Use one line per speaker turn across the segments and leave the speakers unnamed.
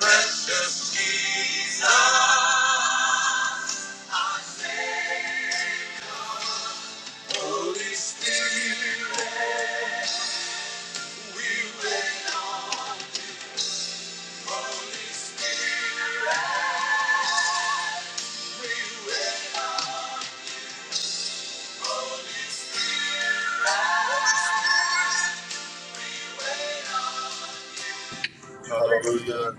Precious Jesus, I say, Holy Spirit, we wait on. Holy
Hallelujah.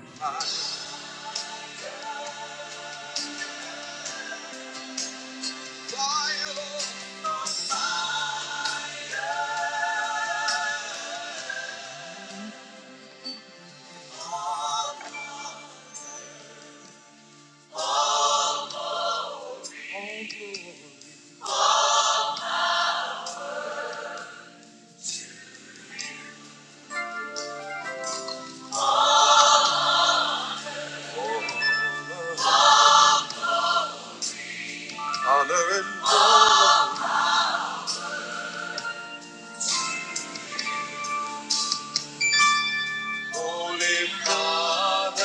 Father,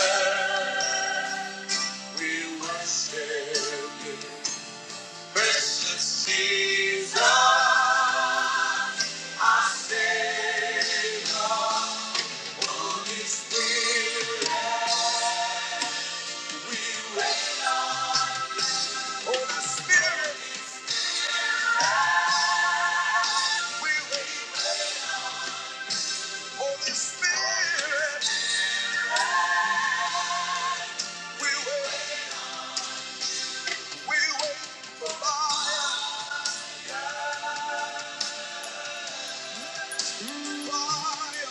we worship you. Precious Jesus, our Savior. Holy Spirit, we wait. Holy Spirit, we wait. Holy Spirit, we wait. We wait for fire, fire.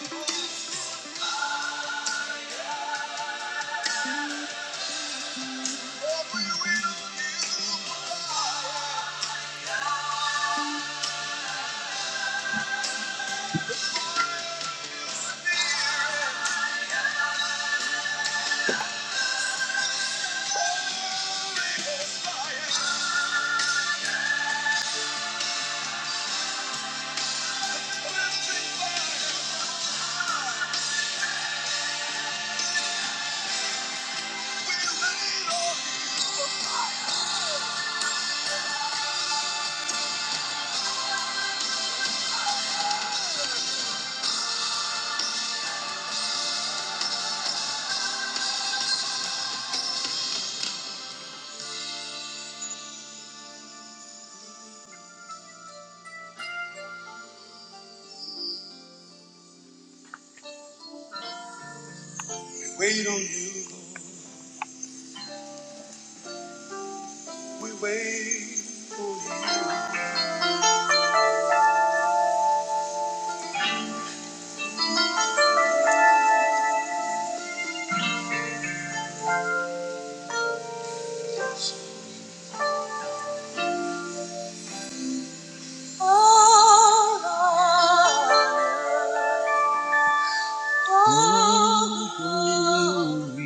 What we will do, fire, spirit, holy fire, fire. We wait on you. We wait for you. Oh, Lord. Oh, Lord.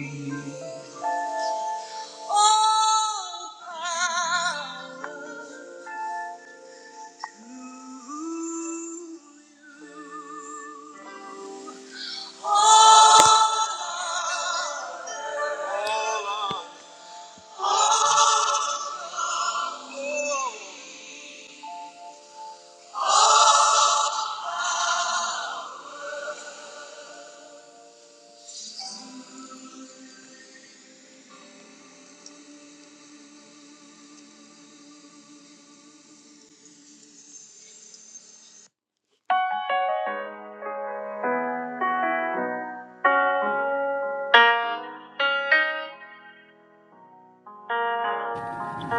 Oh, power.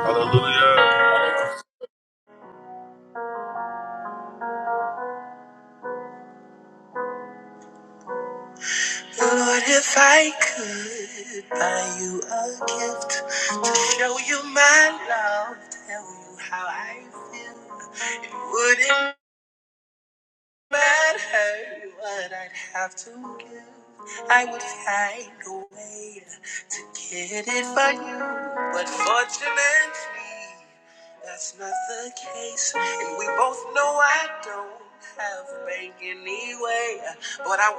Hallelujah.
Lord, if I could,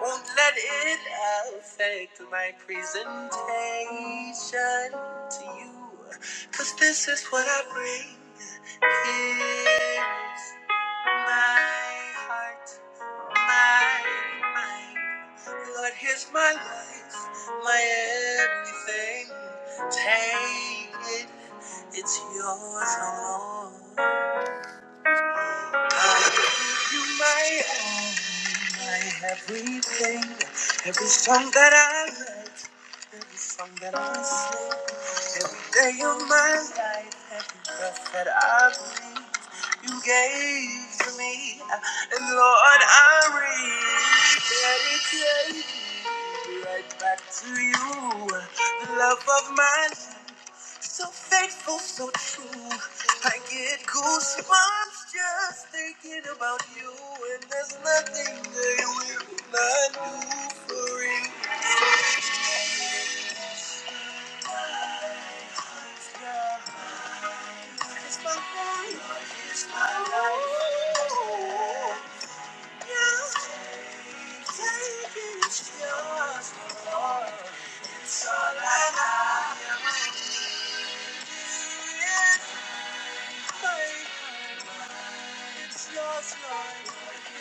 won't let it affect my presentation to you. 'Cause this is what I bring. Here's my heart, my mind. Lord, here's my life, my everything. Take it. It's yours alone. I give you my all, my everything. Every song that I write, every song that I sing, every day of my life, every breath that I breathe, you gave to me. And Lord, I rededicate it yeah, yeah. right back to you, the love of my life. So faithful, so true. I get goosebumps just thinking about you, and there's nothing they will not do for you. It's my life, it's my life. Yeah, take it, it's just my heart. It's all I got. It's my life,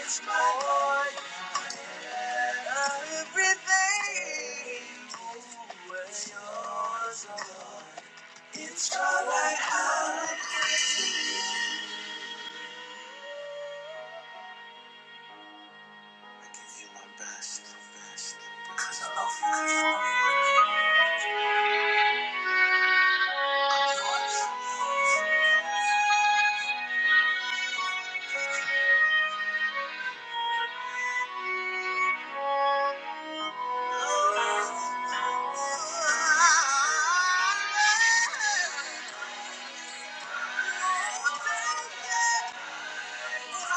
it's just my life. It's my life. everything we're yours. oh Lord. It's all I have. I give you my best, best, because I love you. Cause I love you. Oh, baby. Thank you.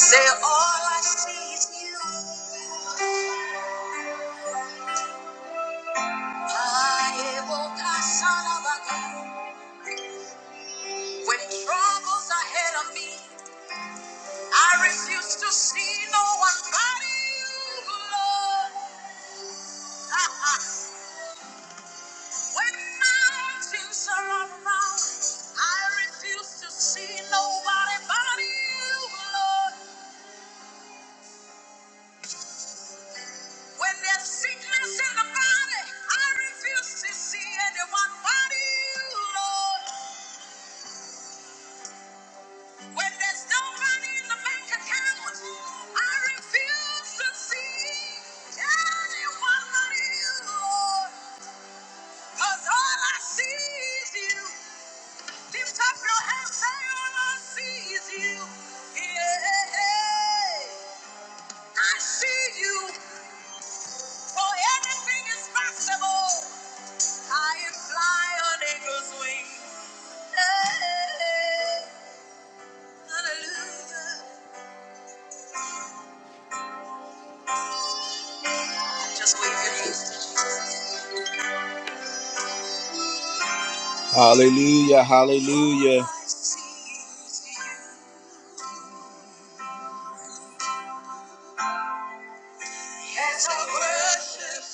Say all I see is you. I will pass on over you. When troubles are ahead of me, I refuse to see no one but you, Lord. when mountains are all around, I refuse to see nobody but you, Lord. When there's sickness in the body, I refuse to see anyone but you, Lord. When there's no money in the bank account, I refuse to see anyone but you. Cause all I see is you. Lift up your hands, say all I see is you. Yeah. I see you. For anything is possible. I am fly on eagle's wings. Hey, hallelujah. Hallelujah, hallelujah. This is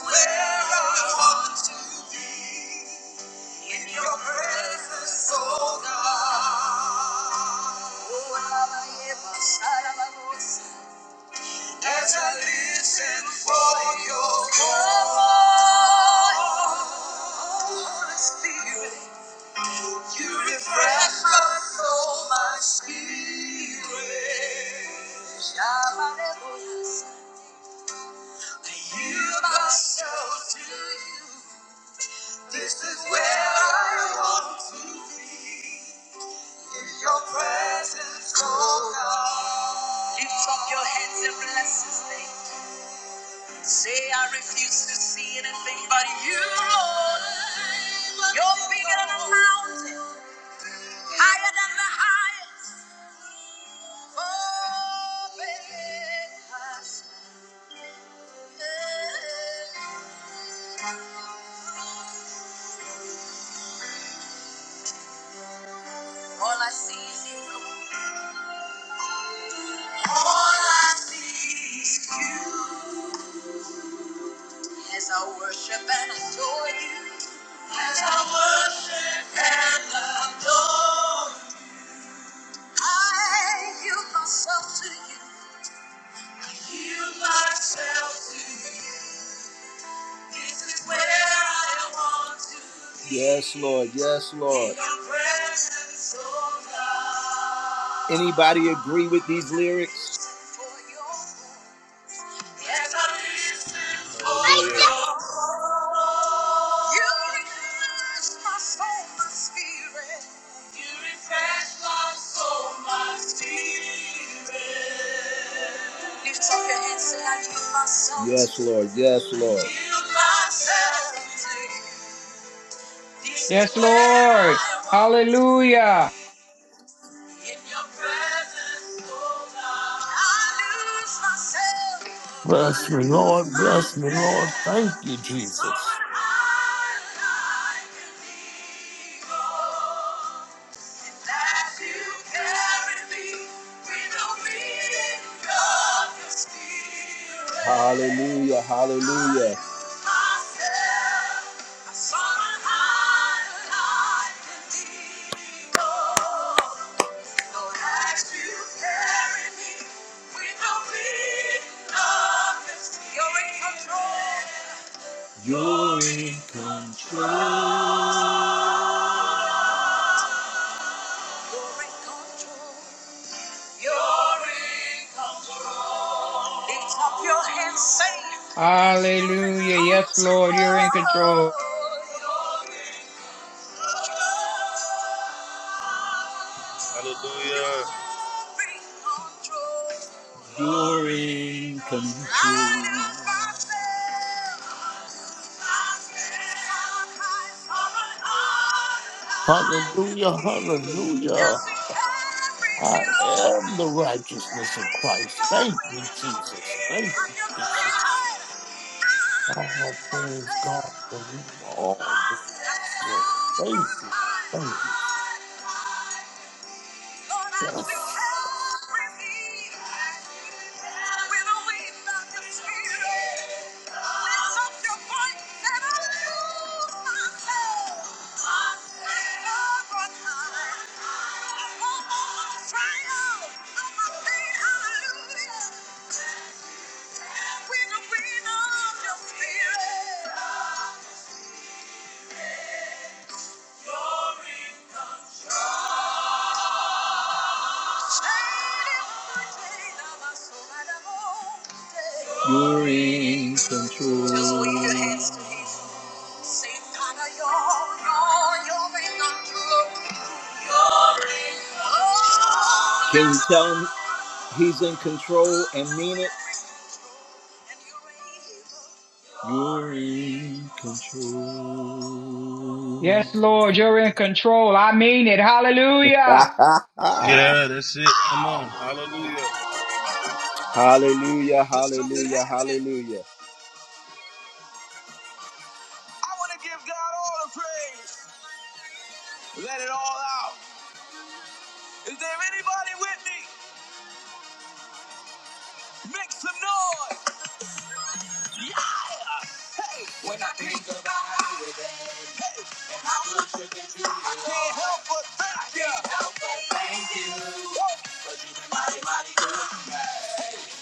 where I want to be in your presence, oh God. As I listen for your call, Holy Spirit, you refresh my soul. Heal my soul. This is where I want to be. Lift up your hands and bless His name. Say I refuse to see anything but you, Lord. You're bigger than a mountain, higher than the highest. Oh, baby. All I see is you. All I see is you. As I worship and adore you. As I worship and adore you. I yield myself to you. Yield myself to you. Yes, Lord. Yes, Lord. Anybody agree with these lyrics?
Hallelujah.
Yes, Lord. Yes, Lord.
Yes, Lord. Hallelujah.
oh
Bless me, Lord. Bless me, Lord. Thank you, Jesus.
Hallelujah, hallelujah. You're in control. You're in control. Lift up your hands, say, Lord, you're in
Hallelujah. Yes, Lord, you're
control.
in control.
You're
Hallelujah.
in control. You're in control. You're in control. Light up our sails. Thank you.
Hallelujah. Hallelujah. I am the righteousness of Christ. Thank you, Jesus. Thank you, Jesus. I have praised God for all. the world. Thank you. Thank you.
Lord, I still
Yes.
can't believe when I wave out your spirit. Lift up your voice and I lose myself. Lift up on high. I almost cry out on my feet, hallelujah. When the wind of your spirit. You're in control. Just wave your hands to him. Say, Father, you're, you're, you're in control. You're in control. Can you tell him he's in control and mean it? You're in control.
Yes, Lord, you're in control. I mean it. Hallelujah.
Yeah, that's it. Come on. Hallelujah.
hallelujah, hallelujah, hallelujah. I want to give God all the praise. Let it all out. Is there anybody with me? Make some noise. Can't help but thank you.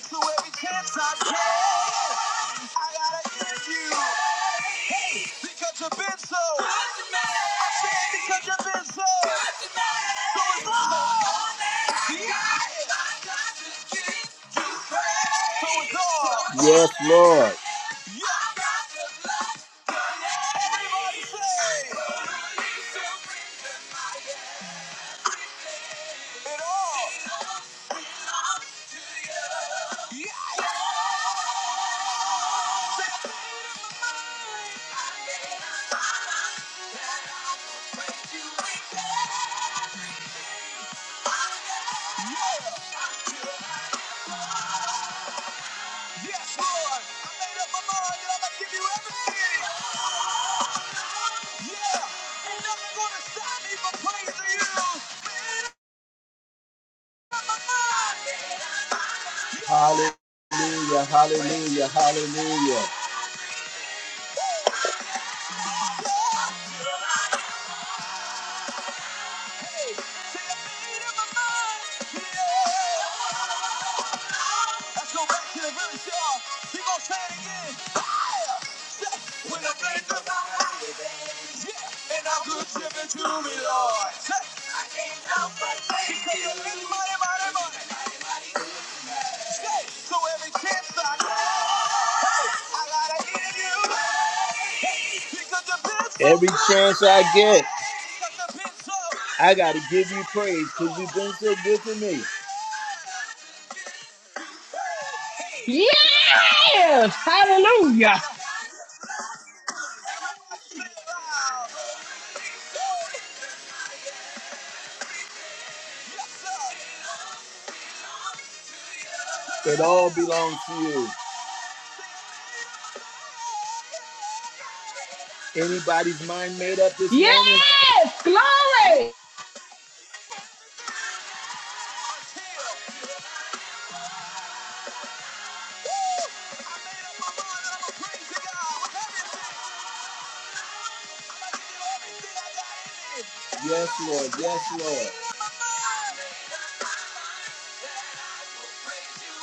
So every chance I can, I gotta give you. Because you've been so. Good to me. I said because you've been so. Good to me. So it's all. Yeah. I got to keep praying. So it's all. Yes, Lord. Yeah. Everybody say. Yeah. Yes, Yeah. Hallelujah, hallelujah, hallelujah. Let's go back to the village, y'all. He gonna say it again. When I think about it, baby, yeah, and I'm good driven to me, Lord. Say, I can't help but think because of this mighty, mighty, mighty. mighty, mighty. Say, so every chance I get, I gotta hear you. Because the best Every chance I get, I gotta give you praise because you've been so good to me.
Yes. Hallelujah.
It all belongs to you. Anybody's mind made up this
Yes.
morning?
Glory.
Yes, Lord. Yes, Lord. everything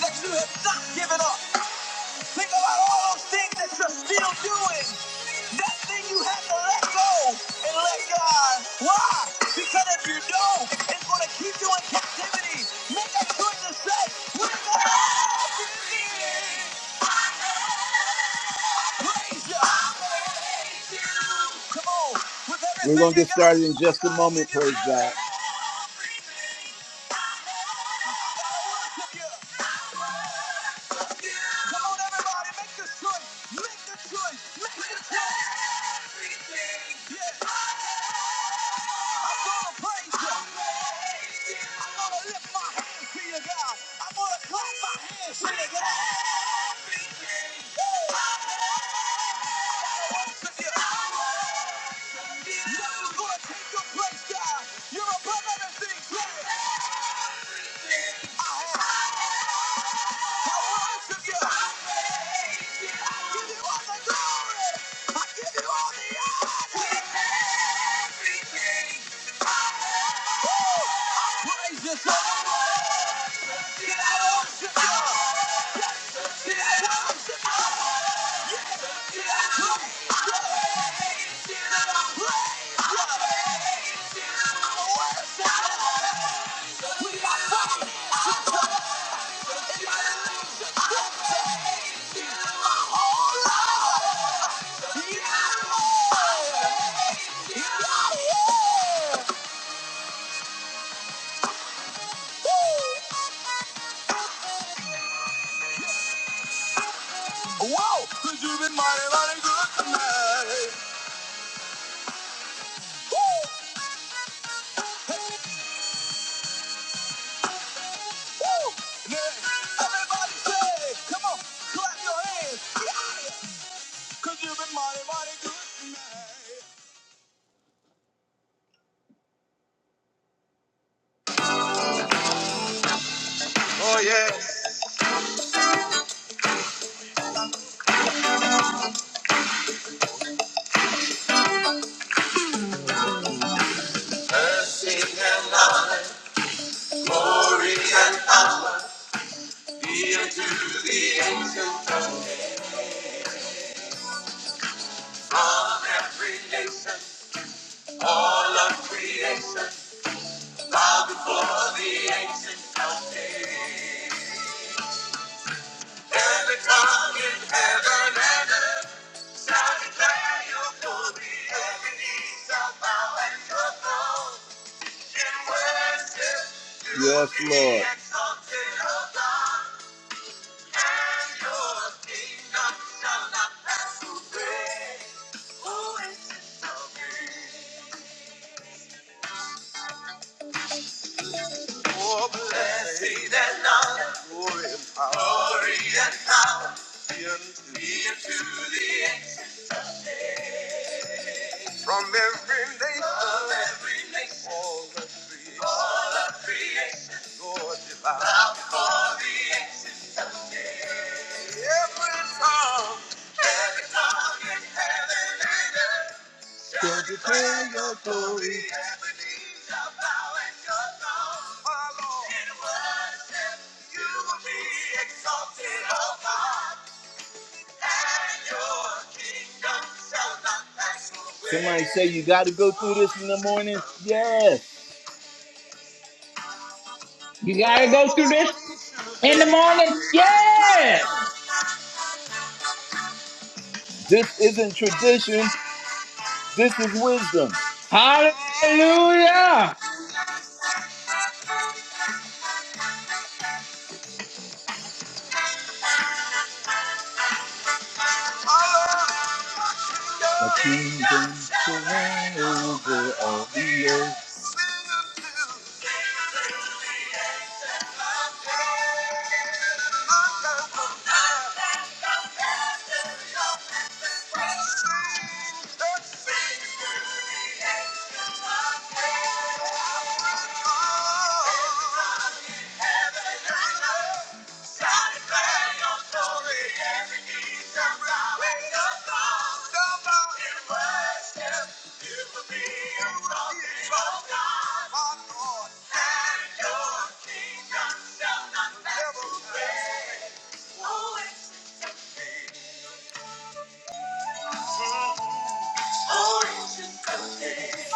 that you have not Given up. Think about all those things that you're still doing. That thing you have to let go and let God. Why? Because if you don't, it's going to keep you in captivity. Make a choice to say, "We're gonna praise you." Come on. With everything We're going to get you got, started in just a moment, praise God. I'm gonna praise you. Lift your hands, sing it. Nothing's gonna take your place, God. You're in Yeah. Oh yes. Buildings on every nation, all of creation, bow before the ancient of Every tongue in heaven and earth shall declare your glory. Every knee shall bow at your throne in worship. You Yes, be Lord. exalted above. Your kingdom shall not pass. Oh, blessing and glory and power. Glory and From every nation. From every nation. All the creation. Lord divine. Every tongue. Shall declare your glory. Somebody say you got to go through this in the morning. Yes.
You got to go through this in the morning. Yes.
This isn't tradition. This is wisdom.
Hallelujah.
The kingdom shall reign over all the earth.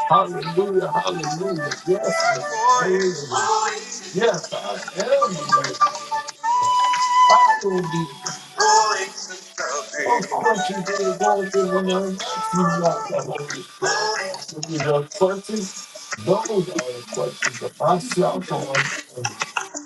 Hallelujah. Hallelujah. Yes. Lord.
Boys,
Hallelujah. Yes, I am the righteous. I will be.
boys, and girls.
Of questions that are going in when I'm asking you out the Holy Spirit. If you know questions, those are the questions of myself on.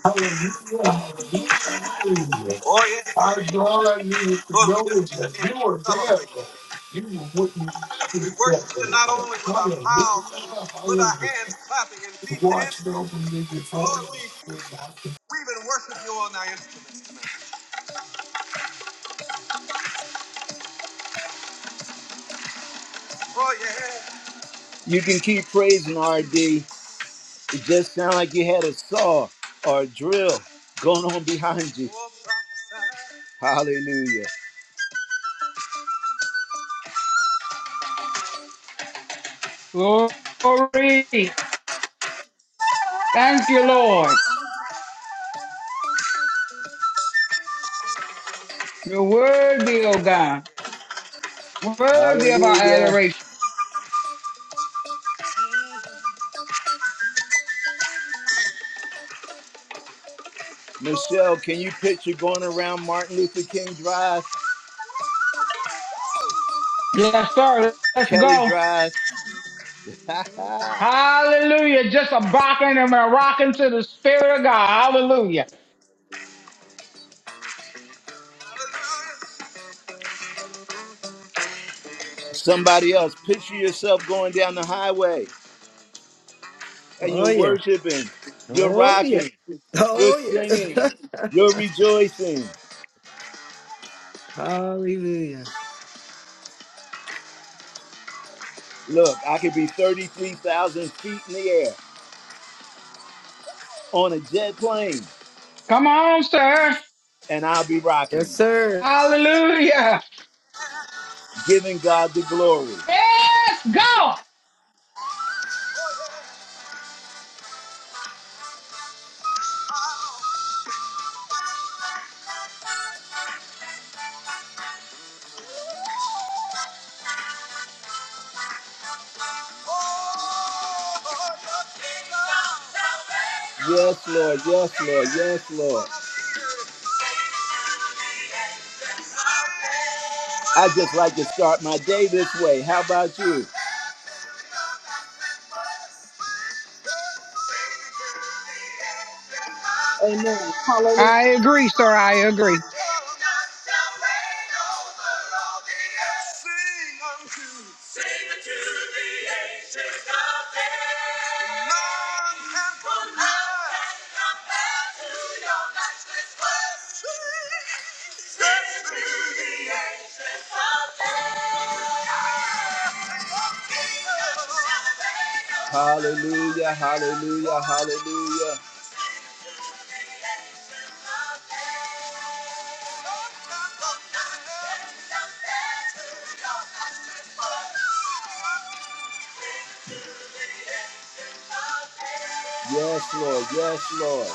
Hallelujah, hallelujah, hallelujah.
Oh yeah,
I know all I needed to
Lord, we
know
just
is that
continue to
you were there,
celebrate.
Lord. You were with me
We
every step
worship
of
you
the
not
way.
only with our
Hallelujah,
mouths and with our
hallelujah.
hands clapping and
You
feet
watched
dancing,
over me
but
before
Lord, we
you.
we even worship you on our instruments. Oh yeah. You can keep praising RD. It just sounds like you had a saw or a drill going on behind you. Hallelujah.
Glory. Thank you, Lord. You're worthy, oh God. Worthy of our
Hallelujah.
adoration.
Michelle, can you picture going around Martin Luther King Drive,
Yes, sir. Let's
Kelly
go.
Drive?
Hallelujah. Just a rocking and a rocking to the Spirit of God. Hallelujah.
Somebody else, picture yourself going down the highway and
Oh
you're
yeah.
worshiping, you're
Oh yeah.
rocking, you're
Oh
singing,
yeah.
you're rejoicing.
Hallelujah.
Look, I could be 33,000 feet in the air on a jet plane
Come on, sir.
and I'll be rocking.
Yes, sir.
Hallelujah.
giving God the glory.
Yes, go.
Yes, Lord. Yes, Lord. Yes, Lord. I just like to start my day this way. How about you?
Amen. Hallelujah.
I agree, sir. I agree.
Sing unto the Lord of days. Hallelujah, hallelujah, hallelujah. Yes, Lord. Yes, Lord.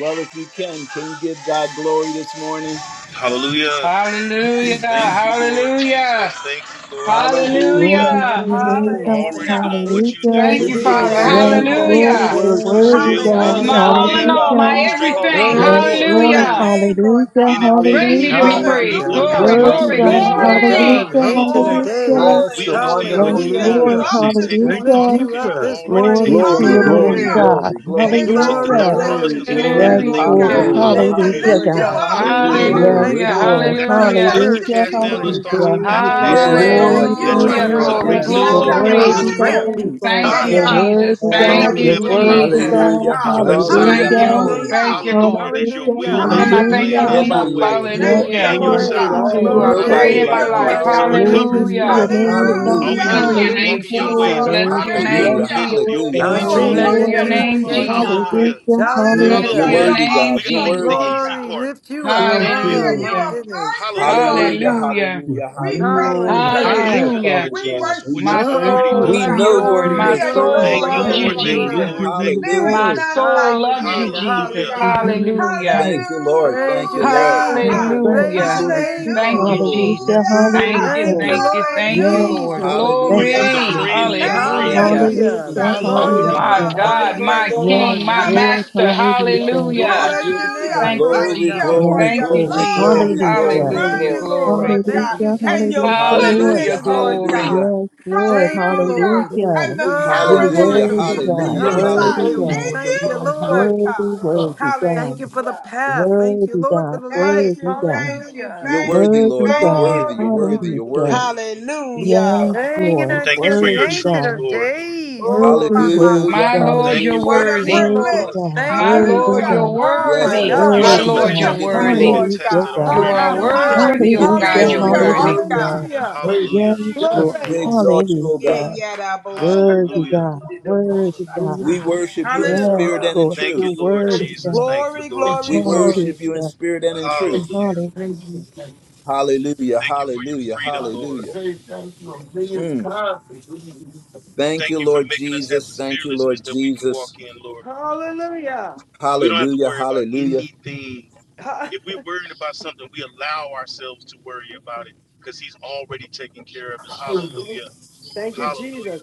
Well, if you can, can you give God glory this morning?
Hallelujah.
Hallelujah.
Thank you, Lord
Hallelujah.
Jesus. Thank you, Lord.
Glory
Hallelujah.
Hallelujah.
to
Hallelujah.
your name,
Glory.
God.
Already
Hallelujah.
doing what
Sing
you do,
Hallelujah.
Thank
to
We
you,
Lord.
give
the
you
Father.
Yes,
Hallelujah.
Yes,
glory,
ancient
Lord.
Lord.
of
We
Lord,
Hallelujah.
you're
worship
You
worthy,
you. We
still
days.
You're
God.
building,
my
Hallelujah.
magnify
all
you,
in
Hallelujah.
all,
creating,
God.
and
my
Hallelujah.
We
Oh,
straightening
exalt
out
everything.
you,
glory
O
Yes,
paths,
Glory,
be
Lord.
Lord.
to
Lord.
thy
glory.
Hallelujah.
Hallelujah.
name, Lord
Hallelujah.
In
God.
Greatly
advance,
to be
Hallelujah,
Hallelujah.
we
praised.
Hallelujah.
walk
We
Hallelujah.
hallelujah,
Glory,
into your
bless
Worthy,
glory,
your
God.
name,
provision,
hallelujah.
Oh,
Lord
Lord.
God,
glory.
Lord.
the
Hallelujah.
ancient of
Hallelujah.
Glory.
Hallelujah.
Bless
days.
we
the
understand
Hallelujah.
Yes,
We
what
wonderful
you
lift
name
mean
Hallelujah.
of
when
you
Lord.
you
Hallelujah.
say
up this
take
Jesus.
We
no
Thank
morning,
you,
thought
lift
Hallelujah.
Lord
you
because
up
you've
God.
Jesus.
this
already
Glory
taken the
morning.
to
Glory,
thought
your
for us.
Glory,
name,
glory,
Amen.
Hallelujah.
God.
glory,
And
It
then
glory,
is
you took
our
the
glory,
glory.
thought
Hallelujah.
privilege
from us
to
glory,
Glory,
because
do
we didn't have
glory,
that,
to
glory.
Yes,
think.
Lord
glory,
Lord.
Hallelujah.
God,
glory.
Hallelujah,
Thank
to
you,
Hallelujah.
Hallelujah,
lift
Lord
you
hallelujah,
God.
God.
up.
Hallelujah.
hallelujah.
Moving.
Oh,
Thank
Yes,
yes,
Hallelujah.
you
Hallelujah.
for
dear
Lord.
Father.
moving
That's
by
To
why
your
you
Hallelujah.
tell us to
spirit
worship
Hallelujah.
this
cast
you,
down
Lord
those
morning.
We
thoughts and
Hallelujah.
God,
praise you,
to
Father
Yes,
imaginations
Hallelujah.
God.
adore
Lord,
Glory
Thank you,
to
that
you,
your
yes,
try
Lord
to
Hallelujah.
Lord
God,
name,
Lord,
for
exalt
the
God,
Glory,
We
God.
yes,
peace
themselves
and
You're
to
over
you've
Lord.
the
glorify
given
glory.
us.
knowledge
worthy,
your
of
honor you.
Great
you.
God.
name,
peace.
Father
Thank
Yeah,
Why?
Ha
you,
You're
yeah,
God.
ha.
Rabo
Jesus.
worthy,
Because they
Thank
Shanda,
God.
Glory,
don't
de,
You're
you,
de,
have any
de,
glory,
power
Hallelujah.
Rabo
worthy,
over
Jesus.
glory.
you,
God.
Hallelujah,
Lord, because
Shata.
you
We
have
Hallelujah.
bless
hallelujah,
Thank
you.
you,
We
sovereignty.
Lord.
Hallelujah.
thank
hallelujah.
Hallelujah.
Thank
you.
you,
Hallelujah.
Lord.
There's your
Hallelujah.
We
Hallelujah.
will, there's
Can
your
I thank
plan,
you
need
Hallelujah.
there's
Hallelujah.
Hallelujah.
you,
your
enough?
Nobody like
way,
Lord.
you,
Thank
Lord.
Yes,
We
you,
Hallelujah.
and your
Lord
Lord.
need
Glory,
God.
sovereignty,
For you
all
Lord.
are
of you,
Hallelujah,
Nobody
great
Thank
in
glory.
Lord.
Hallelujah.
We
you,
Lord.
my
like
life.
Lord
you.
bless
So
your
God.
we're
name
covered.
Glory
this
Hallelujah.
to your
Hallelujah.
morning.
name,
All
God.
Hallelujah,
we have to
Bless
Hallelujah.
do
your
is
Hallelujah.
Hallelujah,
walk
name,
in
Hallelujah,
your
Jesus.
ways,
Lord.
Jesus.
Lord,
Lord.
Bless
Thank
your
Walk in your
name,
you,
hallelujah,
Yes,
hallelujah.
provisions.
Jesus.
Be
Lord.
Lord.
hallelujah,
You
I'm
obedient
Yes,
are
children.
Bless
singing
hallelujah.
your
into
Lord.
Thank
wonderful,
name,
the
you.
Lord
Jesus.
ancient of
God.
Hallelujah.
days.
Hallelujah.
Yes,
Hallelujah.
Bless
You're
Hallelujah.
Hallelujah.
your
Hallelujah.
Lord.
You're
worthy,
name,
We
God.
got
You're
we
awesome,
got the
Jesus.
Lord
worthy.
easy
Glory
God.
part.
lift you up.
Yes,
Hallelujah.
Hallelujah.
Oh,
Lord.
You
my
Hallelujah.
are
goodness.
mighty,
Yes,
Hallelujah.
Lord
Lord
Hallelujah,
God.
God.
Hallelujah.
hallelujah,
We
You
hallelujah.
are on
praise
the
your
high,
Thank
name.
you,
Hallelujah.
Father
Lord
Hallelujah.
We
God.
Jesus, for
We
what
just
My
you've
worship you,
thank
already
you.
Lord
soul
We
done.
love
Glory,
you,
know
God.
who
Lord.
We
we
We
glory,
My
just
worship.
praise
glory,
soul
adore
your
Thank you,
loves
you,
you,
Lord.
name,
glory,
Lord
Thank
Lord.
you,
We
glory.
Jesus.
Lord.
God.
give you
Thank
the
you.
There
Hallelujah.
is
My
glory.
none
soul
like
loves you,
Hallelujah.
you, Lord
Jesus.
Hallelujah.
We
God.
give
Hallelujah.
you the
Hallelujah.
Hallelujah.
life.
Thank you, Lord.
Praise
Thank
your
you, Lord.
name,
We
Thank you,
God.
thank
Lord.
you
Praise your
Hallelujah.
for the
name,
Thank
kingdom,
Lord.
you,
Lord, the
Hallelujah.
Jesus.
kingdom
Thank
Hallelujah.
of
you,
Thank
Hallelujah.
you,
thank
glory.
you,
Lord
Hallelujah.
thank you,
Yes,
Lord.
Jesus.
Lord.
You
Thank
Hallelujah,
put
you,
the
Glory.
friend
Jesus.
in
hallelujah,
Thank
friend.
you,
Hallelujah.
hallelujah.
Hallelujah. We
Hallelujah.
Hallelujah.
Jesus, for your
Hallelujah.
Hallelujah.
My
love
Hallelujah.
and
glorify
your
God,
your
my
name,
mercy.
Lord.
Yes,
King,
Lord
my
God.
Hallelujah.
Lord.
Master.
Yes,
Hallelujah.
yes,
Hallelujah.
We
Hallelujah.
Lord,
bless your
yes,
name,
Hallelujah.
Lord.
Thank you,
Thank
Lord
Glory,
you
God.
Jesus.
for
glory,
Yes,
Thank
your
Yes,
you,
glory,
Lord.
Lord,
Jesus.
love
glory,
and your
yes,
Hallelujah.
glory,
Lord.
Thank
Hallelujah.
you,
glory.
mercy,
Lord.
Lord
Glory.
God,
Thank
Thank
you,
Hallelujah,
you.
and your
Jesus.
hallelujah,
I bless
Lord.
Hallelujah.
Hallelujah,
your
goodness, Lord
name,
Glory.
Lord.
hallelujah,
God.
Yes, Lord,
Thank you,
Hallelujah.
Lord.
Thank
hallelujah.
you
And
for
the
your
power
You're
No
grace.
that
more
hallelujah,
you
Thank
worthy,
you for
use to
your
confusion.
God,
hallelujah,
keep
mercy.
us
worthy,
Hallelujah.
Thank you
We
hallelujah.
God,
for
in
your
thank you,
you,
love.
Lord
Hallelujah.
Lord.
worthy,
God.
worthy,
Thank
God,
Hallelujah.
you for the path. Thank you,
worthy,
Lord, for
God,
the
Thank
life.
worthy,
you,
God,
thank you,
Hallelujah.
You're
thank
worthy,
you,
worthy,
Lord. You're
thank
God,
worthy,
you.
you're
Glory,
worthy,
glory,
hallelujah.
you're worthy.
glory.
Hallelujah.
Yes,
Hanging
Lord,
Thank you
until
for
the
your
worthy,
ancient
truth,
of
God,
Lord.
days.
Oh
worthy,
Glory
my,
to
my, my.
worthy,
Hallelujah,
God.
My Lord,
God,
Thank you
you're
for
What
hallelujah.
Thank
a
your
you,
worthy.
truth,
worthy,
Lord.
Lord.
privilege.
God,
Thank
My
you,
worthy,
Lord,
Hallelujah.
Lord.
you're
God,
Oh, my
Yes,
To,
worthy.
to
Lord.
Yes,
You
God.
My
Yes,
Woke
worthy,
show us
yes,
up
Lord.
Lord,
that
We
your
worship
God,
this
you're
give you
word
you,
has
worthy.
morning.
been
Lord
hallelujah,
glory.
God.
tested
yes.
You
God,
You
already,
are
Ha,
Lord. We just
are
Hallelujah.
ha.
have to
We
worthy,
walk
oh
give
hallelujah,
you
in the
God,
Thank
you're
you,
glory,
truth,
Hallelujah.
Lord.
Lord.
Lord
worthy.
Worthy to
hallelujah.
God.
be
Hallelujah.
Hallelujah.
Yes,
praised. Yes,
Lord.
Glory.
you
We
are.
exalt you, O
Yeah,
Hallelujah.
God.
yeah, that bullshit. I'm gonna
Worthy
Hallelujah.
God.
be the- the bullshit.
Worthy God.
Hallelujah.
We worship you in
Yes,
spirit
Hallelujah.
Hallelujah.
and in
Lord.
Thank you,
You're
truth.
Lord
Thank
worthy
you,
Jesus.
God.
Thank you,
Jesus.
Glory,
Lord
Thank
glory,
We
you.
Jesus.
Hallelujah.
glory.
worship you in spirit and in
Thank
truth.
you.
Hallelujah.
Hallelujah.
Thank you. Thank you.
Hallelujah,
Thank you for your
hallelujah,
freedom,
I can
Lord.
hallelujah.
say thank you a million
Mm.
times for doing this.
Thank
Thank
you,
you for
Lord
making us have
Jesus.
the
Thank you,
fearlessness
Lord
that we can walk
Jesus.
in, Lord.
Hallelujah.
We don't have to
Hallelujah,
worry about
hallelujah.
anything.
Ha-
If we're worrying about something, we allow ourselves to worry about it because He's already taken care of it.
Hallelujah.
Hallelujah.
Thank you,
Hallelujah.
Jesus.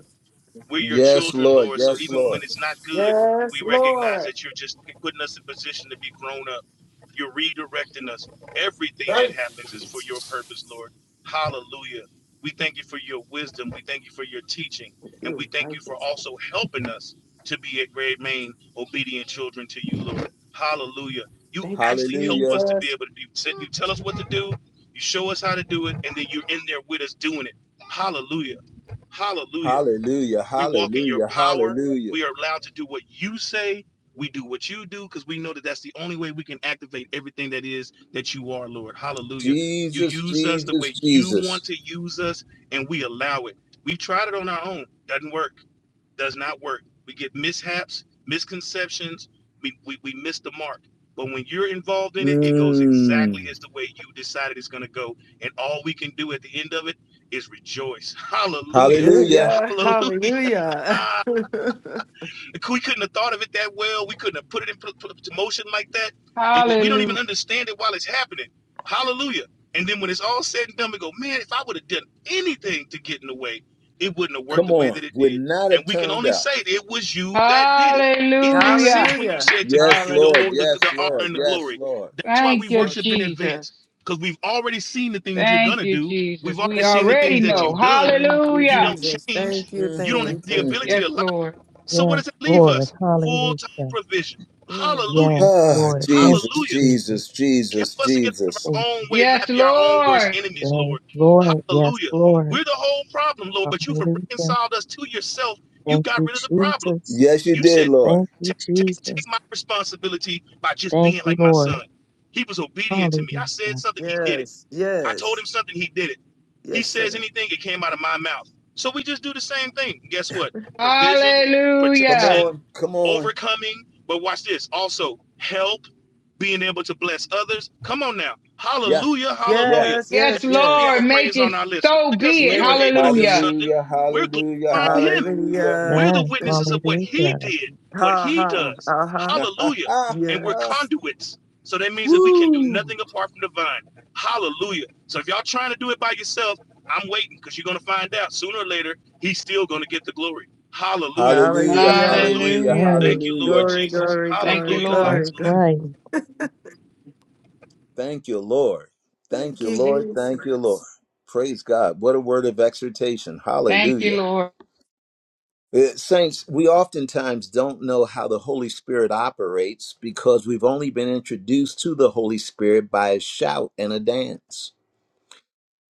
we're your
Yes,
children,
Lord.
Lord. So
Yes,
even when
Lord.
it's not good,
Yes,
we recognize
Lord.
that you're just putting us in position to be grown up. You're redirecting us. Everything that
Thank
happens
you,
is for your
Jesus.
purpose, Lord. Hallelujah. We thank you for your wisdom. We thank you for your teaching.
Thank
And we
you.
thank you for also helping us to be at grade main obedient children to you, Lord. Hallelujah. You
Thank you,
actually help us
Hallelujah,
to be
Jesus.
able to do. You tell us what to do. You show us how to do it. And then you're in there with us doing it. Hallelujah. Hallelujah.
hallelujah,
We walk in your
hallelujah,
power.
hallelujah.
We are allowed to do what you say. We do what you do because we know that that's the only way we can activate everything that is that you are, Lord. Hallelujah. You
Jesus,
use us the
Jesus,
way you want
Jesus.
to use us, and we allow it. We tried it on our own. Doesn't work. Does not work. We get mishaps, misconceptions. We, we, we miss the mark. But when you're involved in it, it goes exactly
Mm.
as the way you decided it's going to go. And all we can do at the end of it is rejoice. Hallelujah.
Hallelujah.
Hallelujah.
Hallelujah.
Hallelujah.
Ah, we couldn't have thought of it that well. We couldn't have put it in put, put to motion like that. It- we, we don't even
Hallelujah.
understand it while it's happening. Hallelujah. And then when it's all said and done, we go, man, if I would have done anything to get in the way, it wouldn't have worked the
Come
way
on.
that it
Would
did.
not
And
have
we can
turned
only
out.
say it was you that did it. It makes
Hallelujah.
sense when you
Hallelujah.
said to give
Yes,
you the
Lord.
the,
Hallelujah.
Yes,
the honor
Lord.
That's
and the
right.
Yes,
glory.
Lord.
That's why we
Thank you,
So true.
worship in
Jesus.
advance because we've already seen the things you're
Thank
gonna
you,
do. We've
Jesus.
already
We
seen the
thank
already
things
you,
that
know.
you've
Lord.
done.
Thank you,
You
Hallelujah.
don't
Jesus.
change.
Thank you.
Mm,
You don't
Thank
have
you.
mm,
the
Thank
mm.
ability
you.
to
Yes,
lie
Lord.
so what
Yes,
does it leave
Lord.
us? Full
Hallelujah.
time provision.
Mm,
Hallelujah.
Yes,
ah,
Lord. Thank
Jesus,
you,
Hallelujah.
Jesus.
Jesus,
Help
Jesus,
us to get out of
Jesus.
our
Thank you.
own way to
Yes,
not be our own worst
Lord.
enemies,
mm.
Yes,
Lord.
Lord. Yes,
Hallelujah.
Lord.
We're the whole problem, Lord, but you've
Hallelujah.
reconciled us to yourself. You
Thank
got
you,
rid of the problem.
Jesus.
Yes, you
You
did,
said,
Lord.
Thank
"Ta-
you,
take, take
Jesus.
my responsibility by just
Thank
being
you,
like my
Lord.
son. He was obedient to me. I said
Hallelujah.
something, he did it.
Yes.
I told
Yes.
him something, he did it. He
Yes,
says
sir.
anything, it came out of my mouth. So we just do the same thing. And Guess what? Provision,
Come
Hallelujah.
protection,
on, come on.
overcoming. But watch this also help, being able to bless others. Come on now.
Yeah,
Hallelujah,
yeah.
hallelujah.
Yes.
Yes,
Yes.
That's why we have a
Lord.
Yes.
Make
praise on
it
our lips. Not
so
because
be it.
we were able to do
Yes.
Hallelujah.
something,
Hallelujah,
we're
hallelujah,
glorifying Him.
hallelujah.
Hallelujah.
We're the
Amen.
Thank
witnesses
you.
of what he
Hallelujah.
did, what
Ha
he
ha.
does.
Uh huh.
Hallelujah. And we're
Yes.
conduits. So that means that we can do nothing apart from the vine. Hallelujah. So if y'all trying to do it by yourself, I'm waiting because you're going to find out sooner or later, he's still going to get the glory. Hallelujah.
hallelujah,
Hallelujah.
Hallelujah.
hallelujah,
Hallelujah.
Thank
Right.
you, Lord
hallelujah.
Glory,
Jesus.
glory,
Thank you,
glory,
Hallelujah.
Lord.
glory,
That's
Hallelujah.
glory.
right.
Thank you, Lord. Thank
Thank
you,
you,
Lord. Thank you, Lord.
Jesus.
Praise God. What a word of exhortation.
Thank you,
Hallelujah.
Lord.
Uh, Saints, we oftentimes don't know how the Holy Spirit operates because we've only been introduced to the Holy Spirit by a shout and a dance.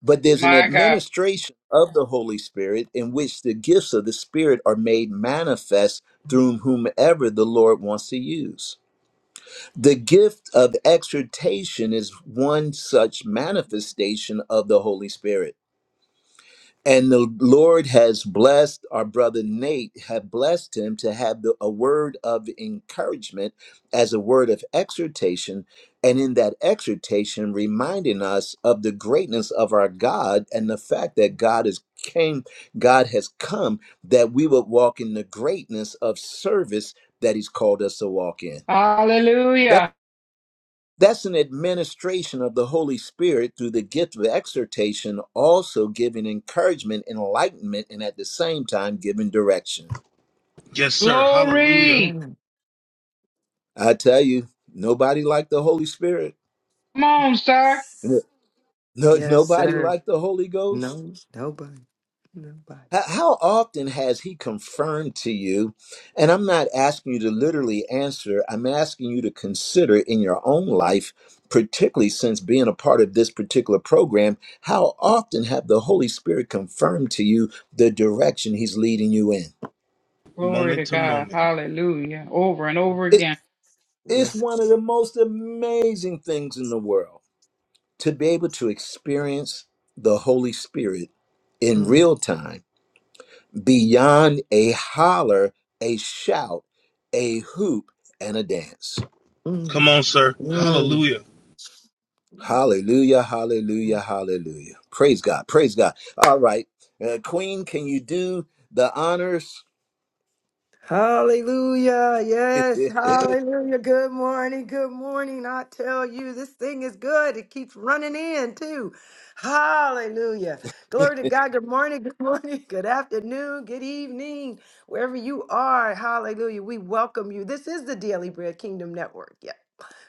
But there's an
My God.
administration of the Holy Spirit in which the gifts of the Spirit are made manifest through whomever the Lord wants to use. The gift of exhortation is one such manifestation of the Holy Spirit and the lord has blessed our brother nate Have blessed him to have the, a word of encouragement as a word of exhortation and in that exhortation reminding us of the greatness of our god and the fact that god is came god has come that we would walk in the greatness of service that he's called us to walk in
Hallelujah.
that's an administration of the Holy Spirit through the gift of exhortation, also giving encouragement, enlightenment, and at the same time giving direction.
Yes, sir. Hallelujah.
Glory.
Amen.
I tell you, nobody like the Holy Spirit.
Come on, sir.
Yes.
No,
Yes,
nobody
sir.
like the Holy Ghost.
No, nobody. Nobody.
H- How often has he confirmed to you? And I'm not asking you to literally answer, I'm asking you to consider in your own life, particularly since being a part of this particular program, how often have the Holy Spirit confirmed to you the direction he's leading you in?
Glory
Moment
to
to
God.
moment.
Hallelujah. Over and over
It,
again.
it's
Yes.
one of the most amazing things in the world to be able to experience the Holy Spirit in
Mm,
real time beyond a holler, a shout, a hoop, and a dance.
Come
mm,
on, sir.
mm.
Hallelujah.
Hallelujah, hallelujah, hallelujah. Praise God, praise God. All right. Uh, Queen, can you do the honors?
Hallelujah. Yes. Hallelujah. Good morning. Good morning. I tell you, this thing is good. It keeps running in, too. Hallelujah. Glory to God. Good morning. Good morning. Good afternoon. Good evening. Wherever you are. Hallelujah. We welcome you. This is the Daily Bread Kingdom Network. Yes.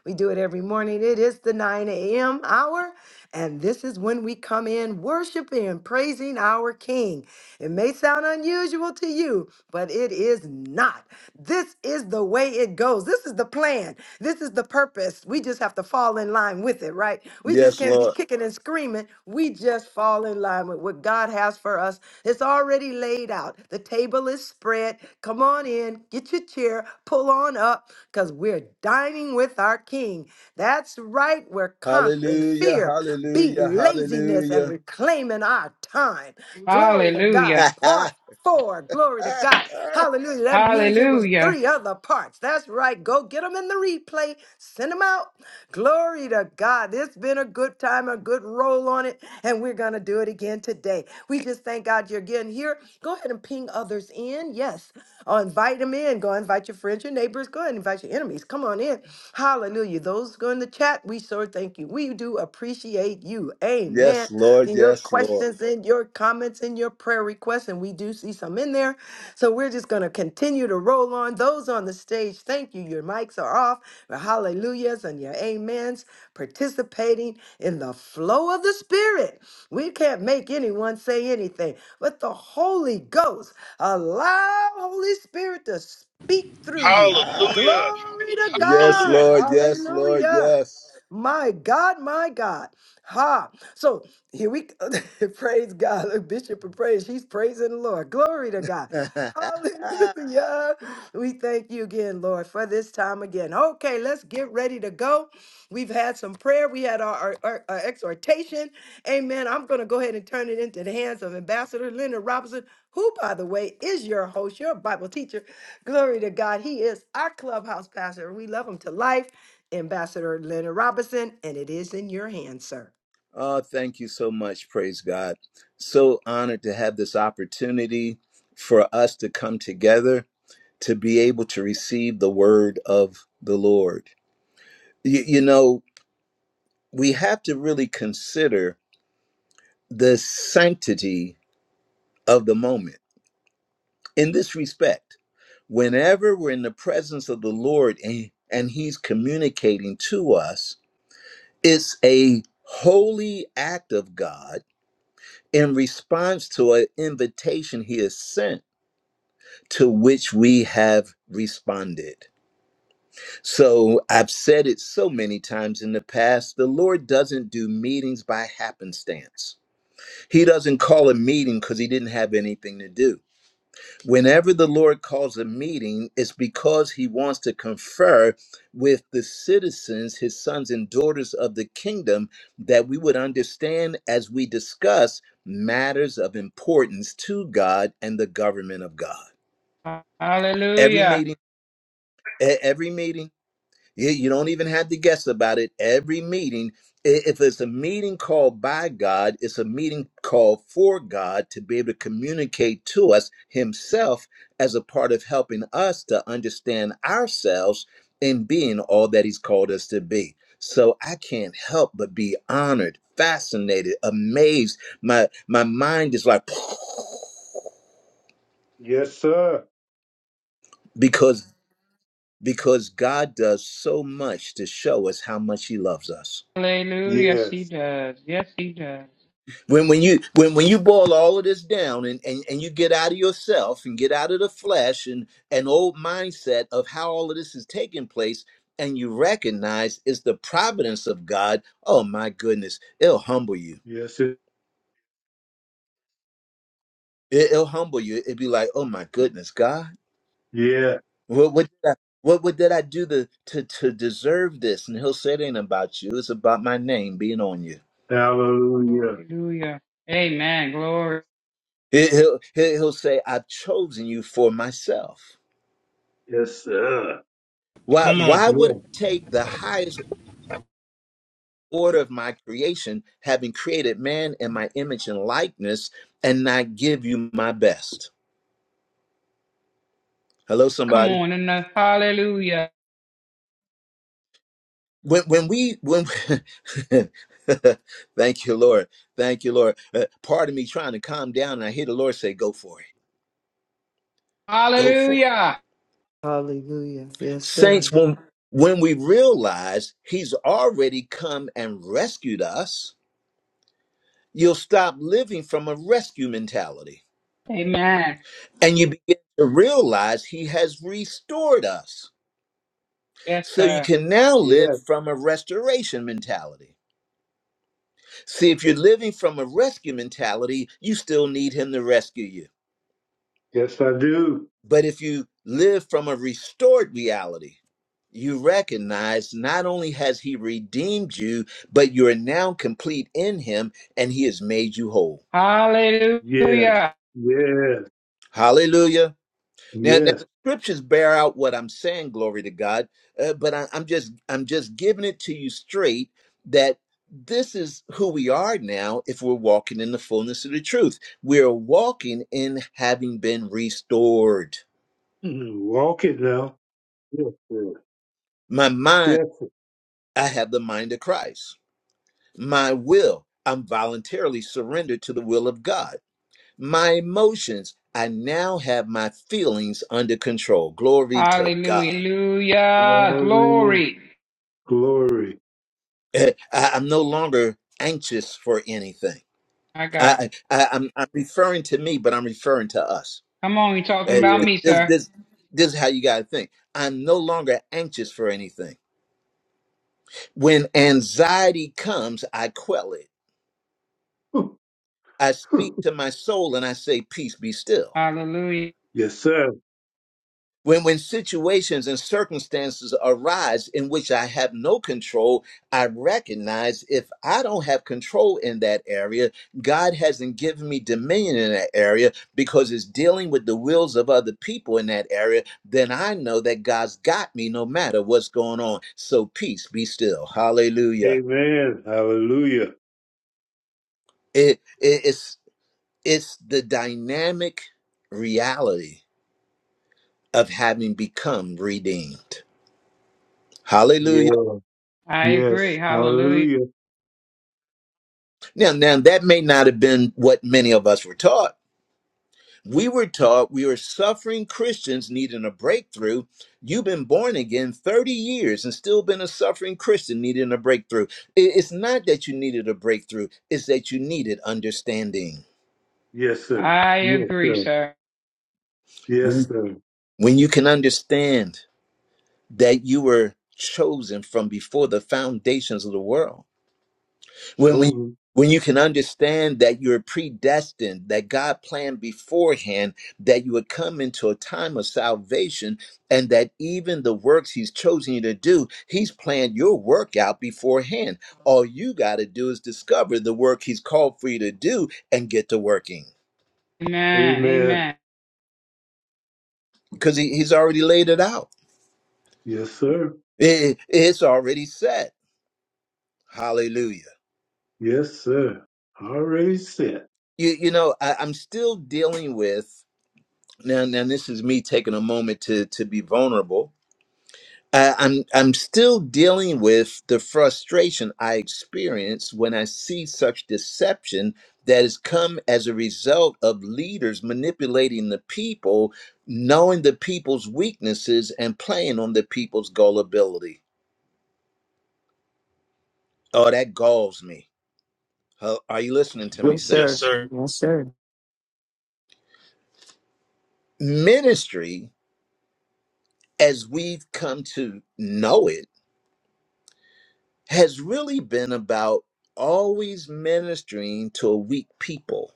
We do it every morning. It is the 9 a.m. hour, and this is when we come in worshiping and praising our King. It may sound unusual to you, but it is not. This is the way it goes. This is the plan. This is the purpose. We just have to fall in line with it, right? We just
yes,
can't be
Lord.
kicking and screaming. We just fall in line with what God has for us. It's already laid out. The table is spread. Come on in, get your chair, pull on up, because we're dining with our King. That's right. We're conquering
Hallelujah,
fear, beat
hallelujah,
laziness, and
hallelujah.
reclaiming our time. Glory to God.
Hallelujah.
Part four. Glory to God. Hallelujah. That means it was
Hallelujah.
three other parts. That's right. Go get them in the replay. Send them out. Glory to God. It's been a good time, a good roll on it, and we're going to do it again today. We just thank God you're getting here. Go ahead and ping others in. Yes. Oh, invite them in. Go invite your friends, your neighbors. Go ahead and invite your enemies. Come on in. Hallelujah. Those go in the chat, we sure thank you. We do appreciate you. Amen.
yes, Lord,
Your
yes, Lord.
questions and your comments and your prayer requests, and we do see some in there. So we're just going to continue to roll on. Those on the stage, thank you. Your mics are off, your hallelujahs and your amens, participating in the flow of the Spirit. We can't make anyone say anything, but the Holy Ghost, allow Holy Spirit to speak through you.
Ah,
Hallelujah.
Glory to
yes,
God.
Hallelujah.
Lord, yes, Lord,
Hallelujah.
yes.
My God, my God. Ha. So here we praise God. Look, Bishop of Praise, she's praising the Lord. Glory to God. Hallelujah. We thank you again, Lord, for this time again. Okay, let's get ready to go. We've had some prayer. We had our, our, our- our exhortation. Amen. I'm going to go ahead and turn it into the hands of Ambassador Leonard Robinson, who, by the way, is your host, your Bible teacher. Glory to God. He is our clubhouse pastor. We love him to life. Ambassador Leonard Robinson, and it is in your hands, sir.
Oh, thank you so much. Praise God. So honored to have this opportunity for us to come together to be able to receive the word of the Lord. You, you know, we have to really consider the sanctity of the moment in this respect. Whenever we're in the presence of the Lord and, and He's communicating to us, it's a holy act of God in response to an invitation he has sent to which we have responded. So I've said it so many times in the past the Lord doesn't do meetings by happenstance. He doesn't call a meeting because he didn't have anything to do. Whenever the Lord calls a meeting, it's because he wants to confer with the citizens, his sons and daughters of the kingdom, that we would understand as we discuss matters of importance to God and the government of God. Every
Hallelujah.
meeting, e- every meeting you you don't even have to guess about it. Every meeting, i- if it's a meeting called by God, it's a meeting called for God to be able to communicate to us Himself as a part of helping us to understand ourselves in being all that He's called us to be. So I can't help but be honored, fascinated, amazed. My my mind is like
Yes, sir.
because because God does so much to show us how much He loves us.
Hallelujah. Yes, he
Yes.
does. Yes, he does.
when when you when when you boil all of this down and, and and you get out of yourself and get out of the flesh and an old mindset of how all of this is taking place and you recognize it's the providence of god oh my goodness it'll humble you
Yes, it-
it, will humble you it'd be like oh my goodness god
yeah.
what what did I, what, what did i do to, to to deserve this and he'll say it ain't about you it's about my name being on you
Hallelujah.
Hallelujah. Amen. Glory.
He- he'll he'll he'll say i've chosen you for myself
Yes, sir.
Why,
Come on.
why would
Yeah.
I take the highest order of my creation, having created man in my image and likeness, and not give you my best? Hello,
Come
somebody.
on in the hallelujah.
When, when we, when, thank you, Lord. Thank you, Lord. Uh, part of me trying to calm down, and I hear the Lord say, go for it. Go for it.
Hallelujah.
Hallelujah. Yes,
Saints,
sir.
when, when we realize he's already come and rescued us, you'll stop living from a rescue mentality
Amen.
And you begin to realize he has restored us.
Yes,
So you
sir.
can now
Yeah.
live from a restoration mentality. See, if you're living from a rescue mentality, you still need him to rescue you.
Yes, I do.
But if you live from a restored reality, you recognize not only has he redeemed you, but you are now complete in him and he has made you whole.
Hallelujah.
Yes.
Hallelujah.
Yes.
Hallelujah. Now, now
Yes.
the scriptures bear out what I'm saying, glory to God. Uh, but I, I'm just I'm just giving it to you straight that this is who we are now. If we're walking in the fullness of the truth, we're walking in having been restored.
Mm, Walk it now. Yes, sir.
My mind,
Yes. sir.
I have the mind of Christ. My will, I'm voluntarily surrendered to the will of God. My emotions, I now have my feelings under control. Glory to God.
Hallelujah.
Glory.
Glory.
Glory.
Eh, I, I'm no longer anxious for anything.
My God.
I, I I'm, I'm referring to me, but I'm referring to us.
Come on, you talking
Uh,
about
Yeah.
th-
me,
This
sir.
this this is how you got to think. I'm no longer anxious for anything. When anxiety comes, I quell it. I speak to my soul and I say, "Peace, be still."
Hallelujah.
yes, sir.
When, when situations and circumstances arise in which I have no control, I recognize if I don't have control in that area, God hasn't given me dominion in that area because it's dealing with the wills of other people in that area. Then I know that God's got me no matter what's going on. So peace, be still. Hallelujah.
Amen. Hallelujah.
It, it- it's, it's the dynamic reality of having become redeemed. Hallelujah.
Yeah.
I
Yes.
agree. Hallelujah.
Hallelujah.
Now, now that may not have been what many of us were taught. We were taught we were suffering Christians needing a breakthrough. You've been born again 30 years and still been a suffering Christian needing a breakthrough. I- It's not that you needed a breakthrough, it's that you needed understanding.
Yes, sir.
I
Yes,
agree,
sir.
sir.
Yes,
When,
sir.
when you can understand that you were chosen from before the foundations of the world when when
Chosen.
when you can understand that you're predestined, that God planned beforehand that you would come into a time of salvation, and that even the works He's chosen you to do, He's planned your work out beforehand. All you got to do is discover the work He's called for you to do and get to working
Amen.
Amen.
Amen.
because he, He's already laid it out.
Yes, sir.
It- it's already set. Hallelujah.
Yes, sir. Already said.
You you know I, I'm still dealing with now. Now this is me taking a moment to to be vulnerable I- I'm I'm still dealing with the frustration I experience when I see such deception that has come as a result of leaders manipulating the people, knowing the people's weaknesses and playing on the people's gullibility. Oh, that galls me. Huh, Are you listening to me,
Yes,
Yes,
sir.
saints?
sir.
Yes, sir.
Ministry, as we've come to know it, has really been about always ministering to a weak people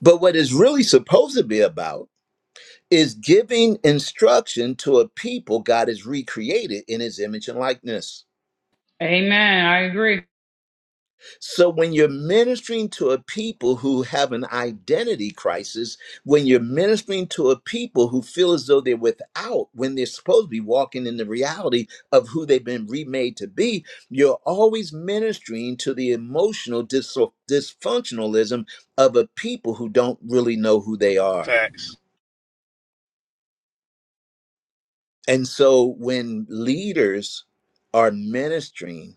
But what it's really supposed to be about is giving instruction to a people God has recreated in his image and likeness.
Amen. I agree.
So when you're ministering to a people who have an identity crisis, when you're ministering to a people who feel as though they're without, when they're supposed to be walking in the reality of who they've been remade to be, you're always ministering to the emotional dis- dysfunctionalism of a people who don't really know who they are.
Facts.
And so when leaders are ministering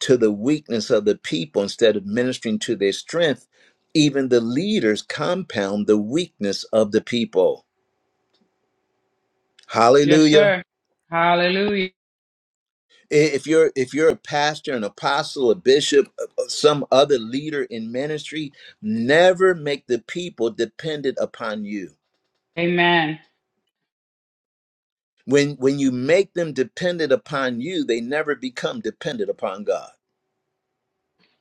to the weakness of the people instead of ministering to their strength, even the leaders compound the weakness of the people.
Yes,
Hallelujah.
sir. Hallelujah.
I- If you're if you're a pastor, an apostle, a bishop, uh, uh, some other leader in ministry, never make the people dependent upon you.
Amen.
When when you make them dependent upon you, they never become dependent upon God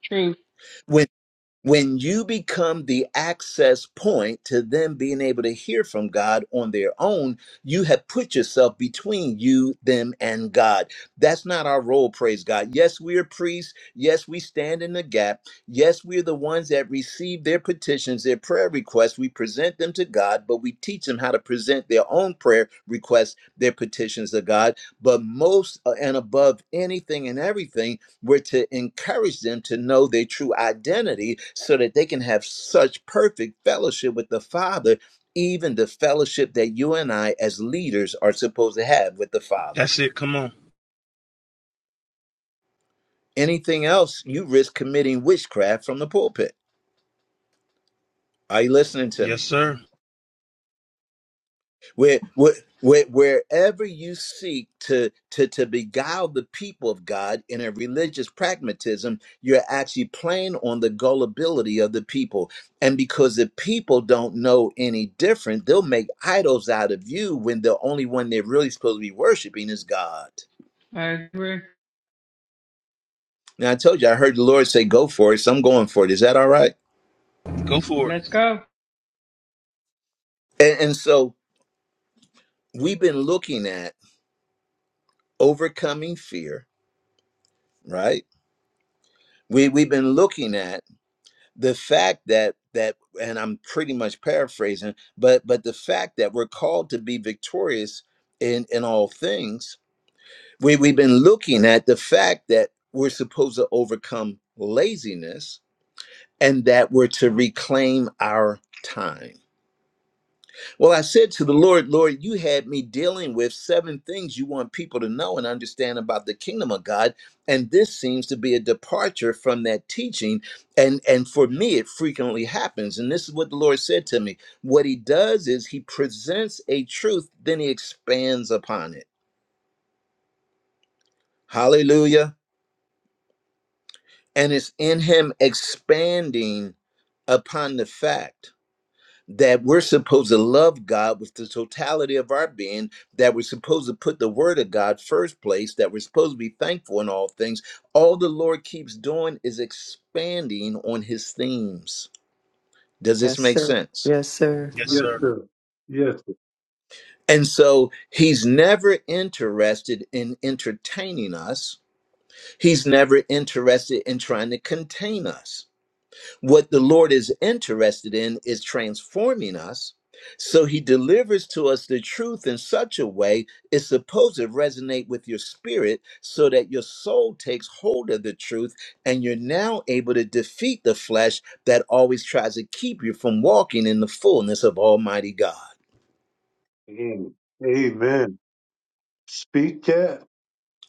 Truth.
when you become the access point to them being able to hear from God on their own, you have put yourself between you, them, and God. That's not our role, praise God. Yes, we are priests. Yes, we stand in the gap. Yes, we're the ones that receive their petitions, their prayer requests. We present them to God, but we teach them how to present their own prayer requests, their petitions to God. But most uh, and above anything and everything, we're to encourage them to know their true identity so that they can have such perfect fellowship with the Father, even the fellowship that you and I, as leaders, are supposed to have with the Father.
That's it. Come on.
Anything else, you risk committing witchcraft from the pulpit. Are you listening to
Yes,
me?
sir.
where, where, where wherever you seek to, to to beguile the people of God in a religious pragmatism, you're actually playing on the gullibility of the people. And because the people don't know any different, they'll make idols out of you when the only one they're really supposed to be worshiping is God.
I agree.
Now I told you I heard the Lord say, "Go for it." So I'm going for it. Is that all right?
Go for it.
Let's go.
And, and so we've been looking at overcoming fear, right? We we've been looking at the fact that that and i'm pretty much paraphrasing but but the fact that we're called to be victorious in in all things we, we've been looking at the fact that we're supposed to overcome laziness and that we're to reclaim our time well, I said to the Lord, Lord, you had me dealing with seven things you want people to know and understand about the kingdom of God. And this seems to be a departure from that teaching. And, and for me, it frequently happens. And this is what the Lord said to me. What he does is he presents a truth, then he expands upon it. Hallelujah. And it's in him expanding upon the fact that we're supposed to love God with the totality of our being, that we're supposed to put the word of God first place, that we're supposed to be thankful in all things. All the Lord keeps doing is expanding on his themes. Does this
Yes,
make
sir.
sense?
Yes, sir.
Yes,
Yes,
sir.
sir. Yes, sir.
And so he's never interested in entertaining us. He's never interested in trying to contain us. What the Lord is interested in is transforming us. So he delivers to us the truth in such a way it's supposed to resonate with your spirit so that your soul takes hold of the truth and you're now able to defeat the flesh that always tries to keep you from walking in the fullness of Almighty God.
Amen. Amen. Speak that.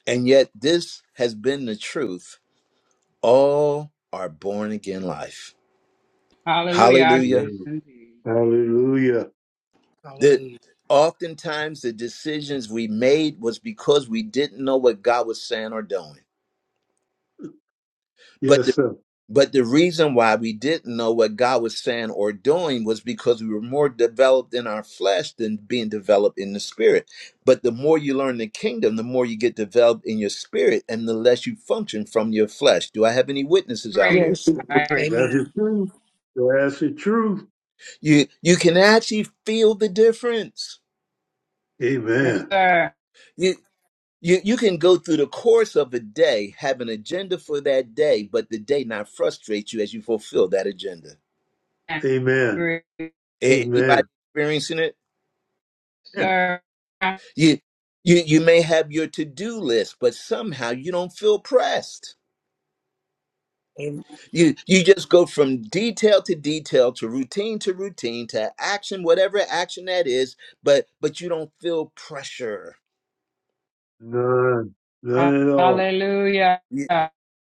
And yet, this has been the truth all our born again life.
Hallelujah. I
Hallelujah.
yes,
Amen.
indeed.
Hallelujah.
that oftentimes the decisions we made was because we didn't know what God was saying or doing. But
Yes,
the
sir.
but the reason why we didn't know what God was saying or doing was because we were more developed in our flesh than being developed in the spirit. But the more you learn the kingdom, the more you get developed in your spirit and the less you function from your flesh. Do I have any witnesses out
Agree.
Yes,
here?
sir.
I agree.
That's the
Amen.
truth. That's the truth.
You you can actually feel the difference.
Yes,
Amen.
sir.
You. You you can go through the course of a day, have an agenda for that day, but the day not frustrate you as you fulfill that agenda.
I
Amen.
agree. Yes,
A-
Amen.
Anybody experiencing it?
sir.
You you you may have your to-do list, but somehow you don't feel pressed.
Amen.
You you just go from detail to detail to routine to routine to action, whatever action that is, but but you don't feel pressure.
None. None at all.
Hallelujah.
You,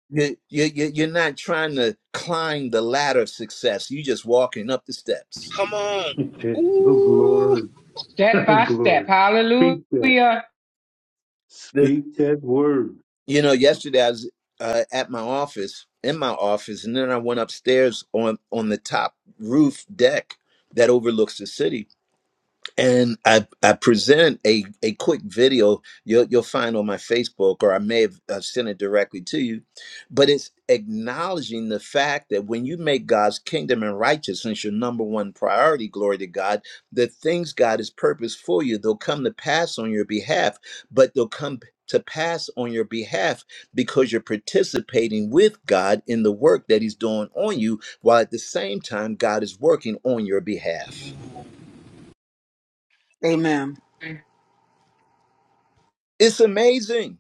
you, you, you- you're not trying to climb the ladder of success. You're just walking up the steps.
Come on.
The
Ooh.
glory.
Step
The
by step.
glory. Speak that.
Hallelujah.
Speak that word.
You know, yesterday I was uh, at my office, in my office, and then I went upstairs on on the top roof deck that overlooks the city and I, I present a, a quick video you'll, you'll find on my Facebook, or I may have uh, sent it directly to you. But it's acknowledging the fact that when you make God's kingdom and righteousness your number one priority, glory to God, the things God has purposed for you, they'll come to pass on your behalf, but they'll come to pass on your behalf because you're participating with God in the work that He's doing on you, while at the same time, God is working on your
Ooh.
behalf.
Amen.
It's amazing.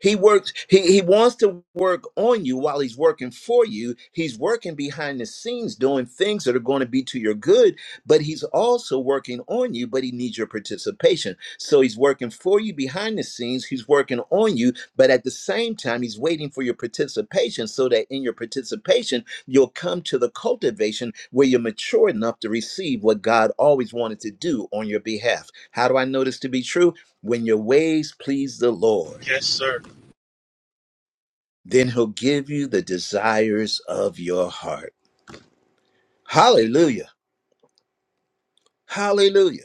He works, he, he wants to work on you while he's working for you. He's working behind the scenes doing things that are going to be to your good, but he's also working on you, but he needs your participation. So he's working for you behind the scenes, he's working on you, but at the same time, he's waiting for your participation so that in your participation, you'll come to the cultivation where you're mature enough to receive what God always wanted to do on your behalf. How do I know this to be true? When your ways please the Lord
Yes, sir.
then he'll give you the desires of your heart. Hallelujah. Hallelujah.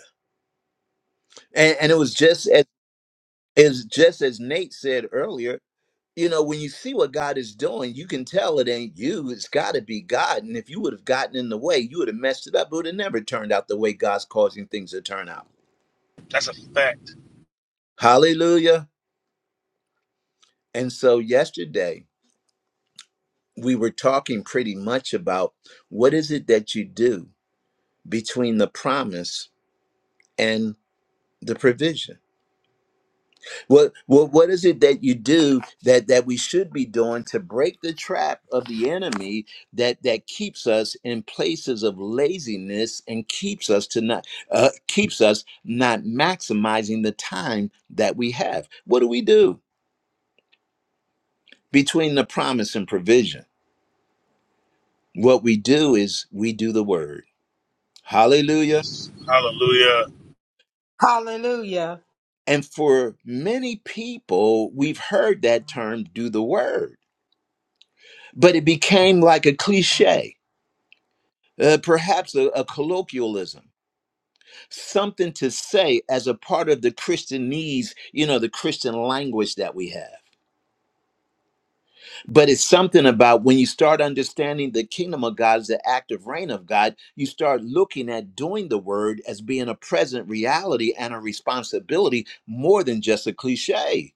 And, and it was just as is just as Nate said earlier, you know, when you see what God is doing, you can tell it ain't you. It's gotta be God. And if you would have gotten in the way, you would have messed it up. It would have never turned out the way God's causing things to turn out.
That's a fact.
Hallelujah. And so yesterday we were talking pretty much about what is it that you do between the promise and the provision What, what what is it that you do that that we should be doing to break the trap of the enemy that that keeps us in places of laziness and keeps us to not uh, keeps us not maximizing the time that we have? What do we do between the promise and provision? What we do is we do the word. Hallelujah.
Yes. Hallelujah.
Hallelujah.
And for many people, we've heard that term do the word, but it became like a cliche uh, perhaps a, a colloquialism, something to say as a part of the Christianese, you know, the Christian language that we have. But it's something about when you start understanding the kingdom of God as the active reign of God, you start looking at doing the word as being a present reality and a responsibility more than just a cliche.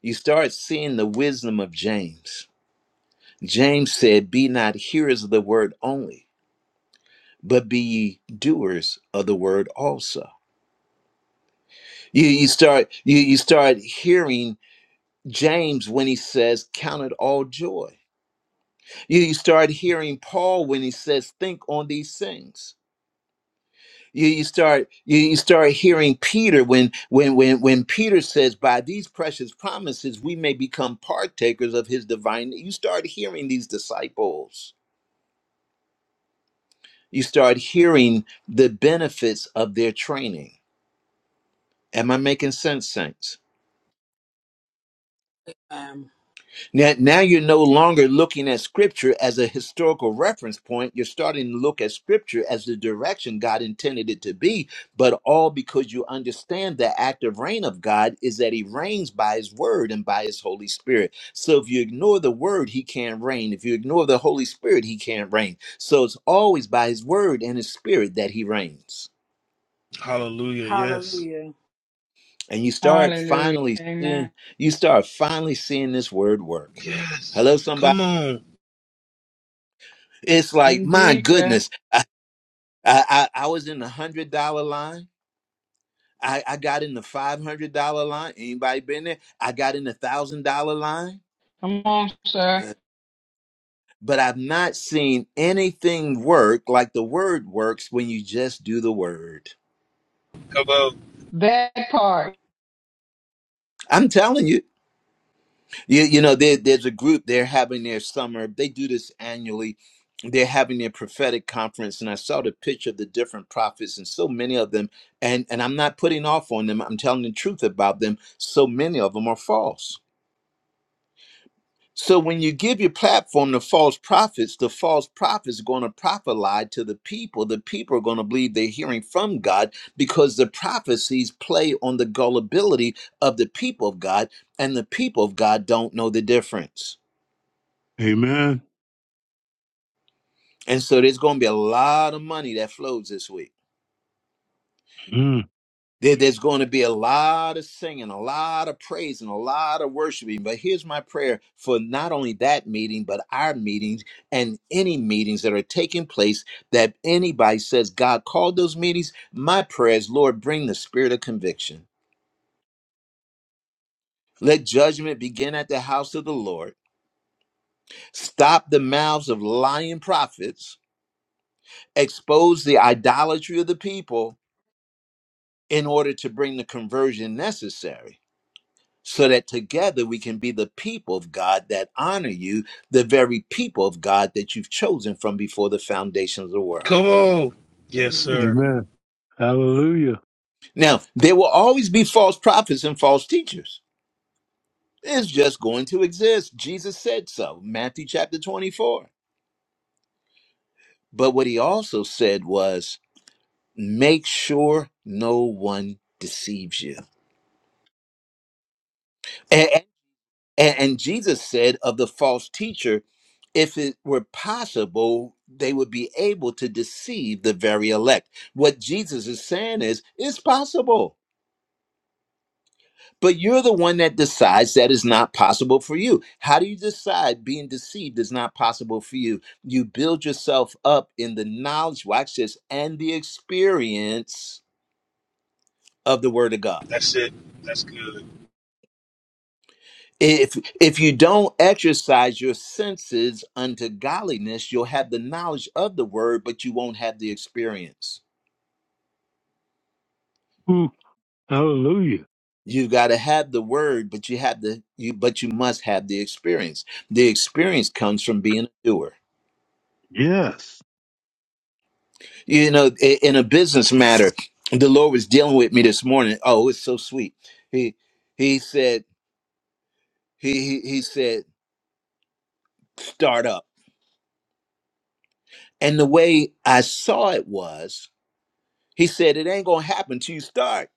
You start seeing the wisdom of James. James said, Be not hearers of the word only, but be ye doers of the word also You you start you you start hearing James when he says, "Count it all joy." You you start hearing Paul when he says, "Think on these things." You you start you you start hearing Peter when when when when Peter says, "By these precious promises, we may become partakers of His divine." You start hearing these disciples. You start hearing the benefits of their training. Am I making sense, saints?
Amen.
Now, now you're no longer looking at scripture as a historical reference point. You're starting to look at scripture as the direction God intended it to be, but all because you understand the active reign of God is that he reigns by his word and by his Holy Spirit. So if you ignore the word, he can't reign. If you ignore the Holy Spirit, he can't reign. So it's always by his word and his spirit that he reigns.
Hallelujah. Yes.
Hallelujah.
And you start
Hallelujah.
finally seeing
Amen.
you start finally seeing this word work.
Yes.
Hello,
Come on.
It's like, my
Indeed, sir.
goodness, I, I, I I was in the hundred dollar line. I, I got in the five hundred dollar line. Anybody been there? I got in the thousand dollar line.
Come on, sir.
Uh, But I've not seen anything work like the word works when you just do the word.
Come on.
That part.
I'm telling you. You, you know, there, there's a group, they're having their summer, they do this annually. They're having their prophetic conference, and I saw the picture of the different prophets, and so many of them. And, and I'm not putting off on them, I'm telling the truth about them. So many of them are false. So when you give your platform to false prophets, the false prophets are going to prophesy to the people. The people are going to believe they're hearing from God because the prophecies play on the gullibility of the people of God, and the people of God don't know the difference.
Amen.
And so there's going to be a lot of money that flows this week.
Mm.
There- There's going to be a lot of singing, a lot of praise, and a lot of worshiping. But here's my prayer for not only that meeting, but our meetings and any meetings that are taking place that anybody says God called those meetings. My prayer is, Lord, bring the spirit of conviction. Let judgment begin at the house of the Lord. Stop the mouths of lying prophets. Expose the idolatry of the people in order to bring the conversion necessary so that together we can be the people of God that honor you, the very people of God that you've chosen from before the foundations of the world.
Come on. Yes, sir.
Amen.
Amen. Hallelujah.
Now, there will always be false prophets and false teachers. It's just going to exist. Jesus said so, Matthew chapter 24. But what he also said was, make sure no one deceives you. A- And, and Jesus said of the false teacher, if it were possible, they would be able to deceive the very elect. What Jesus is saying is, it's possible. But you're the one that decides that is not possible for you. How do you decide being deceived is not possible for you? You build yourself up in the knowledge, watch this, and the experience of the Word of God.
That's it. That's good.
if if you don't exercise your senses unto godliness you'll have the knowledge of the word but you won't have the experience
Ooh, hallelujah.
you've got to have the word but you have the you but you must have the experience the experience comes from being a doer
Yes.
you know i- in a business matter the lord was dealing with me this morning oh it's so sweet he he said he he, he said start up and the way i saw it was he said it ain't gonna happen till you start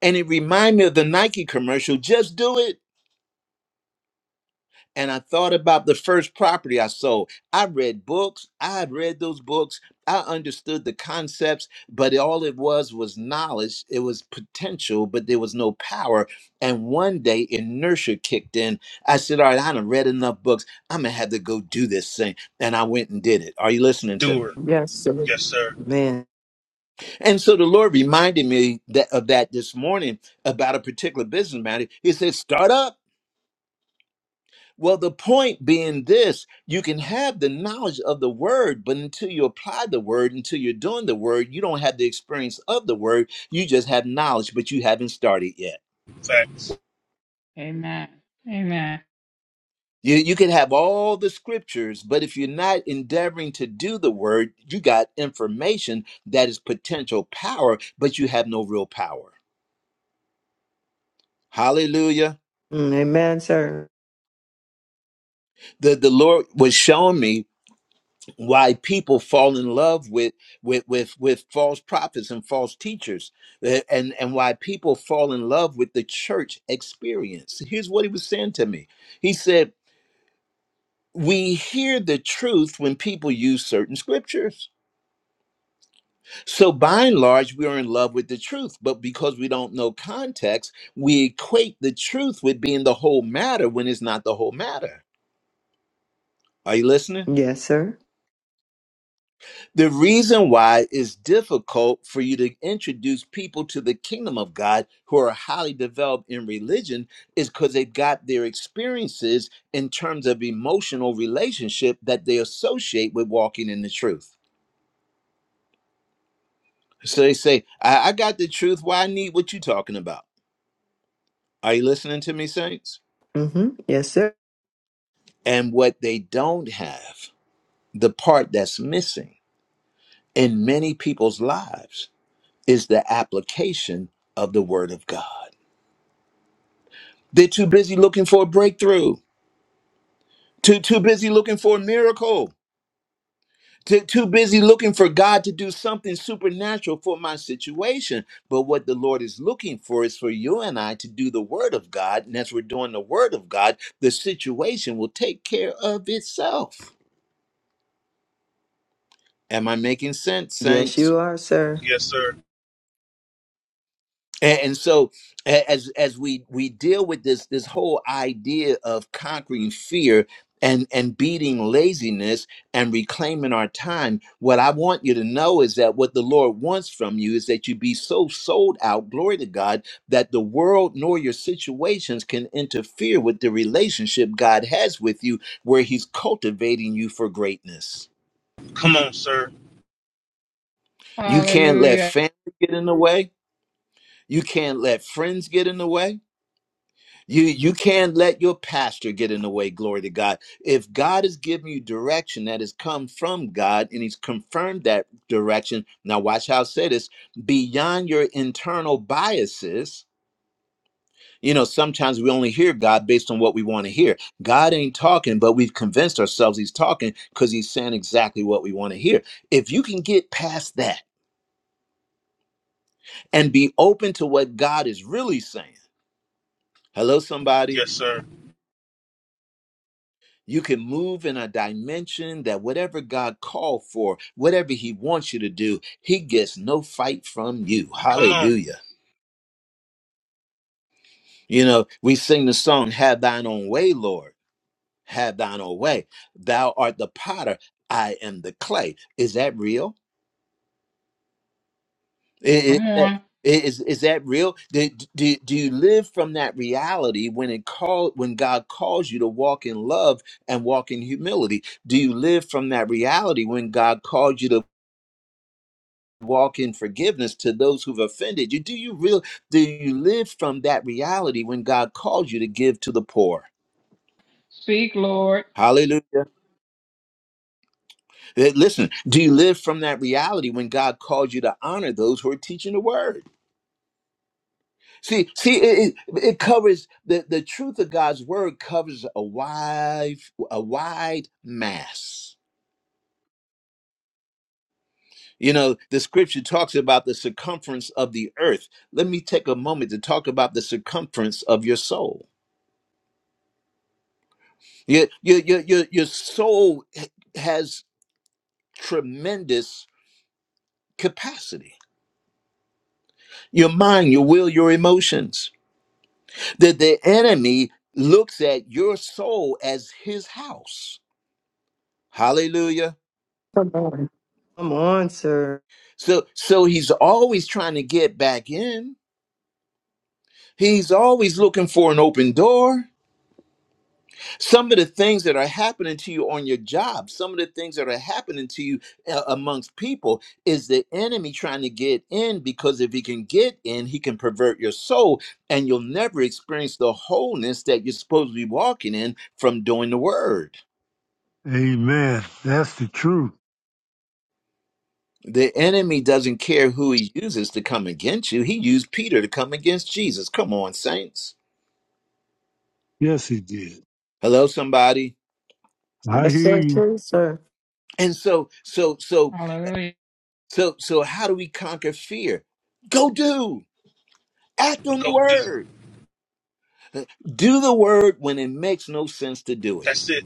And it reminded me of the Nike commercial, just do it. And I thought about the first property I sold. I read books, I had read those books, I understood the concepts, but all it was was knowledge. It was potential, but there was no power. And one day inertia kicked in. I said, All right, I done read enough books. I'm gonna have to go do this thing. And I went and did it. Are you listening to
Doer.
me?
Yes, sir.
Yes, sir.
Man.
And so the Lord reminded me that of that this morning about a particular business matter. He said, Start up. Well, the point being this you can have the knowledge of the word, but until you apply the word, until you're doing the word, you don't have the experience of the word. You just have knowledge, but you haven't started yet.
Facts.
Amen. Amen.
You, you could have all the scriptures, but if you're not endeavoring to do the word, you got information that is potential power, but you have no real power. Hallelujah.
Mm, Amen, sir.
The, the Lord was showing me why people fall in love with with with with false prophets and false teachers eh, and and why people fall in love with the church experience here's what he was saying to me he said we hear the truth when people use certain scriptures so by and large we are in love with the truth but because we don't know context we equate the truth with being the whole matter when it's not the whole matter are you listening
Yes, sir.
The reason why it's difficult for you to introduce people to the kingdom of God who are highly developed in religion is because they've got their experiences in terms of emotional relationship that they associate with walking in the truth. So they say, I, I got the truth. Why I need what you talking about? Are you listening to me, saints?
Mm-hmm. Yes, sir.
And what they don't have, the part that's missing in many people's lives, is the application of the word of God. They're too busy looking for a breakthrough, too, too busy looking for a miracle, too, too busy looking for God to do something supernatural for my situation. But what the Lord is looking for is for you and I to do the Word of God. And as we're doing the Word of God, the situation will take care of itself. Am I making sense,
Yes,
Saints?
you are, sir.
Yes, sir.
and, and so a- as as we we deal with this this whole idea of conquering fear and and beating laziness and reclaiming our time what i want you to know is that what the lord wants from you is that you be so sold out glory to god that the world nor your situations can interfere with the relationship god has with you where he's cultivating you for greatness
Come on, sir.
you can't let
Hallelujah.
family get in the way you can't let friends get in the way You you can't let your pastor get in the way, glory to God. If God is giving you direction that has come from God and he's confirmed that direction, now watch how I say this, beyond your internal biases, you know, sometimes we only hear God based on what we want to hear. God ain't talking, but we've convinced ourselves he's talking because he's saying exactly what we want to hear. If you can get past that and be open to what God is really saying, hello, somebody.
Yes, sir.
You can move in a dimension that whatever God called for, whatever He wants you to do, He gets no fight from you.
Come on.
Hallelujah. You know, we sing the song, Have Thine Own Way, Lord. Have Thine Own Way. Thou art the potter, I am the clay. Is that real? I- i-
Come
that-
on.
Is, is, that real? Do, do, do you live from that reality when it call when God calls you to walk in love and walk in humility? Do you live from that reality when God calls you to walk in forgiveness to those who've offended you do you real do you live from that reality when god calls you to give to the poor
Speak, Lord.
hallelujah Eh, listen do you live from that reality when god calls you to honor those who are teaching the word see see it, it, it covers the, the truth of god's word covers a wide a wide mass you know the scripture talks about the circumference of the earth let me take a moment to talk about the circumference of your soul Your your your your, your soul h- has tremendous capacity. Your mind, your will, your emotions. That the enemy looks at your soul as his house. Hallelujah.
Come on. Come on, sir.
So so he's always trying to get back in. He's always looking for an open door. some of the things that are happening to you on your job some of the things that are happening to you uh, amongst people is the enemy trying to get in because if he can get in he can pervert your soul and you'll never experience the wholeness that you're supposed to be walking in from doing the word
Amen. That's the truth.
the enemy doesn't care who he uses to come against you he used peter to come against jesus come on saints
Yes, he did.
hello somebody
I
Yes,
hear
sir,
you.
true, sir.
and so so so
Hallelujah.
so so how do we conquer fear go do Act on the
Go do.
word. Do the word when it makes no sense to do it.
That's it.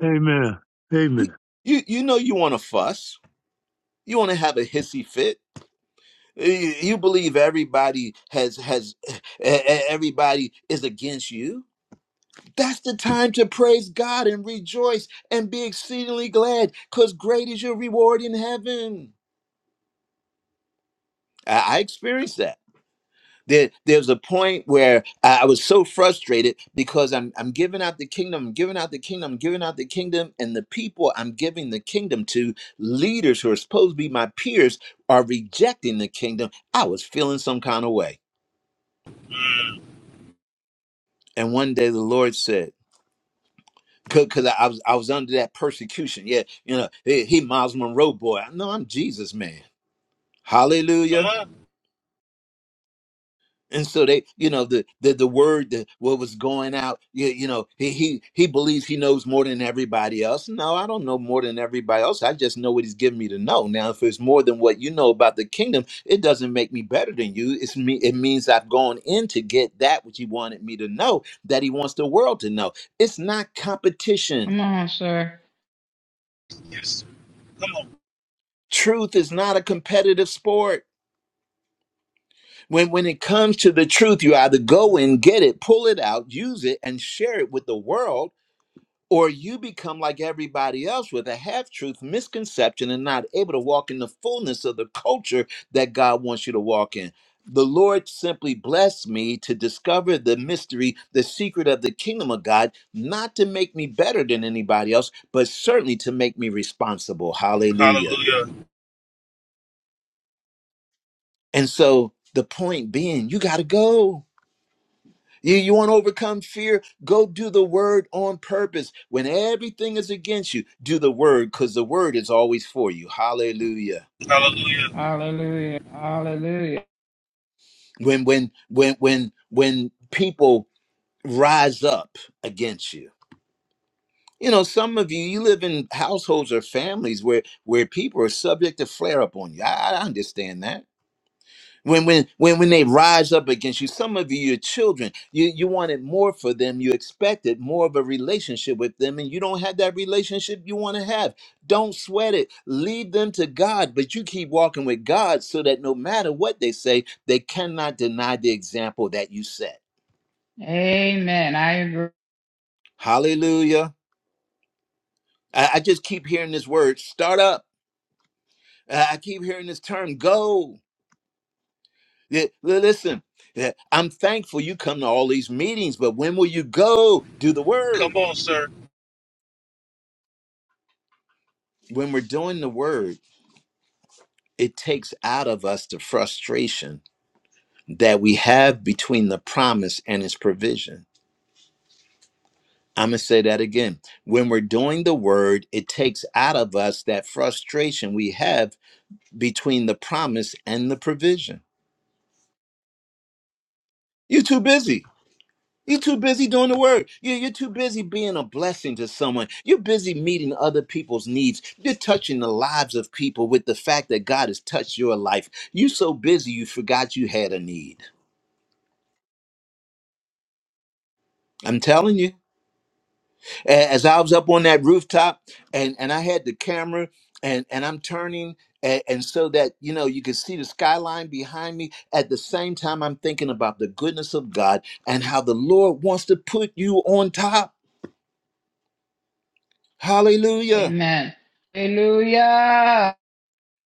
Amen.
You
Amen.
you, you know you want to fuss. You want to have a hissy fit. You you believe everybody has has e- e- everybody is against you. That's the time to praise God and rejoice and be exceedingly glad, because great is your reward in heaven. I, I experienced that. There, there's a point where I I was so frustrated because I'm I'm giving out the kingdom, I'm giving out the kingdom, I'm giving out the kingdom, and the people I'm giving the kingdom to, leaders who are supposed to be my peers, are rejecting the kingdom. I was feeling some kind of way,
Mm.
and one day the Lord said. Because I I was I was under that persecution, yeah, you know, he, he Miles Monroe boy. No, I'm Jesus man. Hallelujah.
Come on.
and so they you know the the, the word that what was going out you, you know he, he he believes he knows more than everybody else no i don't know more than everybody else i just know what he's given me to know now if it's more than what you know about the kingdom it doesn't make me better than you it's me it means i've gone in to get that which he wanted me to know that he wants the world to know it's not competition
Come on, sir.
Yes, sir. Come on.
truth is not a competitive sport when when it comes to the truth you either go and get it pull it out use it and share it with the world or you become like everybody else with a half truth misconception and not able to walk in the fullness of the culture that God wants you to walk in. The Lord simply blessed me to discover the mystery, the secret of the kingdom of God, not to make me better than anybody else, but certainly to make me responsible. Hallelujah.
Hallelujah.
And so the point being, you got to go. You, you want to overcome fear? Go do the word on purpose. When everything is against you, do the word because the word is always for you. Hallelujah.
Hallelujah.
Hallelujah. Hallelujah.
When when when when when people rise up against you. You know, some of you you live in households or families where where people are subject to flare up on you. I, I understand that. when when when when they rise up against you some of you your children you you wanted more for them you expected more of a relationship with them and you don't have that relationship you want to have don't sweat it lead them to god but you keep walking with god so that no matter what they say they cannot deny the example that you set
Amen. I agree.
hallelujah i, I just keep hearing this word start up i I keep hearing this term go Yeah, li- listen yeah, I'm thankful you come to all these meetings, but when will you go do the word?
Come on, sir.
when we're doing the word, it takes out of us the frustration that we have between the promise and its provision. I'm going to say that again. When we're doing the word, it takes out of us that frustration we have between the promise and the provision. You're too busy. You're too busy doing the word. You- You're too busy being a blessing to someone. You're busy meeting other people's needs. You're touching the lives of people with the fact that God has touched your life. You're so busy you forgot you had a need. I'm telling you. A- As I was up on that rooftop and, and I had the camera and, and I'm turning and, and so that you know you could see the skyline behind me. At the same time, I'm thinking about the goodness of God and how the Lord wants to put you on top. Hallelujah.
Amen. Hallelujah.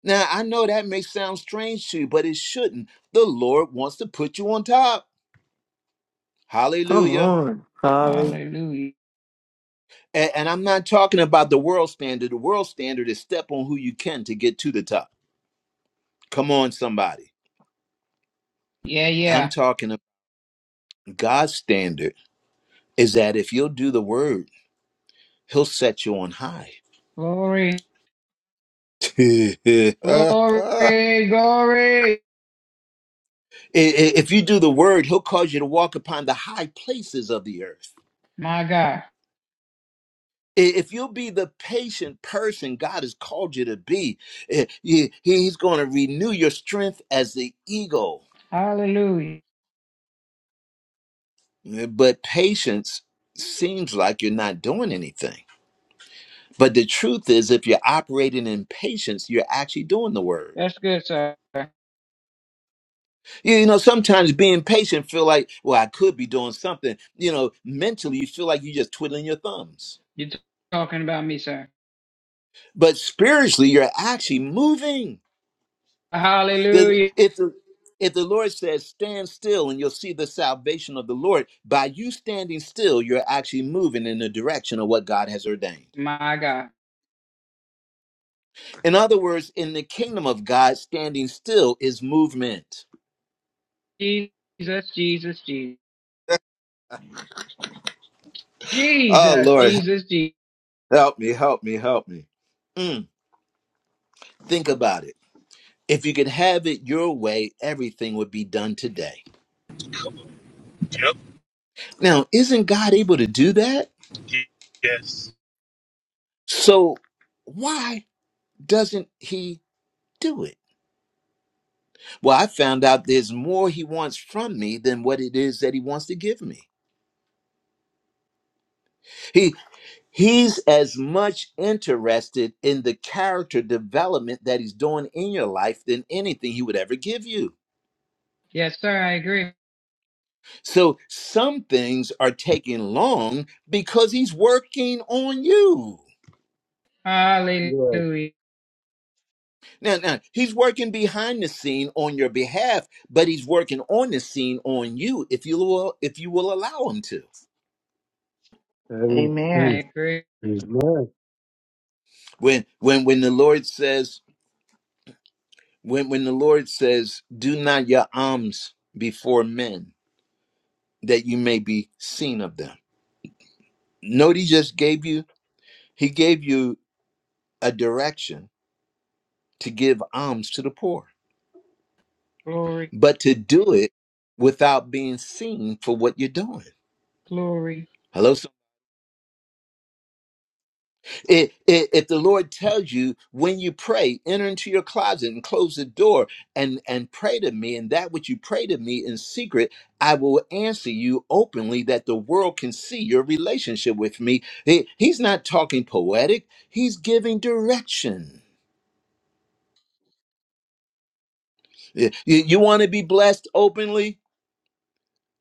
Now I know that may sound strange to you, but it shouldn't. The Lord wants to put you on top.
Come
Hallelujah.
on. Holly.
Hallelujah.
And, and I'm not talking about the world standard. The world standard is step on who you can to get to the top. Come on, somebody.
Yeah,
I'm
yeah.
talking about God's standard is that if you'll do the word, he'll set you on high.
Glory.
I- i-
Glory. Glory.
if you do the word, he'll cause you to walk upon the high places of the earth.
My God.
I- If you'll be the patient person God has called you to be, i- he- he's going to renew your strength as the eagle.
Hallelujah.
Eh, But patience seems like you're not doing anything. But the truth is, if you're operating in patience, you're actually doing the word.
That's good, sir.
You you know, sometimes being patient feel like, well, I could be doing something. You know, mentally you feel like you're just twiddling your thumbs,
You're talking about me, sir.
but spiritually you're actually moving. The,
Hallelujah.
if the if the Lord says, "Stand still, and you'll see the salvation of the Lord," by you standing still, you're actually moving in the direction of what God has ordained.
My God.
In other words, in the kingdom of God, standing still is movement.
Jesus, Jesus, Jesus.
Oh
Jesus,
Lord,
Jesus, Jesus.
help me, help me, help me. Mm, think about it If you could have it your way, everything would be done today.
Yep.
Now, isn't God able to do that?
Y- Yes.
So why doesn't He do it? Well, I found out there's more He wants from me than what it is that He wants to give me. He He's as much interested in the character development that he's doing in your life than anything he would ever give you.
Yes, sir, I agree.
So some things are taking long because he's working on you.
Yes.
Hallelujah.
Now, now he's working behind the scene on your behalf, but he's working on the scene on you if you will if you will allow him to.
Amen.
I
Amen.
agree.
Amen.
When when when the Lord says when when the Lord says, "Do not your alms before men, that you may be seen of them." Note he just gave you he gave you a direction to give alms to the poor,
Glory,
but to do it without being seen for what you're doing.
glory.
Hello, It, it, if the Lord tells you when you pray, enter into your closet and close the door and, and pray to me, and that which you pray to me in secret, I will answer you openly that the world can see your relationship with me. He- he's not talking poetic, he's giving direction. You, you want to be blessed openly?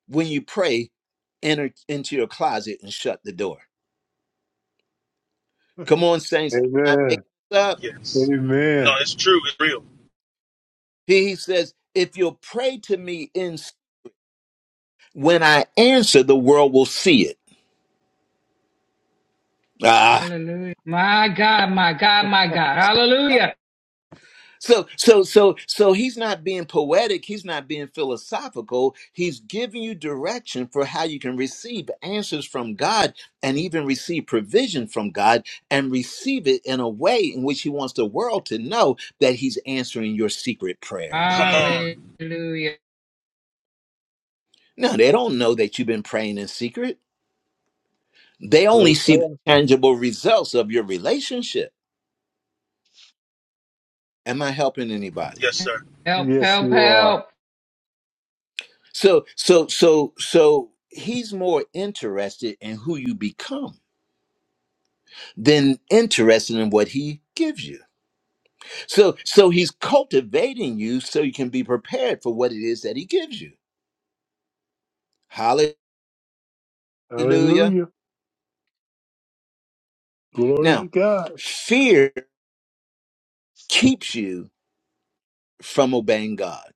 When you pray, enter into your closet and shut the door. Come on, saints, I'm not
Amen.
making this up.
Yes. No,
Amen.
it's true. It's real.
He he says, if you'll pray to me in when I answer, the world will see it. Ah.
Hallelujah. My God, my God, my God. Hallelujah.
So, so, so, so he's not being poetic. He's not being philosophical. He's giving you direction for how you can receive answers from God and even receive provision from God and receive it in a way in which he wants the world to know that he's answering your secret prayer.
Come on.
Hallelujah.
No, they don't know that you've been praying in secret. They
No,
only see the
sir.
tangible results of your relationship. Am I helping anybody?
Yes, sir.
Help,
Yes,
help,
you are.
help.
So so so so he's more interested in who you become than interested in what he gives you. So so he's cultivating you so you can be prepared for what it is that he gives you. Hallelujah.
Hallelujah. Glory to
Now,
God.
fear keeps you from obeying God.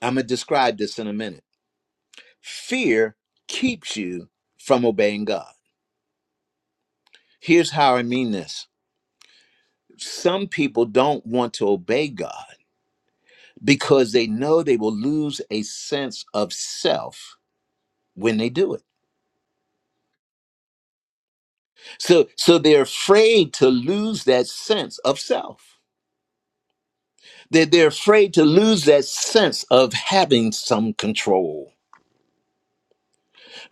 I'm going to describe this in a minute. Fear keeps you from obeying God. Here's how I mean this. Some people don't want to obey God because they know they will lose a sense of self when they do it. So so they're afraid to lose that sense of self. They're, they're afraid to lose that sense of having some control.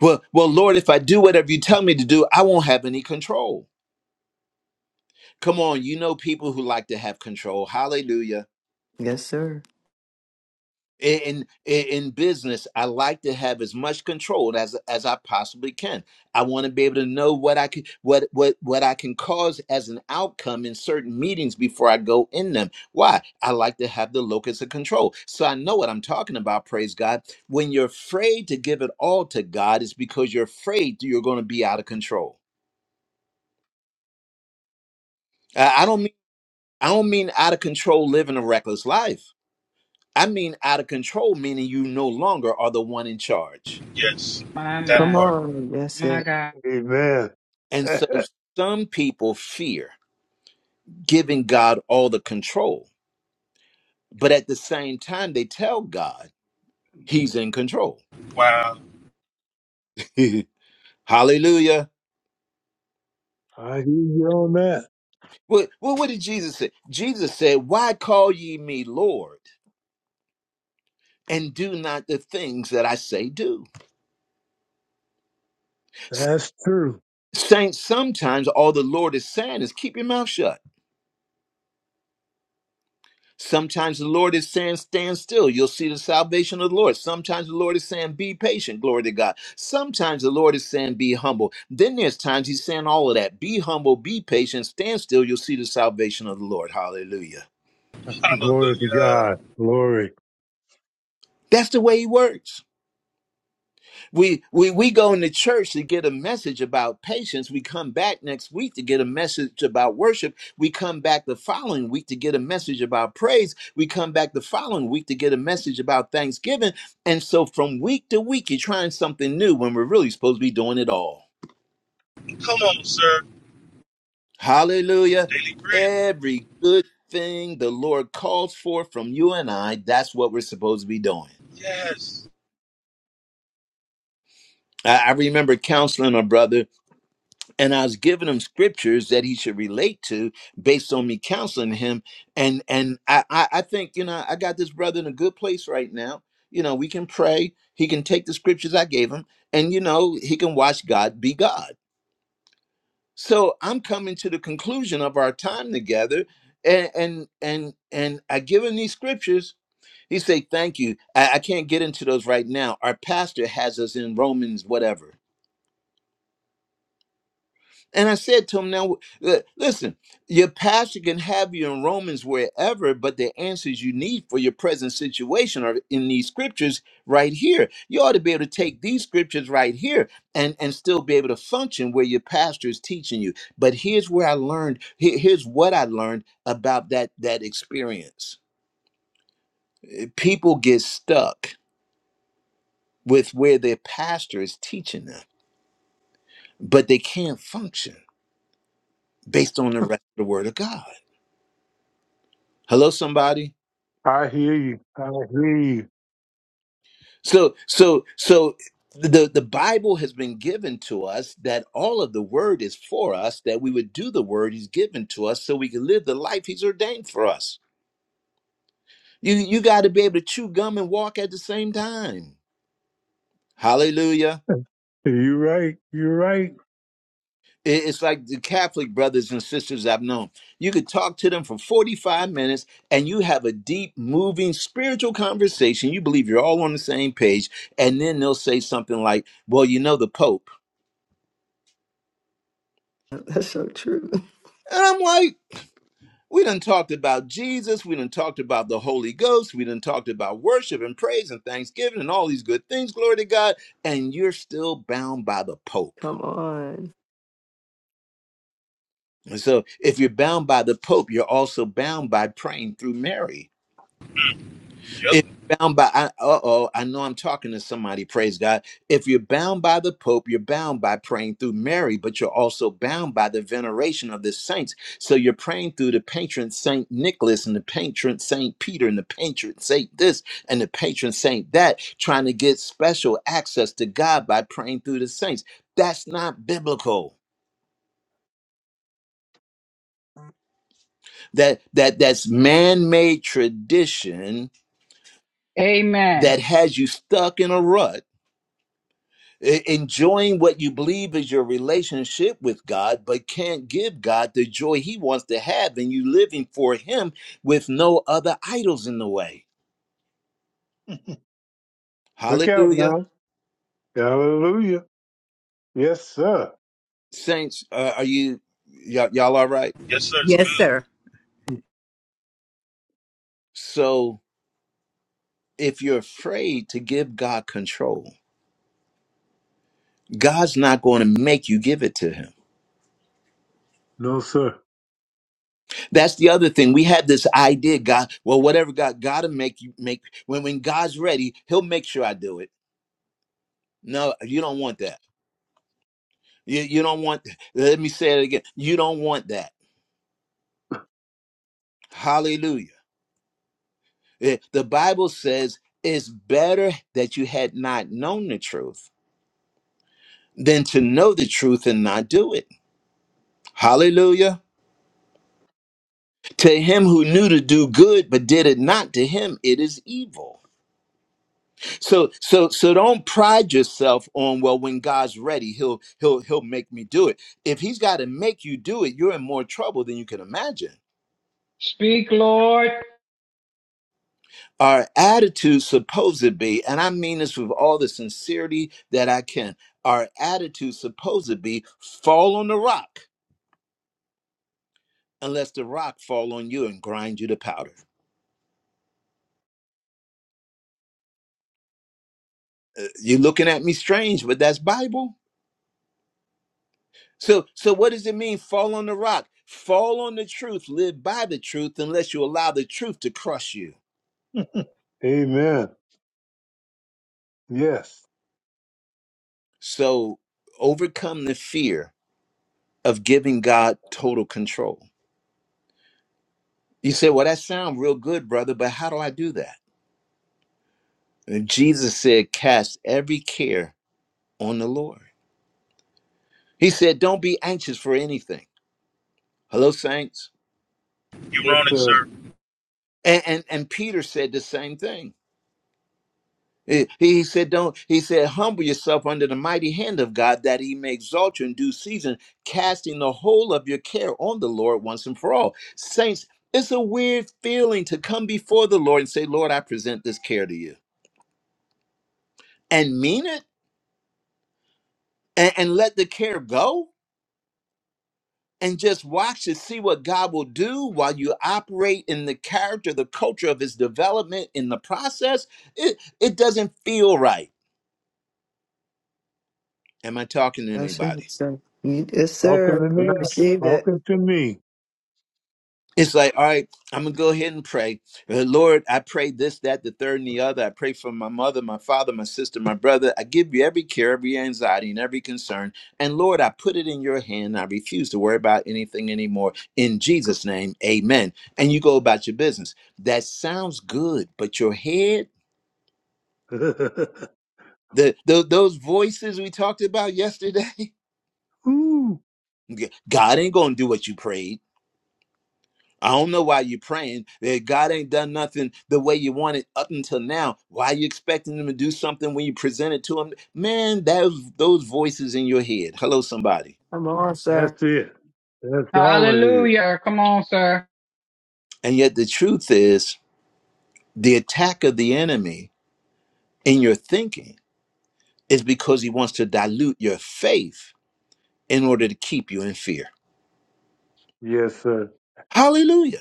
Well, well, Lord, if I do whatever you tell me to do, I won't have any control. Come on, you know people who like to have control. Hallelujah.
Yes, sir.
in in in business i like to have as much control as as i possibly can i want to be able to know what i can what what what i can cause as an outcome in certain meetings before i go in them why i like to have the locus of control so i know what i'm talking about praise god when you're afraid to give it all to god it's because you're afraid that you're going to be out of control i, I don't mean i don't mean out of control living a reckless life i mean out of control meaning you no longer are the one in charge
Yes.
My,
That
Come
my,
part.
on. That's
my
it.
God.
Amen.
And so some people fear giving God all the control, but at the same time, they tell God he's in control.
Wow.
Hallelujah.
I hear you on that.
Well, well, what did Jesus say? Jesus said, Why call ye me Lord and do not the things that I say do? S-
That's true.
Saints, sometimes all the Lord is saying is keep your mouth shut. Sometimes the Lord is saying, stand still. You'll see the salvation of the Lord. Sometimes the Lord is saying, be patient. Glory to God. Sometimes the Lord is saying, be humble. Then there's times He's saying all of that. Be humble, be patient, stand still. You'll see the salvation of the Lord. Hallelujah.
Glory to
Hallelujah.
God. Glory.
That's the way He works. We we we go into church to get a message about patience. We come back next week to get a message about worship. We come back the following week to get a message about praise. We come back the following week to get a message about thanksgiving. And so from week to week, you're trying something new when we're really supposed to be doing it all.
Come on, sir.
Hallelujah.
Daily bread.
Every good thing the Lord calls for from you and I, that's what we're supposed to be doing.
Yes.
I, I remember counseling a brother and I was giving him scriptures that he should relate to based on me counseling him. And and I, I I think you know I got this brother in a good place right now. You know we can pray. He can take the scriptures I gave him, and you know he can watch God be God. So I'm coming to the conclusion of our time together, and and and and I give him these scriptures. He say, "Thank you. I, I can't get into those right now. Our pastor has us in Romans, whatever." And I said to him, now, li- listen, your pastor can have you in Romans wherever, but the answers you need for your present situation are in these scriptures right here. You ought to be able to take these scriptures right here and, and still be able to function where your pastor is teaching you. But here's where I learned, he- here's what I learned about that, that experience. People get stuck with where their pastor is teaching them, but they can't function based on the rest of the word of God. Hello, somebody.
I hear you. I hear you.
So so so the the Bible has been given to us that all of the word is for us that we would do the word he's given to us so we can live the life he's ordained for us. You you got to be able to chew gum and walk at the same time. Hallelujah.
You're right. You're right.
I- It's like the Catholic brothers and sisters I've known. You could talk to them for 45 minutes and you have a deep, moving spiritual conversation. You believe you're all on the same page. And then they'll say something like, Well, you know, the Pope.
That's so true.
And I'm like, We done talked about Jesus. We done talked about the Holy Ghost. We done talked about worship and praise and thanksgiving and all these good things. Glory to God. And you're still bound by the Pope.
Come on.
And so if you're bound by the Pope, you're also bound by praying through Mary.
Yep.
If you're bound by, uh oh, I know I'm talking to somebody, praise God. If you're bound by the Pope, you're bound by praying through Mary, but you're also bound by the veneration of the saints. So you're praying through the patron Saint Nicholas and the patron Saint Peter and the patron Saint this and the patron Saint that, trying to get special access to God by praying through the saints. That's not biblical. That that that's man-made tradition
Amen.
that has you stuck in a rut E- enjoying what you believe is your relationship with God, but can't give God the joy He wants to have, and you living for Him with no other idols in the way.
Look out
Hallelujah,
now. Hallelujah. Yes, sir.
saints. Uh, are you y'all, y'all all right?
Yes, sir. It's
Yes,
good.
sir.
So if you're afraid to give God control. God's not going to make you give it to him.
No, sir.
That's the other thing. We have this idea, God, well, whatever God gotta make you make when when God's ready, he'll make sure I do it. No, you don't want that You, you don't want, let me say it again. You don't want that. Hallelujah. Eh, The Bible says it's better that you had not known the truth than to know the truth and not do it. Hallelujah. To him who knew to do good but did it not, to him it is evil. So so so don't pride yourself on well when God's ready he'll he'll he'll make me do it. If he's got to make you do it, you're in more trouble than you can imagine.
Speak, Lord.
Our attitude supposed to be, and I mean this with all the sincerity that I can, our attitude supposed to be fall on the rock unless the rock fall on you and grind you to powder. Uh, You're looking at me strange, but that's Bible. So so what does it mean fall on the rock? Fall on the truth, live by the truth unless you allow the truth to crush you.
Amen. Yes.
So overcome the fear of giving God total control. You say, "Well, that sounds real good, brother, but how do I do that?" And Jesus said, Cast every care on the Lord. He said, Don't be anxious for anything. Hello, saints.
You're
Yes,
on it,
sir.
sir.
And and, and Peter said the same thing. He, he said, Don't he said, humble yourself under the mighty hand of God that he may exalt you in due season, casting the whole of your care on the Lord once and for all. Saints, it's a weird feeling to come before the Lord and say, Lord, I present this care to you. And mean it and, and let the care go and just watch to see what God will do while you operate in the character, the culture of his development in the process, it, it doesn't feel right. Am I talking to
Yes,
anybody?
sir. Yes,
Talking
sir.
to
I
me.
Receive it.
Talking to me.
It's like, all right, I'm gonna go ahead and pray. Uh, Lord, I pray this, that, the third, and the other. I pray for my mother, my father, my sister, my brother. I give you every care, every anxiety, and every concern. And Lord, I put it in your hand. I refuse to worry about anything anymore. In Jesus' name, amen. And you go about your business. That sounds good, but your head, the, tho- those voices we talked about yesterday,
Ooh,
God ain't gonna do what you prayed. I don't know why you're praying that God ain't done nothing the way you want it up until now. Why are you expecting him to do something when you present it to him? Man, those those voices in your head. Hello, somebody.
Come on, sir.
that's it. That's all it is.
Hallelujah. Come on, sir.
And yet the truth is the attack of the enemy in your thinking is because he wants to dilute your faith in order to keep you in fear.
Yes, sir.
Hallelujah.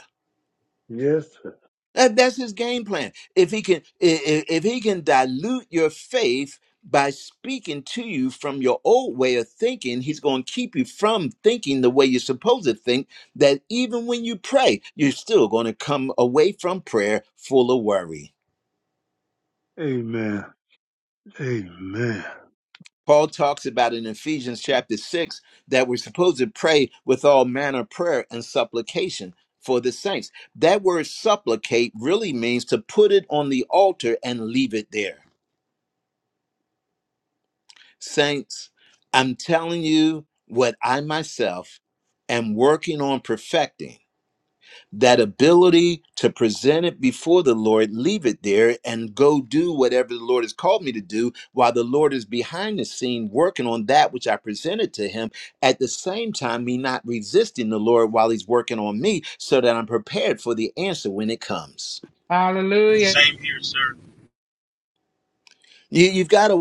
Yes, sir.
That, that's his game plan. If he can, if, if he can dilute your faith by speaking to you from your old way of thinking, he's going to keep you from thinking the way you're supposed to think. That even when you pray, you're still going to come away from prayer full of worry.
Amen. Amen.
Paul talks about in Ephesians chapter six that we're supposed to pray with all manner of prayer and supplication for the saints. That word supplicate really means to put it on the altar and leave it there. Saints, I'm telling you what I myself am working on perfecting that ability to present it before the Lord, leave it there, and go do whatever the Lord has called me to do while the Lord is behind the scene working on that which I presented to Him. At the same time, me not resisting the Lord while He's working on me so that I'm prepared for the answer when it comes.
Hallelujah.
Same here, sir.
You, you've got to.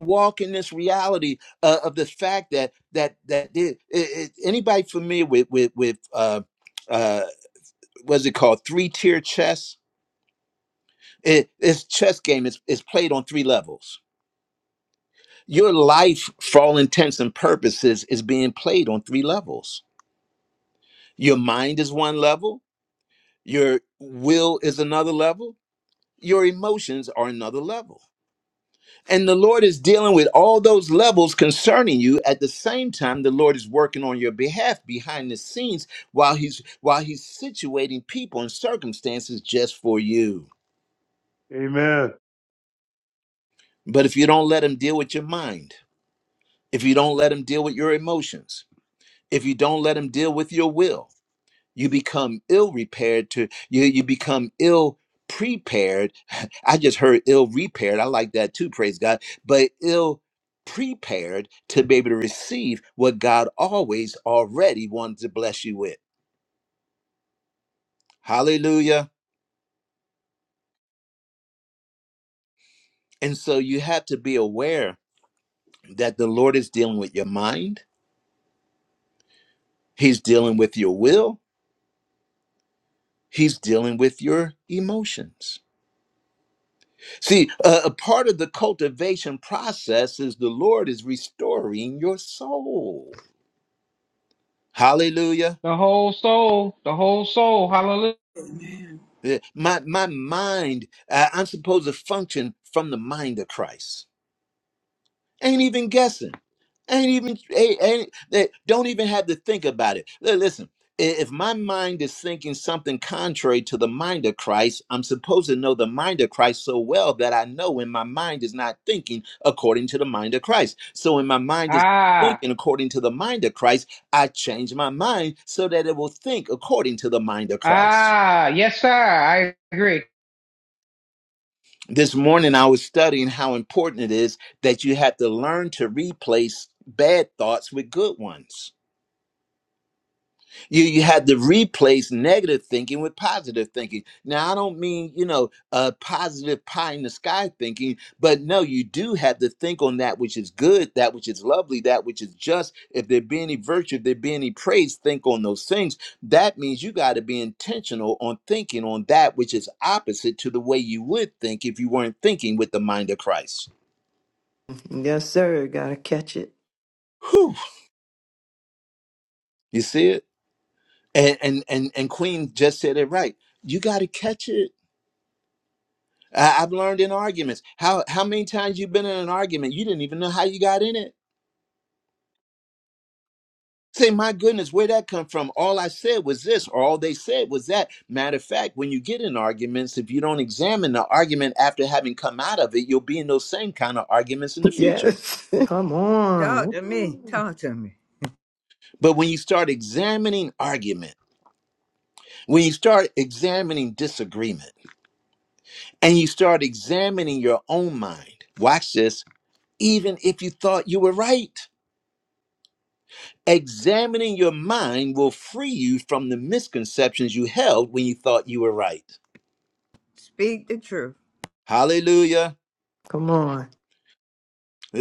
walk in this reality uh, of the fact that that that it, it- anybody familiar with with with uh uh what's it called three tier chess it, it's chess game is is played on three levels your life for all intents and purposes is being played on three levels your mind is one level your will is another level your emotions are another level And the Lord is dealing with all those levels concerning you. At the same time, the Lord is working on your behalf behind the scenes while He's while He's situating people and circumstances just for you.
Amen.
But if you don't let Him deal with your mind, if you don't let Him deal with your emotions, if you don't let Him deal with your will, you become ill repaired to you you become ill prepared i just heard ill repaired i like that too praise god but ill prepared to be able to receive what god always already wanted to bless you with hallelujah and so you have to be aware that the lord is dealing with your mind he's dealing with your will he's dealing with your emotions See, uh, a part of the cultivation process is the Lord is restoring your soul. Hallelujah.
The whole soul, the whole soul. Hallelujah.
Amen.
Uh, My my mind, uh, I'm supposed to function from the mind of Christ. Ain't even guessing. Ain't even ain't, ain't- they don't even have to think about it. Li- Listen, i- if my mind is thinking something contrary to the mind of Christ, I'm supposed to know the mind of Christ so well that I know when my mind is not thinking according to the mind of Christ. So when my mind is
Ah,
thinking according to the mind of Christ, I change my mind so that it will think according to the mind of Christ.
ah. Yes, sir. I agree.
This morning I was studying how important it is that you have to learn to replace bad thoughts with good ones you you had to replace negative thinking with positive thinking now i don't mean you know uh positive pie in the sky thinking but no you do have to think on that which is good that which is lovely that which is just if there be any virtue if there be any praise think on those things that means you got to be intentional on thinking on that which is opposite to the way you would think if you weren't thinking with the mind of christ
Yes, sir. Gotta catch it.
Whew, you see it and and and, and queen just said it right you got to catch it I, I've learned in arguments. How how many times you've been in an argument you didn't even know how you got in it? Say, my goodness, where'd that come from? All I said was this, or all they said was that. Matter of fact, when you get in arguments, if you don't examine the argument after having come out of it, you'll be in those same kind of arguments in the future.
Yes. Come on.
Talk to me.
Woo.
Talk to me.
But when you start examining argument, when you start examining disagreement, and you start examining your own mind, watch this, even if you thought you were right. Examining your mind will free you from the misconceptions you held when you thought you were right.
Speak the truth.
Hallelujah.
Come on.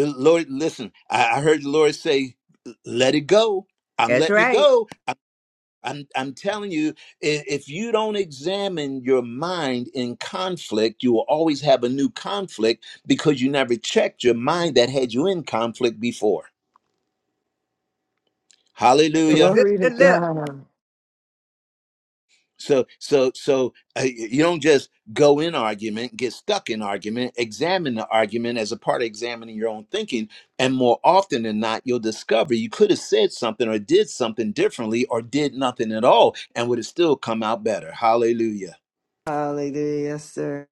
Lord, listen, I, I heard the Lord say, let it go. I'm
That's
letting it
right.
go. I, I'm, I'm telling you, i- if you don't examine your mind in conflict, you will always have a new conflict because you never checked your mind that had you in conflict before.
Had to
Hallelujah.
zip
Glory to
the lip.
God.
So so so uh, you don't just go in argument, get stuck in argument, examine the argument as a part of examining your own thinking, and more often than not, you'll discover you could have said something or did something differently or did nothing at all, and would have still come out better. Hallelujah.
Hallelujah. Yes, sir.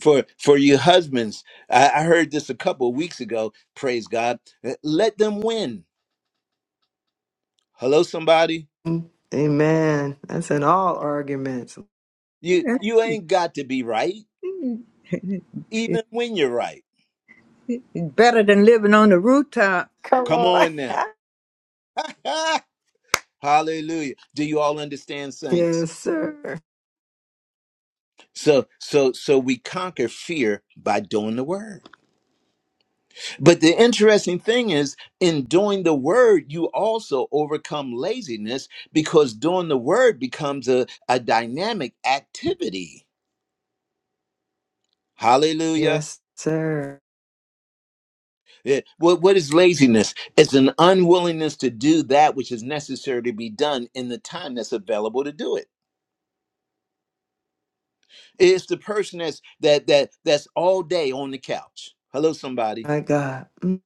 For for you husbands, I, I heard this a couple of weeks ago. Praise God. Uh, Let them win. Hello, somebody.
Amen. That's in all arguments.
You you ain't got to be right, even
it's
when you're right.
better than living on the rooftop.
Come
Come
on.
on now. Hallelujah. Do you all understand, saints?
yes, sir.
So, so, so we conquer fear by doing the word. But the interesting thing is, in doing the word, you also overcome laziness because doing the word becomes a, a dynamic activity. Hallelujah.
Yes, sir.
Yeah. What, what is laziness? It's an unwillingness to do that which is necessary to be done in the time that's available to do it. It's the person that's that that that's all day on the couch. Hello, somebody
My God. Mm.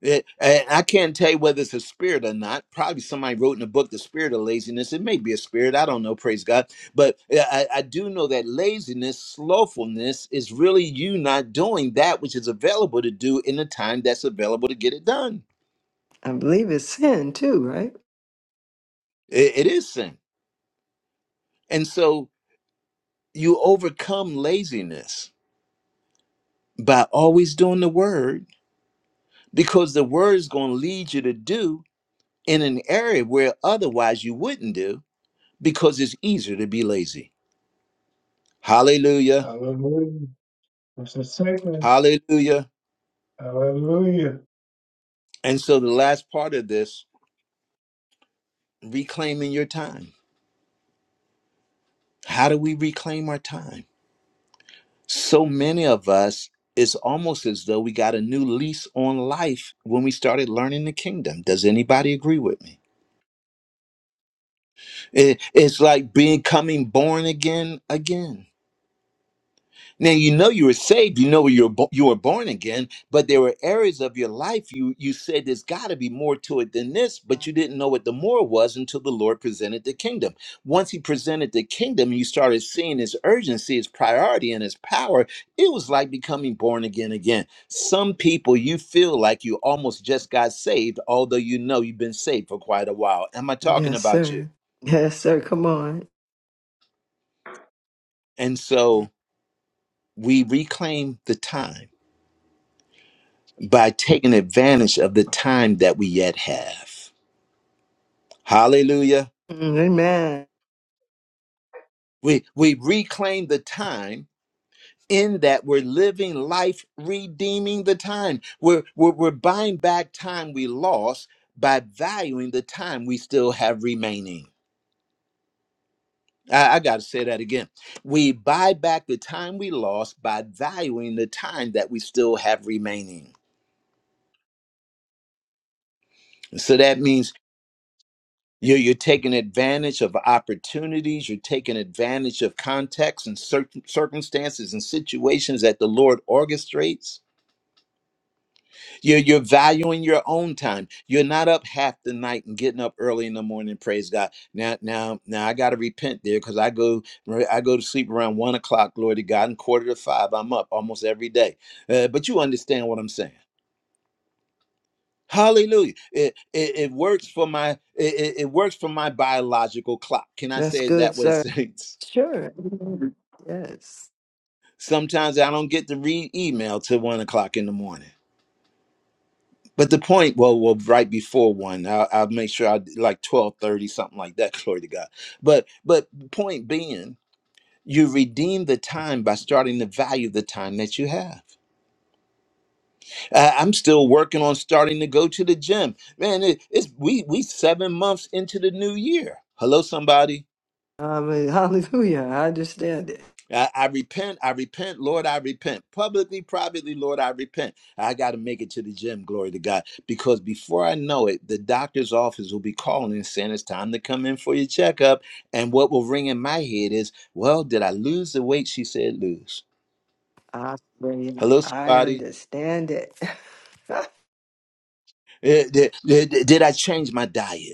It, I I can't tell you whether it's a spirit or not. Probably somebody wrote in the book the spirit of laziness. It may be a spirit. I don't know. Praise God. But uh, I, I do know that laziness, slothfulness, is really you not doing that which is available to do in the time that's available to get it done.
I believe it's sin too, right?
it it is sin, and so you overcome laziness by always doing the word because the word is going to lead you to do in an area where otherwise you wouldn't do because it's easier to be lazy. Hallelujah.
Hallelujah. It's a second.
Hallelujah.
Hallelujah.
And so the last part of this, reclaiming your time. How do we reclaim our time? So many of us, it's almost as though we got a new lease on life when we started learning the kingdom. Does anybody agree with me? It- it's like being coming born again again. Now you know you were saved, you know you were bo- you were born again, but there were areas of your life you you said there's got to be more to it than this, but you didn't know what the more was until the Lord presented the kingdom. Once He presented the kingdom, you started seeing His urgency, His priority, and His power. It was like becoming born again again. Some people you feel like you almost just got saved, although you know you've been saved for quite a while. Am I talking
Yes,
about you?
sir. Yes, sir. Come on.
And so we reclaim the time by taking advantage of the time that we yet have. Hallelujah.
Mm, Amen.
We we reclaim the time in that we're living life redeeming the time. We're we're, we're buying back time we lost by valuing the time we still have remaining. I, I gotta say that again. We buy back the time we lost by valuing the time that we still have remaining. So that means You're, you're taking advantage of opportunities. You're taking advantage of contexts and cir- circumstances and situations that the Lord orchestrates. You're, you're valuing your own time. You're not up half the night and getting up early in the morning. Praise God. Now, now, now, I got to repent there because I go, I go to sleep around one o'clock. Glory to God. And quarter to five, I'm up almost every day. Uh, but you understand what I'm saying. Hallelujah. It, it, it works for my it, it it works for my biological clock. Can I
That's
say it
good,
that way,
sir.
Saints?
Sure. Mhm. Yes.
Sometimes I don't get to read email till one o'clock in the morning. But the point, well, well, right before one, I'll, I'll make sure I d- like twelve thirty, something like that. Glory to God. But but point being, you redeem the time by starting to value the time that you have. Uh, I'm still working on starting to go to the gym, man. It, it's we we seven months into the new year. Hello, somebody.
I mean, hallelujah. I understand it.
I, I repent, I repent, Lord, I repent. Publicly, privately, Lord, I repent. I got to make it to the gym, glory to God. Because before I know it, the doctor's office will be calling and saying it's time to come in for your checkup. And what will ring in my head is, well, did I lose the weight she said lose?
I,
Hello,
I
somebody?
understand it.
Eh, Did, did, did I change my diet?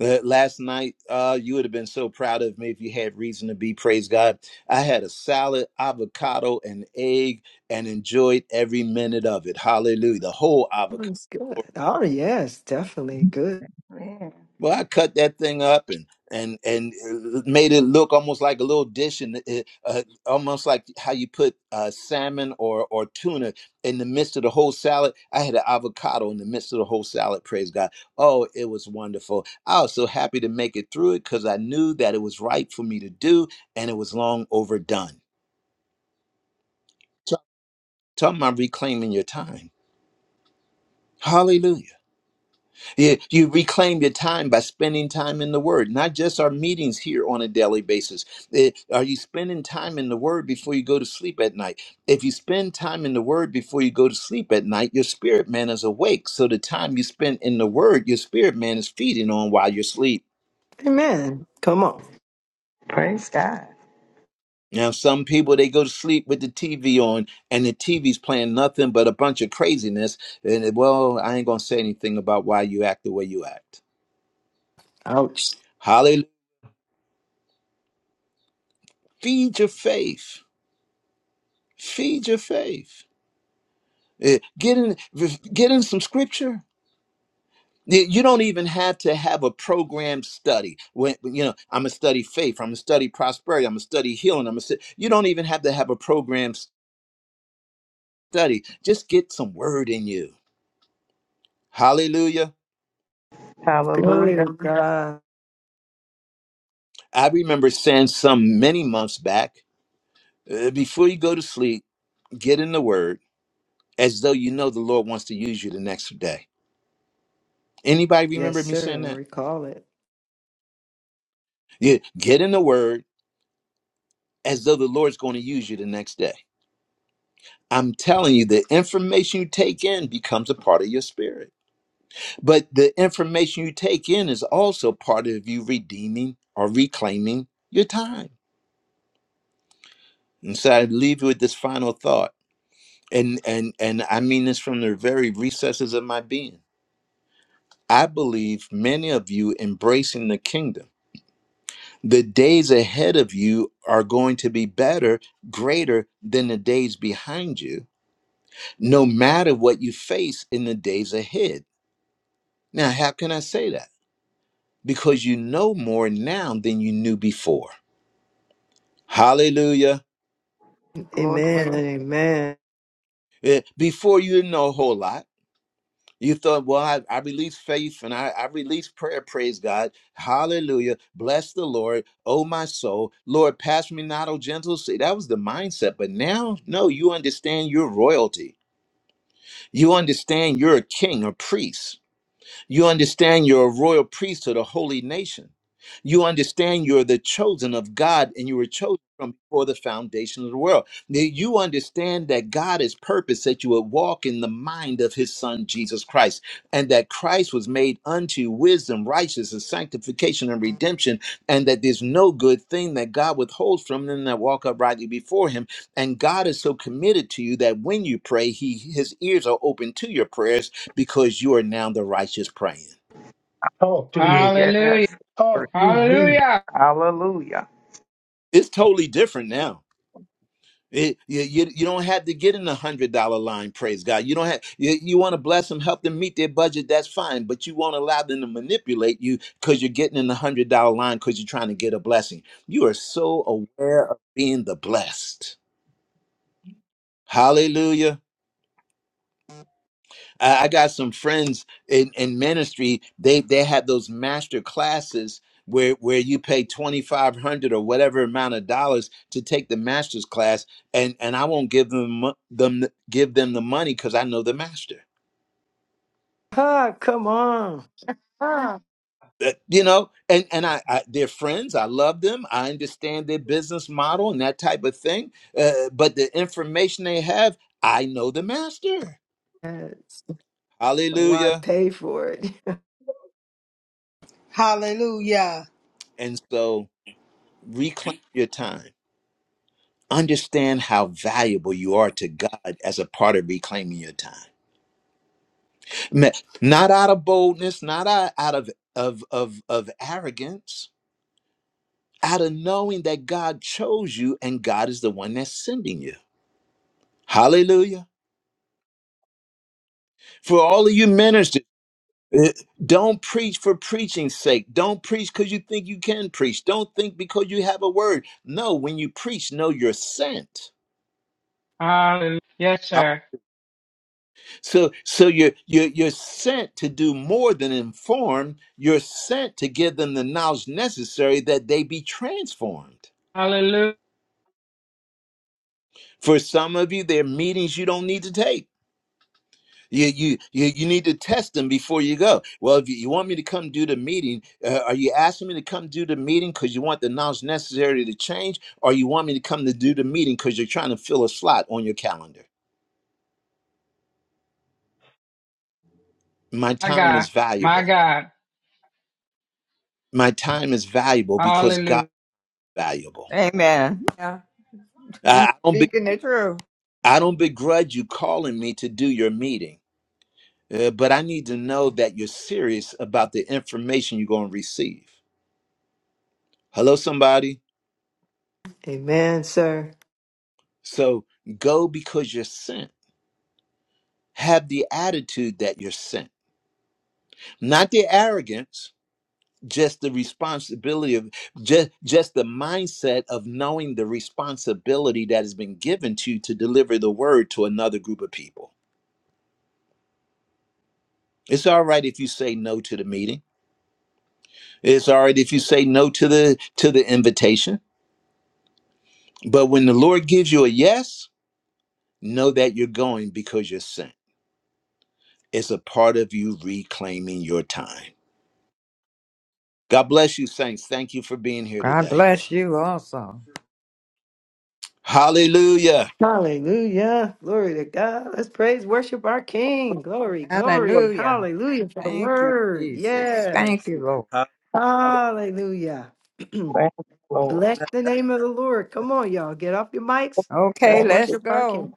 Uh, Last night, uh, you would have been so proud of me if you had reason to be. Praise God. I had a salad, avocado, and egg and enjoyed every minute of it. Hallelujah. The whole avocado.
That's good. Oh, yes, definitely good.
Amen.
Well, I cut that thing up and and and uh, made it look almost like a little dish, and it, uh, almost like how you put uh, salmon or or tuna in the midst of the whole salad. I had an avocado in the midst of the whole salad. Praise God! Oh, it was wonderful. I was so happy to make it through it because I knew that it was right for me to do, and it was long overdone. So, talking about reclaiming your time. Hallelujah. You, you reclaim your time by spending time in the Word, not just our meetings here on a daily basis. Eh, are you spending time in the Word before you go to sleep at night? If you spend time in the Word before you go to sleep at night, your spirit man is awake. So the time you spend in the Word, your spirit man is feeding on while you're asleep.
Amen. Come on.
Praise God.
Now, some people they go to sleep with the TV on, and the TV's playing nothing but a bunch of craziness. And eh, well, I ain't gonna say anything about why you act the way you act.
Ouch.
Hallelujah! Feed your faith Feed your faith. Eh, Get in, get in some scripture. You you don't even have to have a programmed study. When you know, I'm gonna study faith. I'm gonna study prosperity. I'm gonna study healing. I'm gonna. stu- You don't even have to have a programmed study. Just get some word in you. Hallelujah.
Glory to
Hallelujah.
God.
I remember saying some many months back. eh, Before you go to sleep, get in the word as though you know the Lord wants to use you the next day. Anybody
Yes,
remember me
sir.
saying
I
that?
recall it.
Yeah, get in the word as though the Lord's going to use you the next day. I'm telling you, the information you take in becomes a part of your spirit. But the information you take in is also part of you redeeming or reclaiming your time. And so I leave you with this final thought. And and and I mean this from the very recesses of my being. I believe many of you embracing the kingdom. The days ahead of you are going to be better, greater than the days behind you no matter what you face in the days ahead. Now, how can I say that? Because you know more now than you knew before. Hallelujah.
Glory.
Amen. Amen.
Eh, Before you didn't know a whole lot. You thought, well, I, I release faith and I, I release prayer, praise God. Hallelujah. Bless the Lord, oh my soul. Lord, pass me not, O gentle. See, that was the mindset. But now, no, you understand your royalty. You understand you're a king, a priest You understand you're a royal priesthood, a holy nation. You understand you're the chosen of God and you were chosen from before the foundation of the world. Now, You understand that God has purpose that you would walk in the mind of his son Jesus Christ and that Christ was made unto wisdom, righteousness, sanctification, and redemption, and that there's no good thing that God withholds from them that walk uprightly before him. And God is so committed to you that when you pray, he his ears are open to your prayers because you are now the righteous praying.
Talk to
Hallelujah.
me.
Hallelujah.
Yes. Lord.
Talk to me.
Hallelujah.
Hallelujah.
It's totally different now. It- you, you, you don't have to get in the hundred dollar line. Praise God. You don't have. You, you want to bless them, help them meet their budget. That's fine, but you won't allow them to manipulate you because you're getting in the hundred dollar line because you're trying to get a blessing. You are so aware of being the blessed. Hallelujah. I I got some friends in, in ministry. They they had those master classes where where you pay twenty five hundred or whatever amount of dollars to take the master's class, and and I won't give them mo- them the- give them the money because I know the master.
Ah, come on.
Uh, You know, and and I, I they're friends. I love them. I understand their business model and that type of thing. Uh, but the information they have, I know the master.
Yes. Why
Hallelujah.
pay for it?
And so reclaim your time understand how valuable you are to God as a part of reclaiming your time. Ma- Not out of boldness, not out out of of of, of arrogance, out of knowing that God chose you and God is the one that's sending you. Hallelujah. For all of you ministers, eh, don't preach for preaching's sake. Don't preach because you think you can preach. Don't think because you have a word. No, when you preach, know you're sent.
Hallelujah. Yes, sir.
So so you're you're you're sent to do more than inform. You're sent to give them the knowledge necessary that they be transformed.
Hallelujah.
For some of you, there are meetings you don't need to take. You you you, you need to test them before you go. Well, if you, you want me to come do the meeting, uh, are you asking me to come do the meeting because you want the knowledge necessary to change, or you want me to come to do the meeting because you're trying to fill a slot on your calendar? My
My
time
God.
is
My
valuable.
God.
My time is valuable because God
Hallelujah.
is valuable.
Amen. Yeah.
I
He's
I don't
speaking the truth.
I don't begrudge you calling me to do your meeting, uh, but I need to know that you're serious about the information you're going to receive. Hello, somebody.
Amen, sir.
So go because you're sent. Have the attitude that you're sent, not the arrogance, just the responsibility of just just the mindset of knowing the responsibility that has been given to you to deliver the word to another group of people. It's all right if you say no to the meeting. It's all right if you say no to the to the invitation But when the Lord gives you a yes, know that you're going because you're sent. It's a part of you reclaiming your time. God bless you, saints. Thank you for being here
God
today.
bless you also.
Hallelujah.
Hallelujah. Glory to God. Let's praise, worship our King. Glory, glory.
Hallelujah.
Hallelujah for the
Thank you,
word.
Jesus. Thank
Yes.
you, Lord.
Hallelujah.
Hallelujah.
Thank you, Lord.
Bless the name of the Lord. Come on, y'all. Get off your mics.
Okay,
Let's
Thank you.
let's
worship our
go.
King.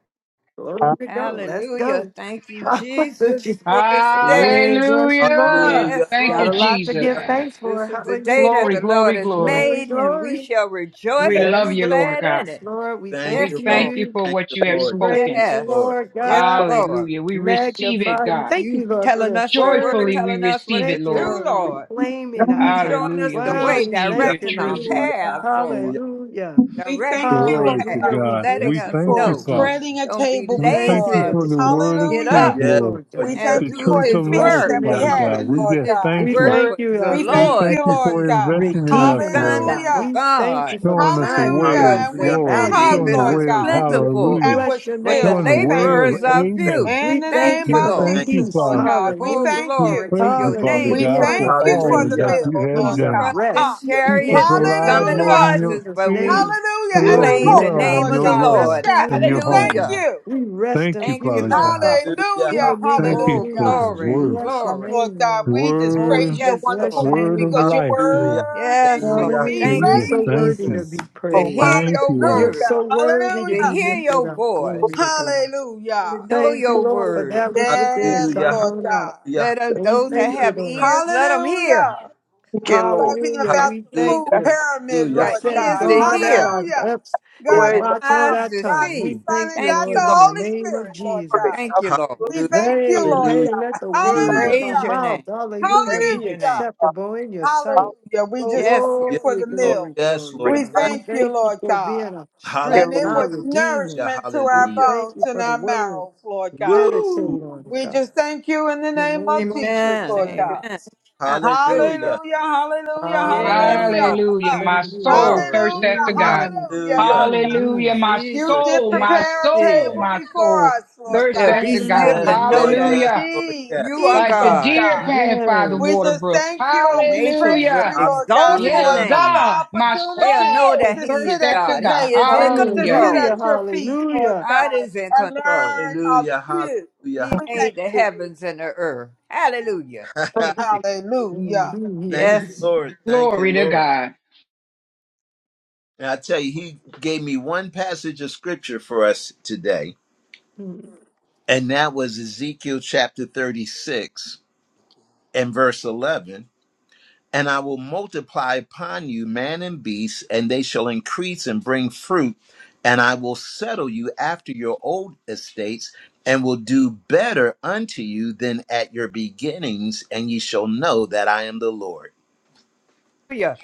Glory to God. Let's
Hallelujah.
go.
Thank you, Jesus,
Hallelujah.
for this day.
We bless the Lord.
Hallelujah.
Hallelujah.
Yes,
Thank
Got
you,
a
Lord.
lot to
Hallelujah.
Jesus.
give thanks for.
This is the day
Hallelujah.
that
Glory,
the Lord
glory,
has
glory.
Glory,
made, and we
glory.
shall
We
rejoice and
love
be
you, Lord
glad
God.
in
Yes,
it.
Lord, we
Thank
thank
We
Yes,
you, Lord.
thank
Lord.
you
you.
for
Thank
what
you,
you have
We
Lord. Thank
spoken.
praise
you,
you,
Yes.
Lord.
Lord
Yes,
God.
Lord.
Hallelujah. We receive it,
Magnify you.
God.
Thank you,
You
Lord, for
telling
this
us the word,
word.
Joyfully we
telling us
receive
what
it,
to
Thank you,
Lord.
do,
Lord. We
Lord.
reclaim in
Hallelujah,
our time.
Showing us
Hallelujah.
the
We
Wow,
way,
we
receive
We
Hallelujah.
thank
your
you,
thank
directing
true
our
you,
Lord.
Lord
Hallelujah.
paths,
God.
Lord.
Hallelujah.
Hallelujah.
We thank
Directing
you,
our
Glory
Lord
to
Hallelujah.
paths,
God.
We
God.
letting
We
bless you
us
thank
for
for
you,
it,
know.
Father.
God.
spreading a
Don't be
table
We
We
thank
thank
you
you
before
for
lazy.
for
us.
this
the
word.
word of
We
Get
truth,
Hallelujah.
up
thank you,
Yes,
Lord.
Lord
We
Lord.
God.
Yes,
and
thank
The
you
do
Lord.
for
truth
We
the
of
his
bless
life,
feast
your
that
work.
we
Hallelujah.
Father
name, Lord
God.
had,
We
Hallelujah.
God.
Lord
just
It's the
God.
We
thank you.
work
thank
word.
for
you
the
uh,
We
We
for
thank
thank
Lord.
you,
you
This
Lord
for
is
God.
investing in us,
redeeming us,
Lord.
assignment
God.
for
Hallelujah.
We thank
God.
you for the
Showing us the
time you've
way
Hallelujah.
because
of
given,
And we
Hallelujah.
the
did
glory.
eat,
valuable
Hallelujah.
Showing the
harvest
Lord
is
time.
way of
God,
Hallelujah.
We
plentiful,
and
hallelujah.
bless
was
your
but
name
the
filled.
Showing
for
the
We
that,
way
thank
of
Lord
laborers
you.
are
God.
Thank
few.
amen.
you,
In
We
the
Thank
thank
name
you
you,
We
Jesus.
for
of
the
Lord.
thank
Thank
you,
Jesus,
peace.
Lord
Father.
you,
God,
Jesus.
we
Oh,
Hallelujah.
thank
We
glory
you.
to
praise you,
your
Father
Hallelujah.
name,
We
God,
Being
Father.
in
for
a
thank you for
all
place,
the
Hallelujah.
that
God, of
you
meal,
have
Some
Lord
peace
Hallelujah.
done.
and
trust
God.
in
Ha.
rest.
Hallelujah.
Keep
We
us
chariots and
thank
Hallelujah.
you,
alive,
some in
Lord,
Lord,
in
in
horses,
your
Jesus'
but
spirit,
we
name.
Hallelujah.
and
And
let us
the
Glory
reclaim
Woo.
to
cook,
the
dwell
God.
in
name
Lord
of
We
your
are
the
God, the
love
Lord.
resting
chef,
and
in
we
you,
your
thank
Daddy.
Hallelujah.
humbleness.
you.
We rest
Thank
in
you,
Thank
you,
you,
Father
Ta-
Lord.
God.
Papa.
Hallelujah.
In the
Hallelujah.
name
Thank
of
you
Oh,
for the
Hallelujah.
Jesus, we
glory,
word,
bless your
Oh,
glory.
Lord
name,
God,
Lord.
we just
Oh,
word,
praise your
We
yes,
bless
wonderful
your
Lord.
name
word of
name,
because
Lord.
you're
life,
Hallelujah. Hallelujah.
Lord.
worthy
Yes,
to
Lord.
be
Hallelujah.
We
Thank
You're
you,
just
so
praised.
thank
worthy to
you.
Jesus.
be
To
Lord.
praised.
hear
Thank
your
you, Lord.
You're
word,
Hallelujah.
so worthy to
to
be
Hallelujah.
hear
lifted
your
up.
voice,
Glory to God.
Hallelujah.
to know
Thank you,
your
Lord, for
word.
that which was in
Yes,
Hallelujah.
comes
Hallelujah.
Lord
on out.
God.
Let us,
And we
those that
thank you,
have
Lord.
ears, let them hear.
Hallelujah.
Thank you, Lord.
Talking
Hallelujah.
Yes,
about
We
the
thank
food
Hallelujah.
That's
you.
pyramid,
You
got
Lord
set
ears
God.
to
Hallelujah.
guard at
hear
our
Hallelujah.
lips
the way,
God
and
and
the
watch on
eyes
our
Father,
to
God
tongue.
the
We
see.
Son,
thank
and
you,
Thank
God the
Lord,
you,
in
Lord.
the
Holy
name of
Spirit, Lord
Jesus.
Lord.
God.
Thank you, Lord.
Hallelujah.
We thank you,
Hey,
Lord
Hallelujah. Hallelujah.
hey, let
God.
the
Hallelujah. Hallelujah. Hallelujah. hallelujah.
We
word
Yes,
of our
praise
Hallelujah.
your
mouth,
name. We
hallelujah, be
praise your
Hallelujah.
name.
acceptable in your sight.
Thank
Hallelujah. We just thank
Yes, Lord.
you for
Glory,
the
Lord.
meal.
glory,
Yes,
glory,
We
you,
Lord.
God. We
Yes.
thank you,
thank you
Lord
for
God.
being our strength
And
Lord.
and
it
our
Hallelujah.
was
redeemer.
Yeah,
nourishment to
We
our
hallelujah.
thank
bones
you
and
for the
our
word.
marrows, Lord God.
Meditate
Woo!
on it,
We
God.
just thank you in the
In the
name
name
of
of
Jesus,
Jesus.
Amen.
Lord God.
Amen. Hallelujah.
Hallelujah.
Hallelujah, hallelujah,
Yes,
hallelujah.
Hallelujah.
Lord.
Hallelujah.
Ha-
Thank
My
you, Lord.
soul
Glory.
thirsts
Hallelujah,
after God.
Mm,
hallelujah,
Hallelujah.
Lord God.
Hallelujah.
mm,
My
You
Jesus,
did
soul,
Jesus,
my
prepare a
soul,
Jesus.
table
my soul
before us,
You
Lord
thirsts
still
God.
be
after
mm,
And
still
God.
Yes,
we
and
mm.
know
did
Lord.
that
Yes,
Hallelujah.
Lord.
indeed
Yes.
you are
eat,
Like the
Lord
God.
deer
God.
panting by the
We
Yes.
water
just
brooks.
thank you
The
and we praise
nations will
you,
Hallelujah.
Lord God,
exalt his
for
Yes,
Hallelujah.
another
name.
God. My
They'll
opportunity
know
soul
that
to
He
sit
thirsts
is
at
after
your
God.
God.
He is
table,
in
to
Hallelujah.
sit
Hallelujah.
control.
at your feet, Lord
Hallelujah.
God
God,
is in
and
control.
learn of
Hallelujah.
you.
He
Hallelujah.
We thank
made the
you.
heavens and the earth. Hallelujah. Thank you.
Mm, mm,
Hallelujah.
mm, mm,
Thank you,
Yes.
mm.
Lord. Thank you,
Glory to
Lord.
God.
And I tell you, he gave me one passage of scripture for us today, and that was Ezekiel chapter 36 and verse 11. And I will multiply upon you man and beast, and they shall increase and bring fruit, and I will settle you after your old estates, and will do better unto you than at your beginnings, and ye shall know that I am the Lord.
Hallelujah.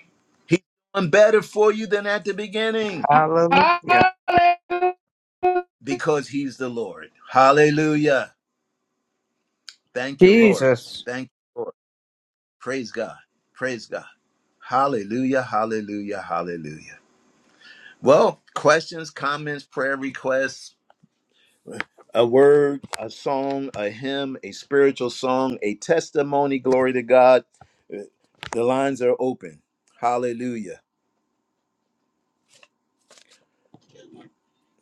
I'm better for you than at the beginning.
Hallelujah.
Hallelujah.
because he's the Lord. Hallelujah. Thank you, Lord.
Jesus.
Thank you, Lord. Praise God. Praise God. Hallelujah. Hallelujah. Hallelujah. Well, questions, comments, prayer requests, a word, a song, a hymn, a spiritual song, a testimony. Glory to God. The lines are open. Hallelujah.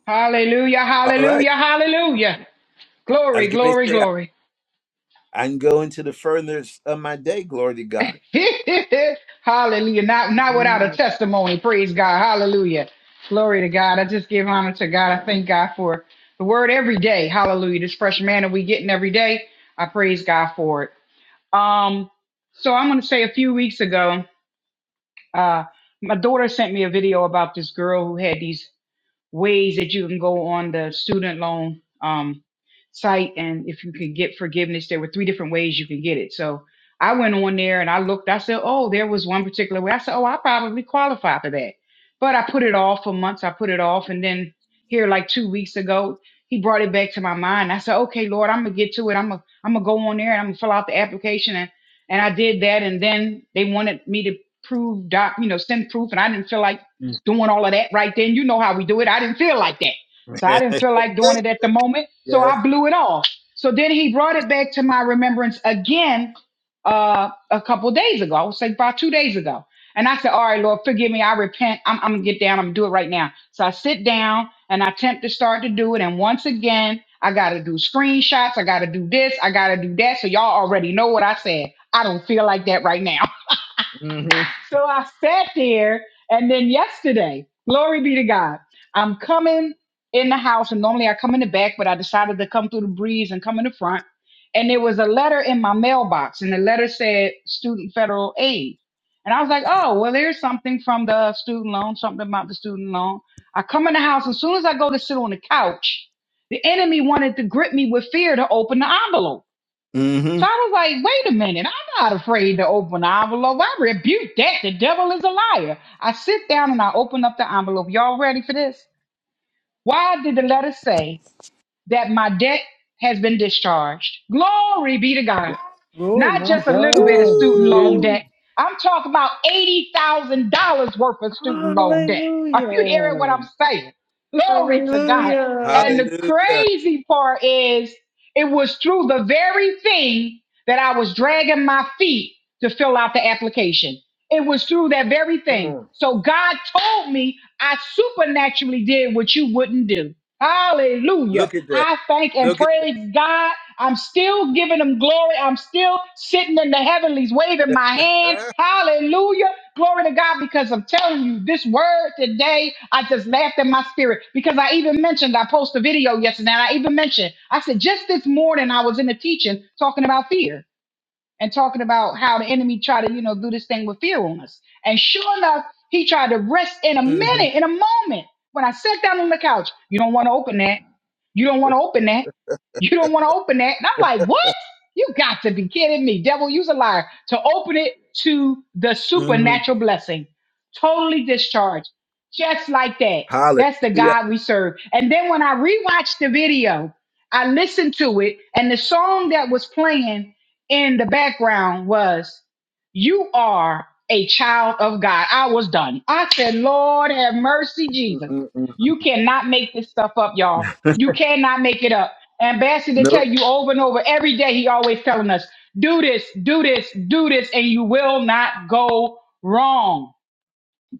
Hallelujah.
All right.
Hallelujah. Hallelujah.
I was
Glory,
going to
glory,
say, I
glory.
I can go into the furthest of my day. Glory to God.
Hallelujah. Not not without a
Hallelujah.
testimony. Praise God. Hallelujah. Glory to God. I just give honor to God. I thank God for the word every day. Hallelujah. This fresh manna we getting every day. I praise God for it. Um, so I'm gonna say a few weeks ago, uh, my daughter sent me a video about this girl who had these ways that you can go on the student loan um, site and if you can get forgiveness there were three different ways you can get it so i went on there and i looked i said oh there was one particular way i said oh i probably qualify for that but i put it off for months i put it off and then here like two weeks ago he brought it back to my mind i said okay lord i'm gonna get to it i'm gonna i'm gonna go on there and i'm gonna fill out the application and and i did that and then they wanted me to prove doc you know send proof and i didn't feel like doing all of that right then. You know how we do it. I didn't feel like that. So I didn't feel like doing it at the moment. So I blew it off. So then he brought it back to my remembrance again uh, a couple days ago. I was like about two days ago. And I said, All right, Lord, forgive me. I repent. I'm, I'm going to get down. I'm going to do it right now. So I sit down and I attempt to start to do it. And once again, I got to do screenshots. I got to do this. I got to do that. So y'all already know what I said. I don't feel like that right now. So I sat there, and then yesterday, glory be to God, I'm coming in the house, and normally I come in the back, but I decided to come through the breeze and come in the front. And there was a letter in my mailbox, and the letter said student federal aid. And I was like, oh, well, there's something from the student loan, something about the student loan. I come in the house, as soon as I go to sit on the couch, the enemy wanted to grip me with fear to open the envelope.
hmm
So I was like, wait a minute, I'm not afraid to open an envelope. I rebuke that. The devil is a liar. I sit down and I open up the envelope. Y'all ready for this? Why did the letter say that my debt has been discharged? Glory be to God.
Oh,
Not
my
just a little bit of
God.
student loan
Yes.
debt. I'm talking about $80,000 worth of student loan debt. Are you hearing what
Hallelujah.
I'm saying? Glory to God.
Hallelujah.
And the
Hallelujah.
crazy part is, it was through the very thing that I was dragging my feet to fill out the application. It was through that very
Come
thing.
on.
So God told me I supernaturally did what you wouldn't do. Hallelujah.
Look at that.
I thank and
Look at
praise God. I'm still giving him glory. I'm still sitting in the heavenlies waving my hand. Hallelujah. Glory to God because I'm telling you this word today, I just laughed in my spirit because I even mentioned, I posted a video yesterday and I even mentioned, I said just this morning I was in a teaching talking about fear and talking about how the enemy tried to, you know, do this thing with fear on us. And sure enough, he tried to rest in a
hmm
minute, in a moment. When I sat down on the couch, you don't want to open that. You don't want to open that. You don't want to open that. And I'm like, what? You got to be kidding me. Devil, use a liar to open it to the
hmm
supernatural blessing. Totally discharged. Just like that. That's the
Hallelujah.
God we serve. And then when I rewatched the video, I listened to it, and the song that was playing in the background was, You are a child of God. I was done. I said, Lord have mercy, Jesus.
Mm-mm-mm.
You cannot make this stuff up, y'all. You cannot make it up. And Ambassador tell
Nope.
you over and over every day, he always telling us, do this, do this, do this, and you will not go wrong.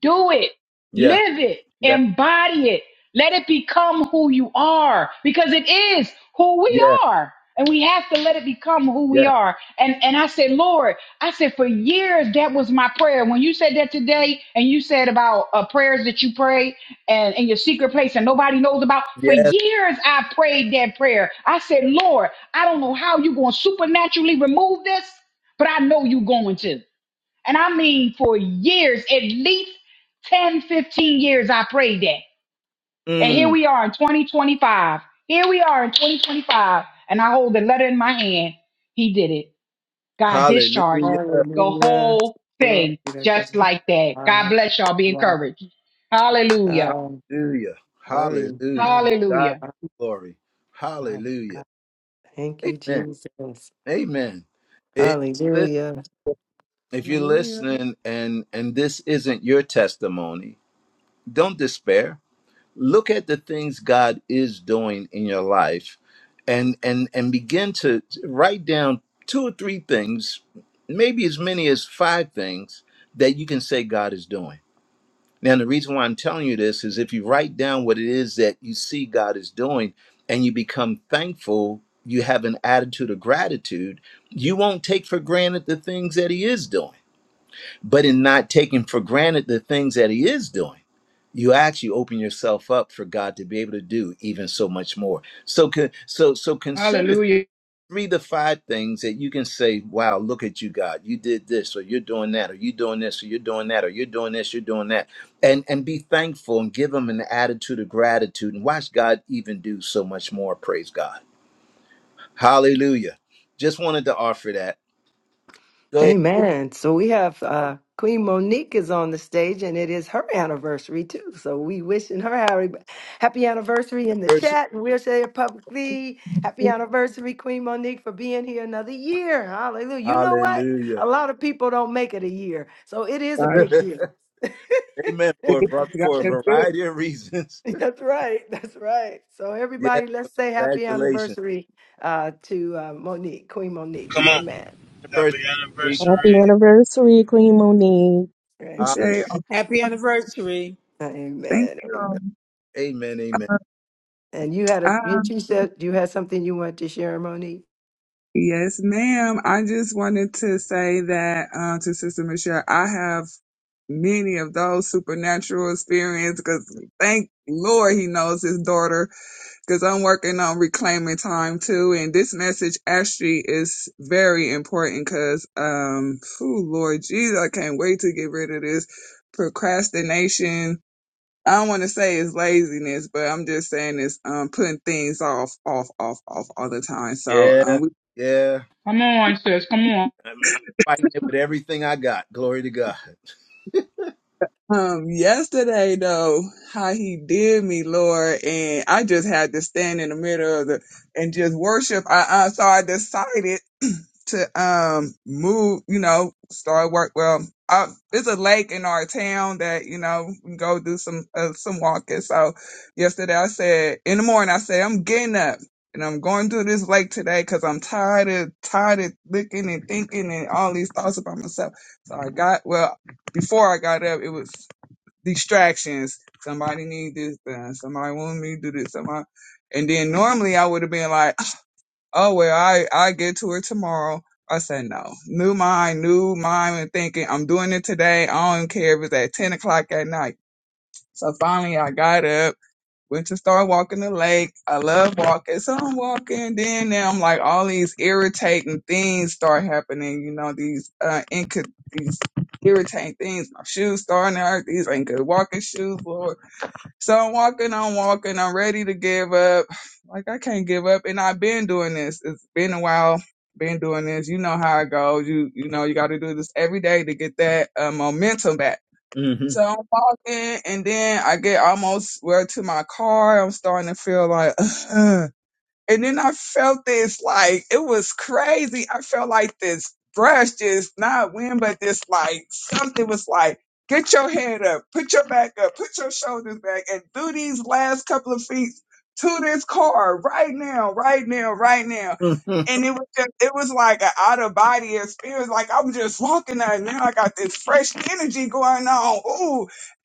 Do it.
Yeah.
Live it.
Yeah.
Embody it. Let it become who you are because it is who we
Yeah.
are. And we have to let it become who we
Yeah.
are. And and I said, Lord, I said for years that was my prayer. When you said that today, and you said about uh, prayers that you pray and in your secret place and nobody knows about, for
Yes.
years I prayed that prayer. I said, Lord, I don't know how you're going to supernaturally remove this, but I know you're going to. And I mean for years, at least ten, fifteen years, I prayed that. And here
Mm.
we are in 2025. Here we are in 2025. And I hold the letter in my hand. He did it. God discharged
Hallelujah.
the
Hallelujah.
whole
Glory
thing
to
just
God.
like that. God
Wow.
bless y'all. Be
Wow.
encouraged. Hallelujah.
Um,
Hallelujah.
glory. to
Hallelujah.
God.
God
Hallelujah.
be the glory.
Wow.
Hallelujah.
God. Thank you,
Amen.
Jesus.
Amen. It, listen,
Hallelujah.
if you're
Hallelujah.
listening and and this isn't your testimony, don't despair look at the things God is doing in your life and and and begin to write down two or three things, maybe as many as five things that you can say God is doing. Now the reason why I'm telling you this is if you write down what it is that you see God is doing and you become thankful, you have an attitude of gratitude, you won't take for granted the things that he is doing but in not taking for granted the things that he is doing you actually open yourself up for god to be able to do even so much more so con- so so consider three,
Hallelujah.
three to five things that you can say wow look at you god you did this or you're doing that or you're doing this or you're doing that or you're doing this you're doing that and and be thankful and give him an attitude of gratitude and watch god even do so much more praise god hallelujah just wanted to offer that go ahead
Amen. So we have uh, Queen Monique is on the stage, and it is her anniversary too. So we wishing her happy, happy anniversary in the
verse.
chat, and we'll say it publicly. Happy anniversary, Queen Monique, for being here another year. Hallelujah. You know what?
hallelujah
A lot of people don't make it a year, so it is a
God,
big deal.
Amen.
the
For a,
goodness
var-
of God
for a
is good.
variety of reasons.
That's right. That's right. So
yes.
everybody, let's say happy
Congratulations.
anniversary uh, to uh, Monique, Queen Monique.
Come on.
Amen.
Happy
Anniversary.
Happy
anniversary.
anniversary, Queen Monique.
Amen.
Hallelujah.
Appreciate all-
Happy anniversary.
Thank
Amen.
you. all.
Amen. Amen.
And you had a you
Um,
you said you had something you wanted to share, Monique.
yes, ma'am. I just wanted to say that uh, to Sister Michelle, I have many of those supernatural experiences because thank Lord he knows his daughter because I'm working on reclaiming time too. And this message actually is very important because, um, oh Lord Jesus, I can't wait to get rid of this procrastination I don't want to say it's laziness, but I'm just saying it's um putting things off, off, off, off all the time. So
Yeah.
um, we-
Yeah.
Come on, sis. Come on.
I'm, I'm fighting it with everything I got. Glory to God.
um, yesterday though, how he did me, Lord, and I just had to stand in the middle of the and just worship. I uh, so I decided. to um move, you know, start work. Well, uh, there's a lake in our town that you know we can go do some uh, some walking. So yesterday I said in the morning I said I'm getting up and I'm going to this lake today because I'm tired of tired of looking and thinking and all these thoughts about myself. So I got well before I got up it was distractions. Somebody need this done. Somebody want me to do this. Somebody. And then normally I would have been like oh well i i get to it tomorrow i said no new mind new mind and thinking i'm doing it today i don't care if it's at 10 o'clock at night so finally i got up went to start walking the lake i love walking so i'm walking then now i'm like all these irritating things start happening you know these uh inco- these irritating things my shoes starting to hurt these ain't good walking shoes lord so I'm walking, I'm walking, I'm ready to give up. Like I can't give up. And I've been doing this. It's been a while, been doing this. You know how it goes. You you know you gotta do this every day to get that uh, momentum back.
hmm
So I'm walking and then I get almost well to my car. I'm starting to feel like And then I felt this like it was crazy. I felt like this brush just not wind, but this like something was like, get your head up, put your back up, put your shoulders back, and do these last couple of feet to this car right now, right now, right now. And it was just, it was like an out of body experience. Like I'm just walking out now. I got this fresh energy going on.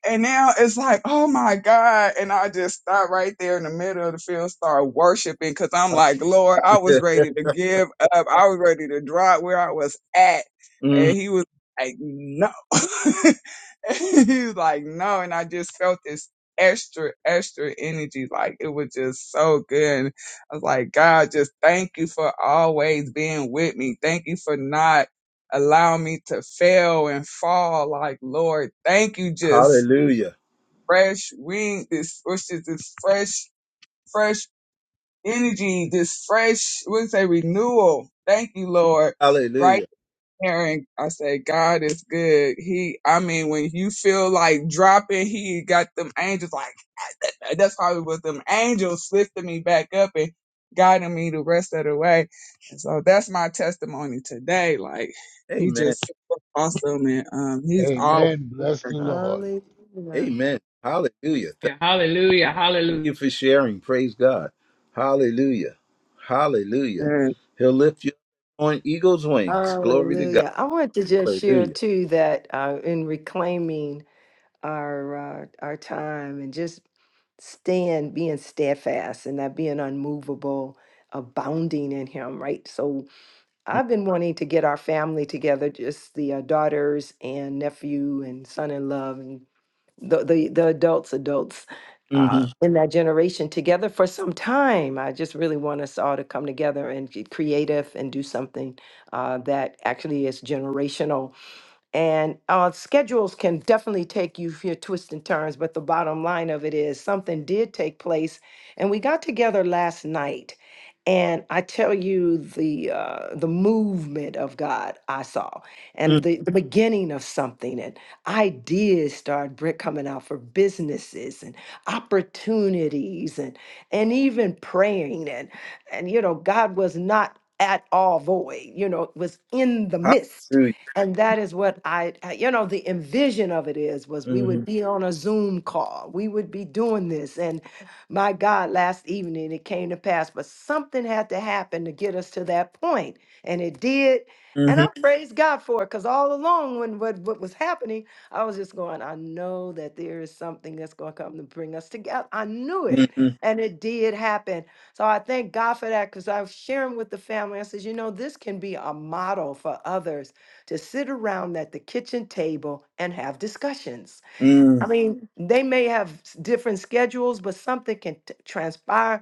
And now it's like, oh my God. And I just stop right there in the middle of the field, start worshiping because I'm like, Lord, I was ready to give up. I was ready to drop where I was at. And
Mhm.
he was like, no. he was like, no. And I just felt this extra, extra energy. Like it was just so good. And I was like, God, just thank you for always being with me. Thank you for not allowing me to fail and fall. Like, Lord, thank you just
Hallelujah.
fresh wind, this which is this fresh, fresh energy, this fresh, we say renewal. Thank you, Lord. Right
Hallelujah.
there, and I say God is good. He, I mean, when you feel like dropping, He got them angels like that's probably what them angels lifting me back up and guiding me the rest of the way. And so that's my testimony today. Like He
Amen.
just awesome, and um, He's all.
Amen. Bless the Lord.
Hallelujah.
Amen. Hallelujah. Thank
Hallelujah. Hallelujah.
you for sharing. Praise God. Hallelujah. Hallelujah. He'll lift you up on eagle's wings. Glory to God.
Hallelujah. I want to just share
Hallelujah.
too that uh, in reclaiming our uh, our time and just stand being steadfast and not being unmovable, abounding in him, right? So I've been wanting to get our family together, just the uh, daughters and nephew and son in law the the, the adults, adults uh,
Mhm.
in that generation together for some time. I just really want us all to come together and get creative and do something uh, that actually is generational and uh, schedules can definitely take you for your twists and turns, but the bottom line of it is something did take place. And we got together last night, and I tell you the uh, the movement of God I saw, and the, the beginning of something, and ideas started bri- coming out for businesses and opportunities, and and even praying, and and you know God was not at all void, you know, it was in the midst.
Hallelujah.
And that is what I, I- you know, the envision of it is was we would
hmm
be on a Zoom call. We would be doing this. And my God, last evening it came to pass, but something had to happen to get us to that point, And it did. And
hmm
I praise God for it because all along when what, what was happening, I was just going, I know that there is something that's going to come to bring us together. I knew it.
hmm
And it did happen. So I thank God for that because I was sharing with the family. I says, you know, this can be a model for others to sit around at the kitchen table and have discussions. I
Mm.
mean, they may have s- different schedules, but something can t- transpire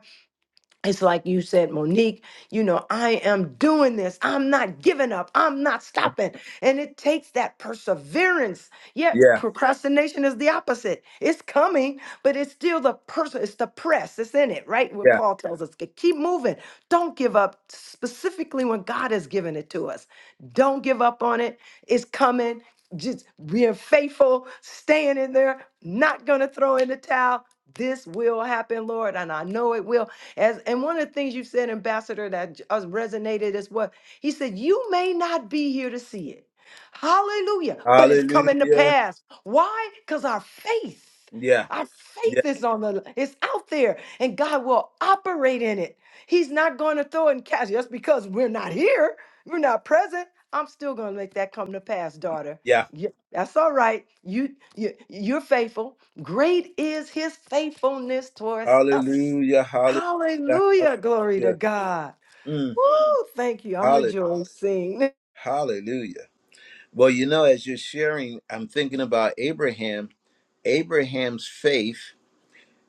it's like you said, Monique, you know, I am doing this. I'm not giving up. I'm not stopping. And it takes that perseverance. Yet
Yeah.
procrastination is the opposite. It's coming, but it's still the person, it's the press. It's in it, right? What
Yeah.
Paul tells us. "Ke- Keep moving. Don't give up, specifically when God has given it to us. Don't give up on it. It's coming. Just being faithful, staying in there, not gonna throw in the towel. This will happen, Lord, and I know it will as and one of the things you said, Ambassador, that j- us resonated is what he said, you may not be here to see it. Hallelujah. But it's coming to
Hallelujah.
pass. Why? Because our faith.
Yeah.
Our
Yeah.
faith is on the it's out there and God will operate in it. He's not going to throw it and catch just because we're not here, we're not present. I'm still going to make that come to pass, daughter.
Yeah.
Yeah, that's all right. You, you you're faithful. Great is his faithfulness towards us.
Hallelujah. Hallelujah.
Hallelujah. Glory to
Hallelujah.
God.
Mm.
Woo. Thank you. I'm
Hallelujah.
rejoicing.
Hallelujah. Well, you know, as you're sharing, I'm thinking about Abraham. Abraham's faith,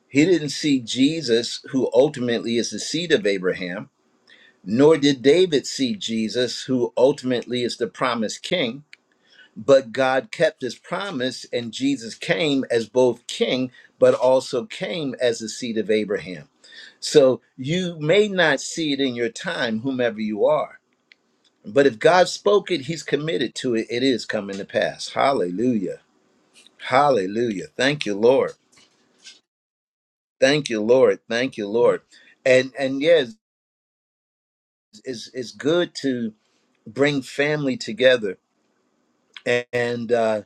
he didn't see Jesus, who ultimately is the seed of Abraham, nor did David see Jesus, who ultimately is the promised king but God kept his promise, and Jesus came as both king, but also came as the seed of Abraham. So you may not see it in your time, whomever you are, but if God spoke it, he's committed to it. It is coming to pass. Hallelujah. Hallelujah. Thank you, Lord. Thank you, Lord. Thank you, Lord. And and yes, it's it's good to bring family together. And, uh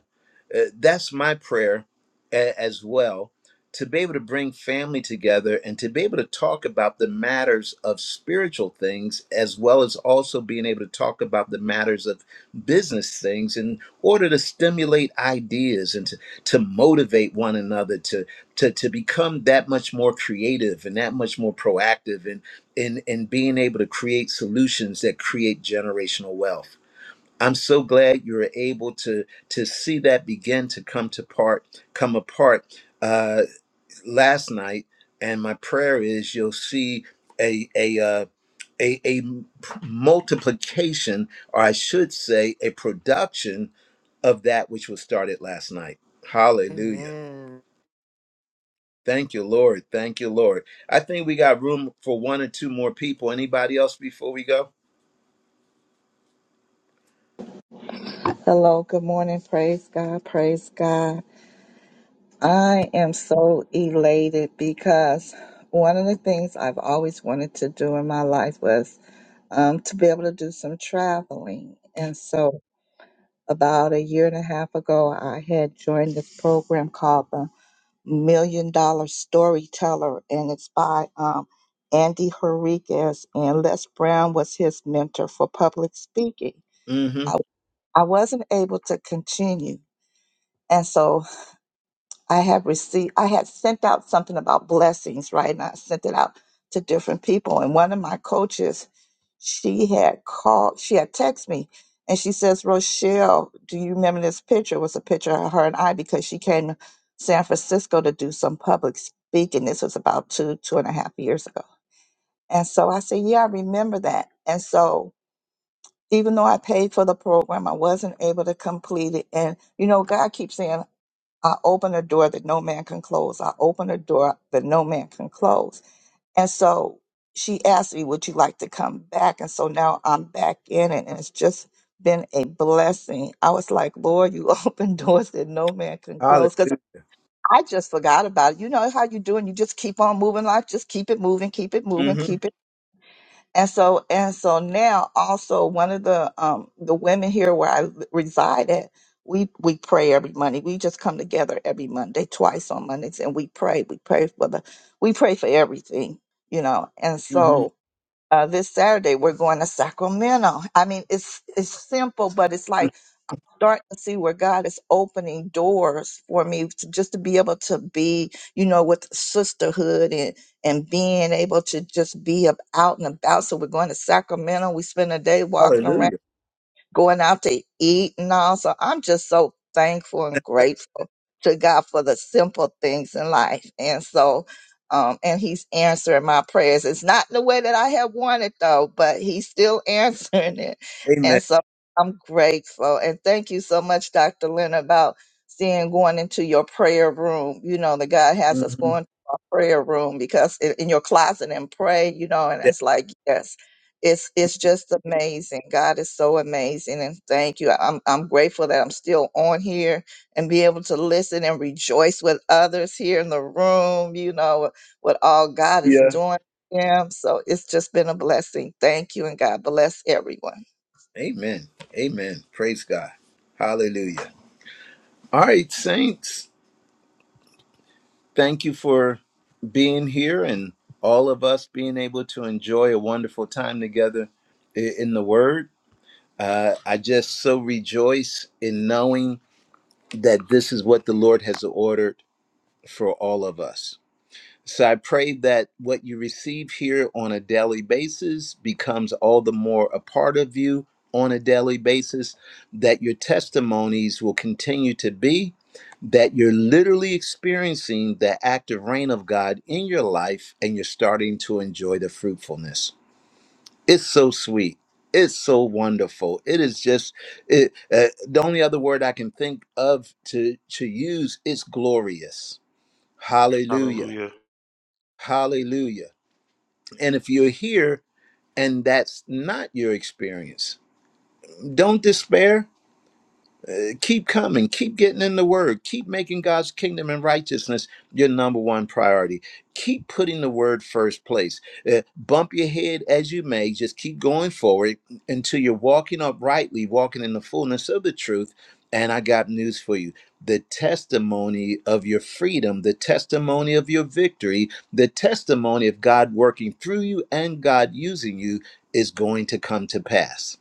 Uh, that's my prayer a- as well to be able to bring family together and to be able to talk about the matters of spiritual things as well as also being able to talk about the matters of business things in order to stimulate ideas and to, to motivate one another to, to to become that much more creative and that much more proactive and in in in being able to create solutions that create generational wealth I'm so glad you were able to to see that begin to come to part come apart uh, last night. And my prayer is you'll see a a uh, a, a multiplication, or I should say, a production of that which was started last night. Hallelujah.
Amen.
Thank you, Lord. Thank you, Lord. I think we got room for one or two more people. Anybody else before we go?
Hello, good morning. Praise God, praise God. I am so elated because one of the things I've always wanted to do in my life was um, to be able to do some traveling. And so, about a year and a half ago, I had joined this program called the Million Dollar Storyteller, and it's by um, Andy Henriquez, and Les Brown was his mentor for public speaking. I,
Mm-hmm.
I wasn't able to continue. And so I have received, I had sent out something about blessings, right? And I sent it out to different people. And one of my coaches, she had called, she had texted me and she says, Rochelle, do you remember this picture? It was a picture of her and I because she came to San Francisco to do some public speaking. This was about two, two and a half years ago. And so I said, Yeah, I remember that. And so even though I paid for the program, I wasn't able to complete it. And, you know, God keeps saying, I open a door that no man can close. I open a door that no man can close. And so she asked me, Would you like to come back? And so now I'm back in it, and it's just been a blessing. I was like, Lord, you open doors that no man can
Hallelujah.
close. Because I just forgot about it. You know how you do, and you just keep on moving life, just keep it moving, keep it moving,
Mm-hmm.
keep it and so and so now also one of the um the women here where I reside at, we we pray every Monday. We just come together every Monday, twice on Mondays, and we pray. We pray for the we pray for everything, you know. And
Mm-hmm.
so
mm-hmm.
uh, this Saturday. We're going to Sacramento. I mean, it's it's simple, but it's like I'm starting to see where God is opening doors for me to just to be able to be, you know, with sisterhood and and being able to just be up, out and about. So we're going to Sacramento. We spend a day walking around
Hallelujah.
going out to eat and all. So I'm just so thankful and grateful to God for the simple things in life. And so, um, and he's answering my prayers. It's not the way that I have wanted though, but he's still answering it.
Amen.
And so I'm grateful. And thank you so much, Dr. Lynn, about seeing going into your prayer room. You know, that God has us
hmm
going to our prayer room because in, in your closet and pray, you know, and
Yeah.
it's like, yes it's it's just amazing. God is so amazing, and thank you. I'm I'm grateful that I'm still on here and be able to listen and rejoice with others here in the room. You know what all God is
Yeah.
doing. for them. So it's just been a blessing. Thank you, and God bless everyone.
Amen. Amen. Praise God. Hallelujah. All right, saints, thank you for being here and all of us being able to enjoy a wonderful time together i- in the Word. Uh, I just so rejoice in knowing that this is what the Lord has ordered for all of us. So I pray that what you receive here on a daily basis becomes all the more a part of you on a daily basis, that your testimonies will continue to be, that you're literally experiencing the active reign of God in your life and you're starting to enjoy the fruitfulness. It's so sweet. It's so wonderful. It is just it, uh, the only other word I can think of to to use is glorious. Hallelujah.
Hallelujah.
Hallelujah. And if you're here and that's not your experience, don't despair keep coming, keep getting in the word, keep making God's kingdom and righteousness your number one priority. Keep putting the word first place. Uh, bump your head as you may, just keep going forward until you're walking uprightly, walking in the fullness of the truth. And I got news for you. The testimony of your freedom, the testimony of your victory, the testimony of God working through you and God using you is going to come to pass.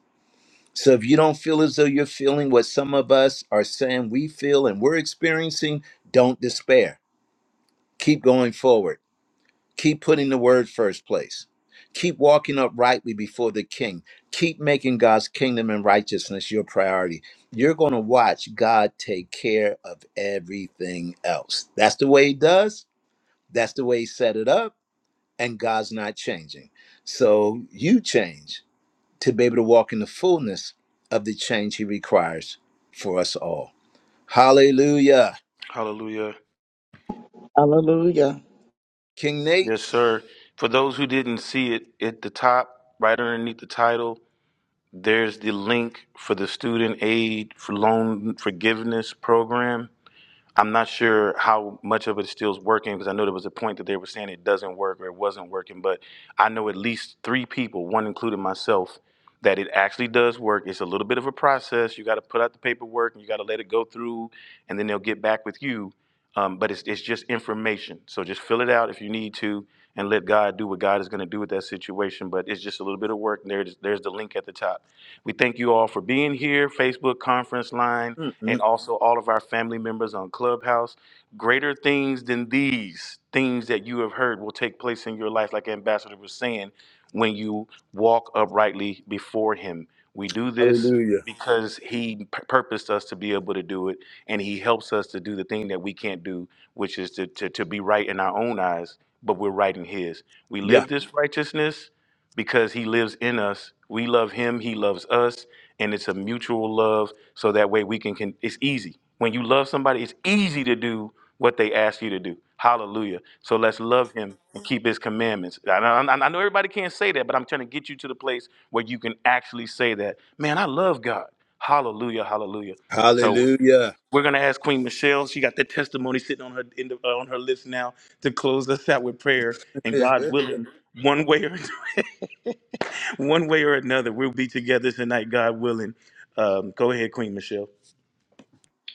So if you don't feel as though you're feeling what some of us are saying we feel and we're experiencing, don't despair. Keep going forward. Keep putting the word first place. Keep walking uprightly before the king. Keep making God's kingdom and righteousness your priority. You're going to watch God take care of everything else. That's the way he does. That's the way he set it up. And God's not changing. So you change to be able to walk in the fullness of the change he requires for us all. Hallelujah.
Hallelujah.
Hallelujah.
King Nate.
Yes, sir. For those who didn't see it at the top, right underneath the title, There's the link for the student aid for loan forgiveness program. I'm not sure how much of it still is working because I know there was a point that they were saying it doesn't work or it wasn't working, but I know at least three people, one including myself, that it actually does work. It's a little bit of a process. You got to put out the paperwork and you got to let it go through, and then they'll get back with you. Um, but it's, it's just information. So just fill it out if you need to and let God do what God is going to do with that situation. But it's just a little bit of work. And there's, there's the link at the top. We thank you all for being here, Facebook conference line and
Mm-mm.
also all of our family members on Clubhouse. Greater things than these things that you have heard will take place in your life, like Ambassador was saying, when you walk uprightly before Him. We do this
Hallelujah.
because He pur- purposed us to be able to do it, and He helps us to do the thing that we can't do, which is to, to, to be right in our own eyes, but we're right in His. We
Yeah.
live this righteousness because He lives in us. We love Him, He loves us and it's a mutual love so that way we can, can it's easy when you love somebody it's easy to do what they ask you to do hallelujah so let's love him and keep his commandments I, I I know everybody can't say that but i'm trying to get you to the place where you can actually say that man i love god hallelujah hallelujah so
Hallelujah.
we're going to ask queen michelle she got that testimony sitting on her in the, uh, on her list now to close us out with prayer and god willing one way or One way or another, we'll be together tonight, God willing. Um, go ahead, Queen Michelle.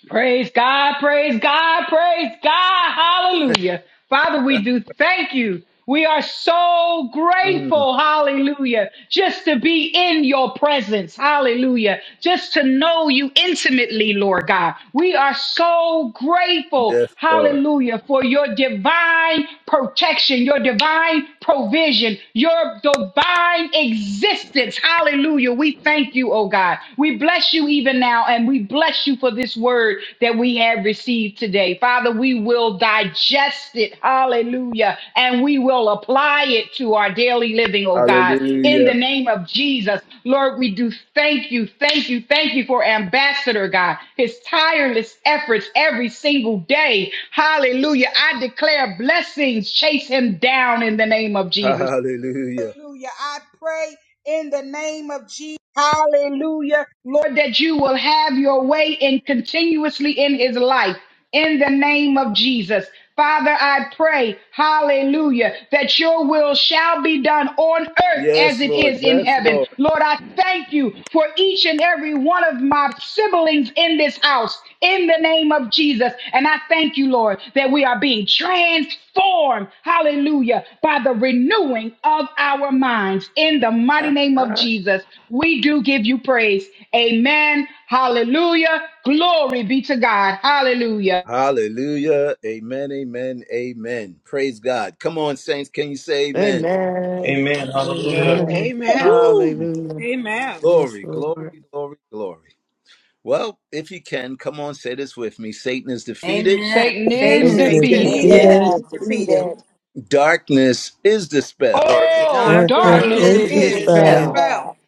Praise God, praise God, praise God. Hallelujah. Father, we do thank you. We are so
Mm.
grateful, hallelujah, just to be in your presence, hallelujah, just to know you intimately, Lord God. We are so grateful,
Yes, Lord.
hallelujah, for your divine protection, your divine provision, your divine existence, hallelujah. We thank thank you, oh God. We bless you even now, and we bless you for this word that we have received today. Father, we will digest it, hallelujah, and we will apply it to our daily living, oh God. In the
Hallelujah.
name of Jesus, Lord, we do thank you, thank you, thank you for Ambassador God, his tireless efforts every single day. Hallelujah. I declare blessings chase him down in the name of Jesus.
Hallelujah.
Hallelujah. I pray in the name of Jesus. Hallelujah. Lord, that you will have your way and continuously in his life. In the name of Jesus. Father, I pray, hallelujah, that your will shall be done on earth as
Yes,
it
Lord.
is in
Yes,
heaven.
Lord.
Lord, I thank you for each and every one of my siblings in this house in the name of Jesus. And I thank you, Lord, that we are being transformed, hallelujah, by the renewing of our minds in the mighty name of
Ah.
Jesus. We do give you praise. Amen. Hallelujah. Glory be to God. Hallelujah.
Hallelujah. Amen. Amen. Amen. Praise God. Come on, saints. Can you say amen?
Amen.
Amen.
Amen.
Amen.
Woo!
Hallelujah.
Amen.
Yes,
Glory,
Lord.
glory, glory, glory. Well, if you can, come on, say this with me Satan is defeated,
Amen.
Satan
Mm-hmm.
is
Satan is
Satan is
Satan
Satan
defeated.
is
defeated.
defeated.
Amen.
is defeated.
defeated.
That
darkness is dispelled
darkest
Oh,
Darkness
Darkness
darkness
spell
Darkness
Darkness
is
is
is
darkness
is
is
his
is
a
dispelled.
slayer.
dispelled
dispelled
dispelled
spell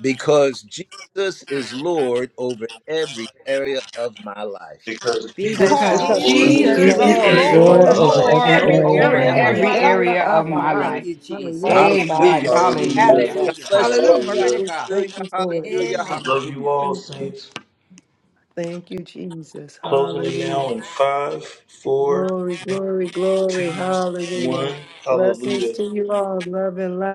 because Jesus is Lord over every area of my life.
because
because
because
because
Because
because
Lord,
And
Jesus is
Jesus
Jesus
Jesus
Jesus
Jesus
every
is
is
is
Lord
is
area
is
Lord
of
Lord
over
Lord
my
Lord
over
life.
over
over
every
Lord
every
over
every
area
every
of
over
area
area
my life.
of
every
area
my
every
of
life.
of
my
area
area
my
of
life.
of my
my
life.
Thank
life.
life.
you, Jesus.
Hallelujah.
Praise
Thank you. Lord.
Thank
God.
Amen.
Hallelujah.
you.
Thank you,
Hallelujah.
Hallelujah.
Hallelujah.
God
Hallelujah.
Jesus.
bless you all.
Glory
Hallelujah.
to
Hallelujah.
God.
Thank
Hallelujah,
you for it, Lord
hallelujah,
Amen.
God.
Love you
hallelujah.
all, saints.
Thank you, Jesus.
Closing it
Hallelujah.
now in five, four,
Glory, glory,
two,
glory.
one.
Hallelujah. Blessings
Hallelujah.
to you all. Love and light.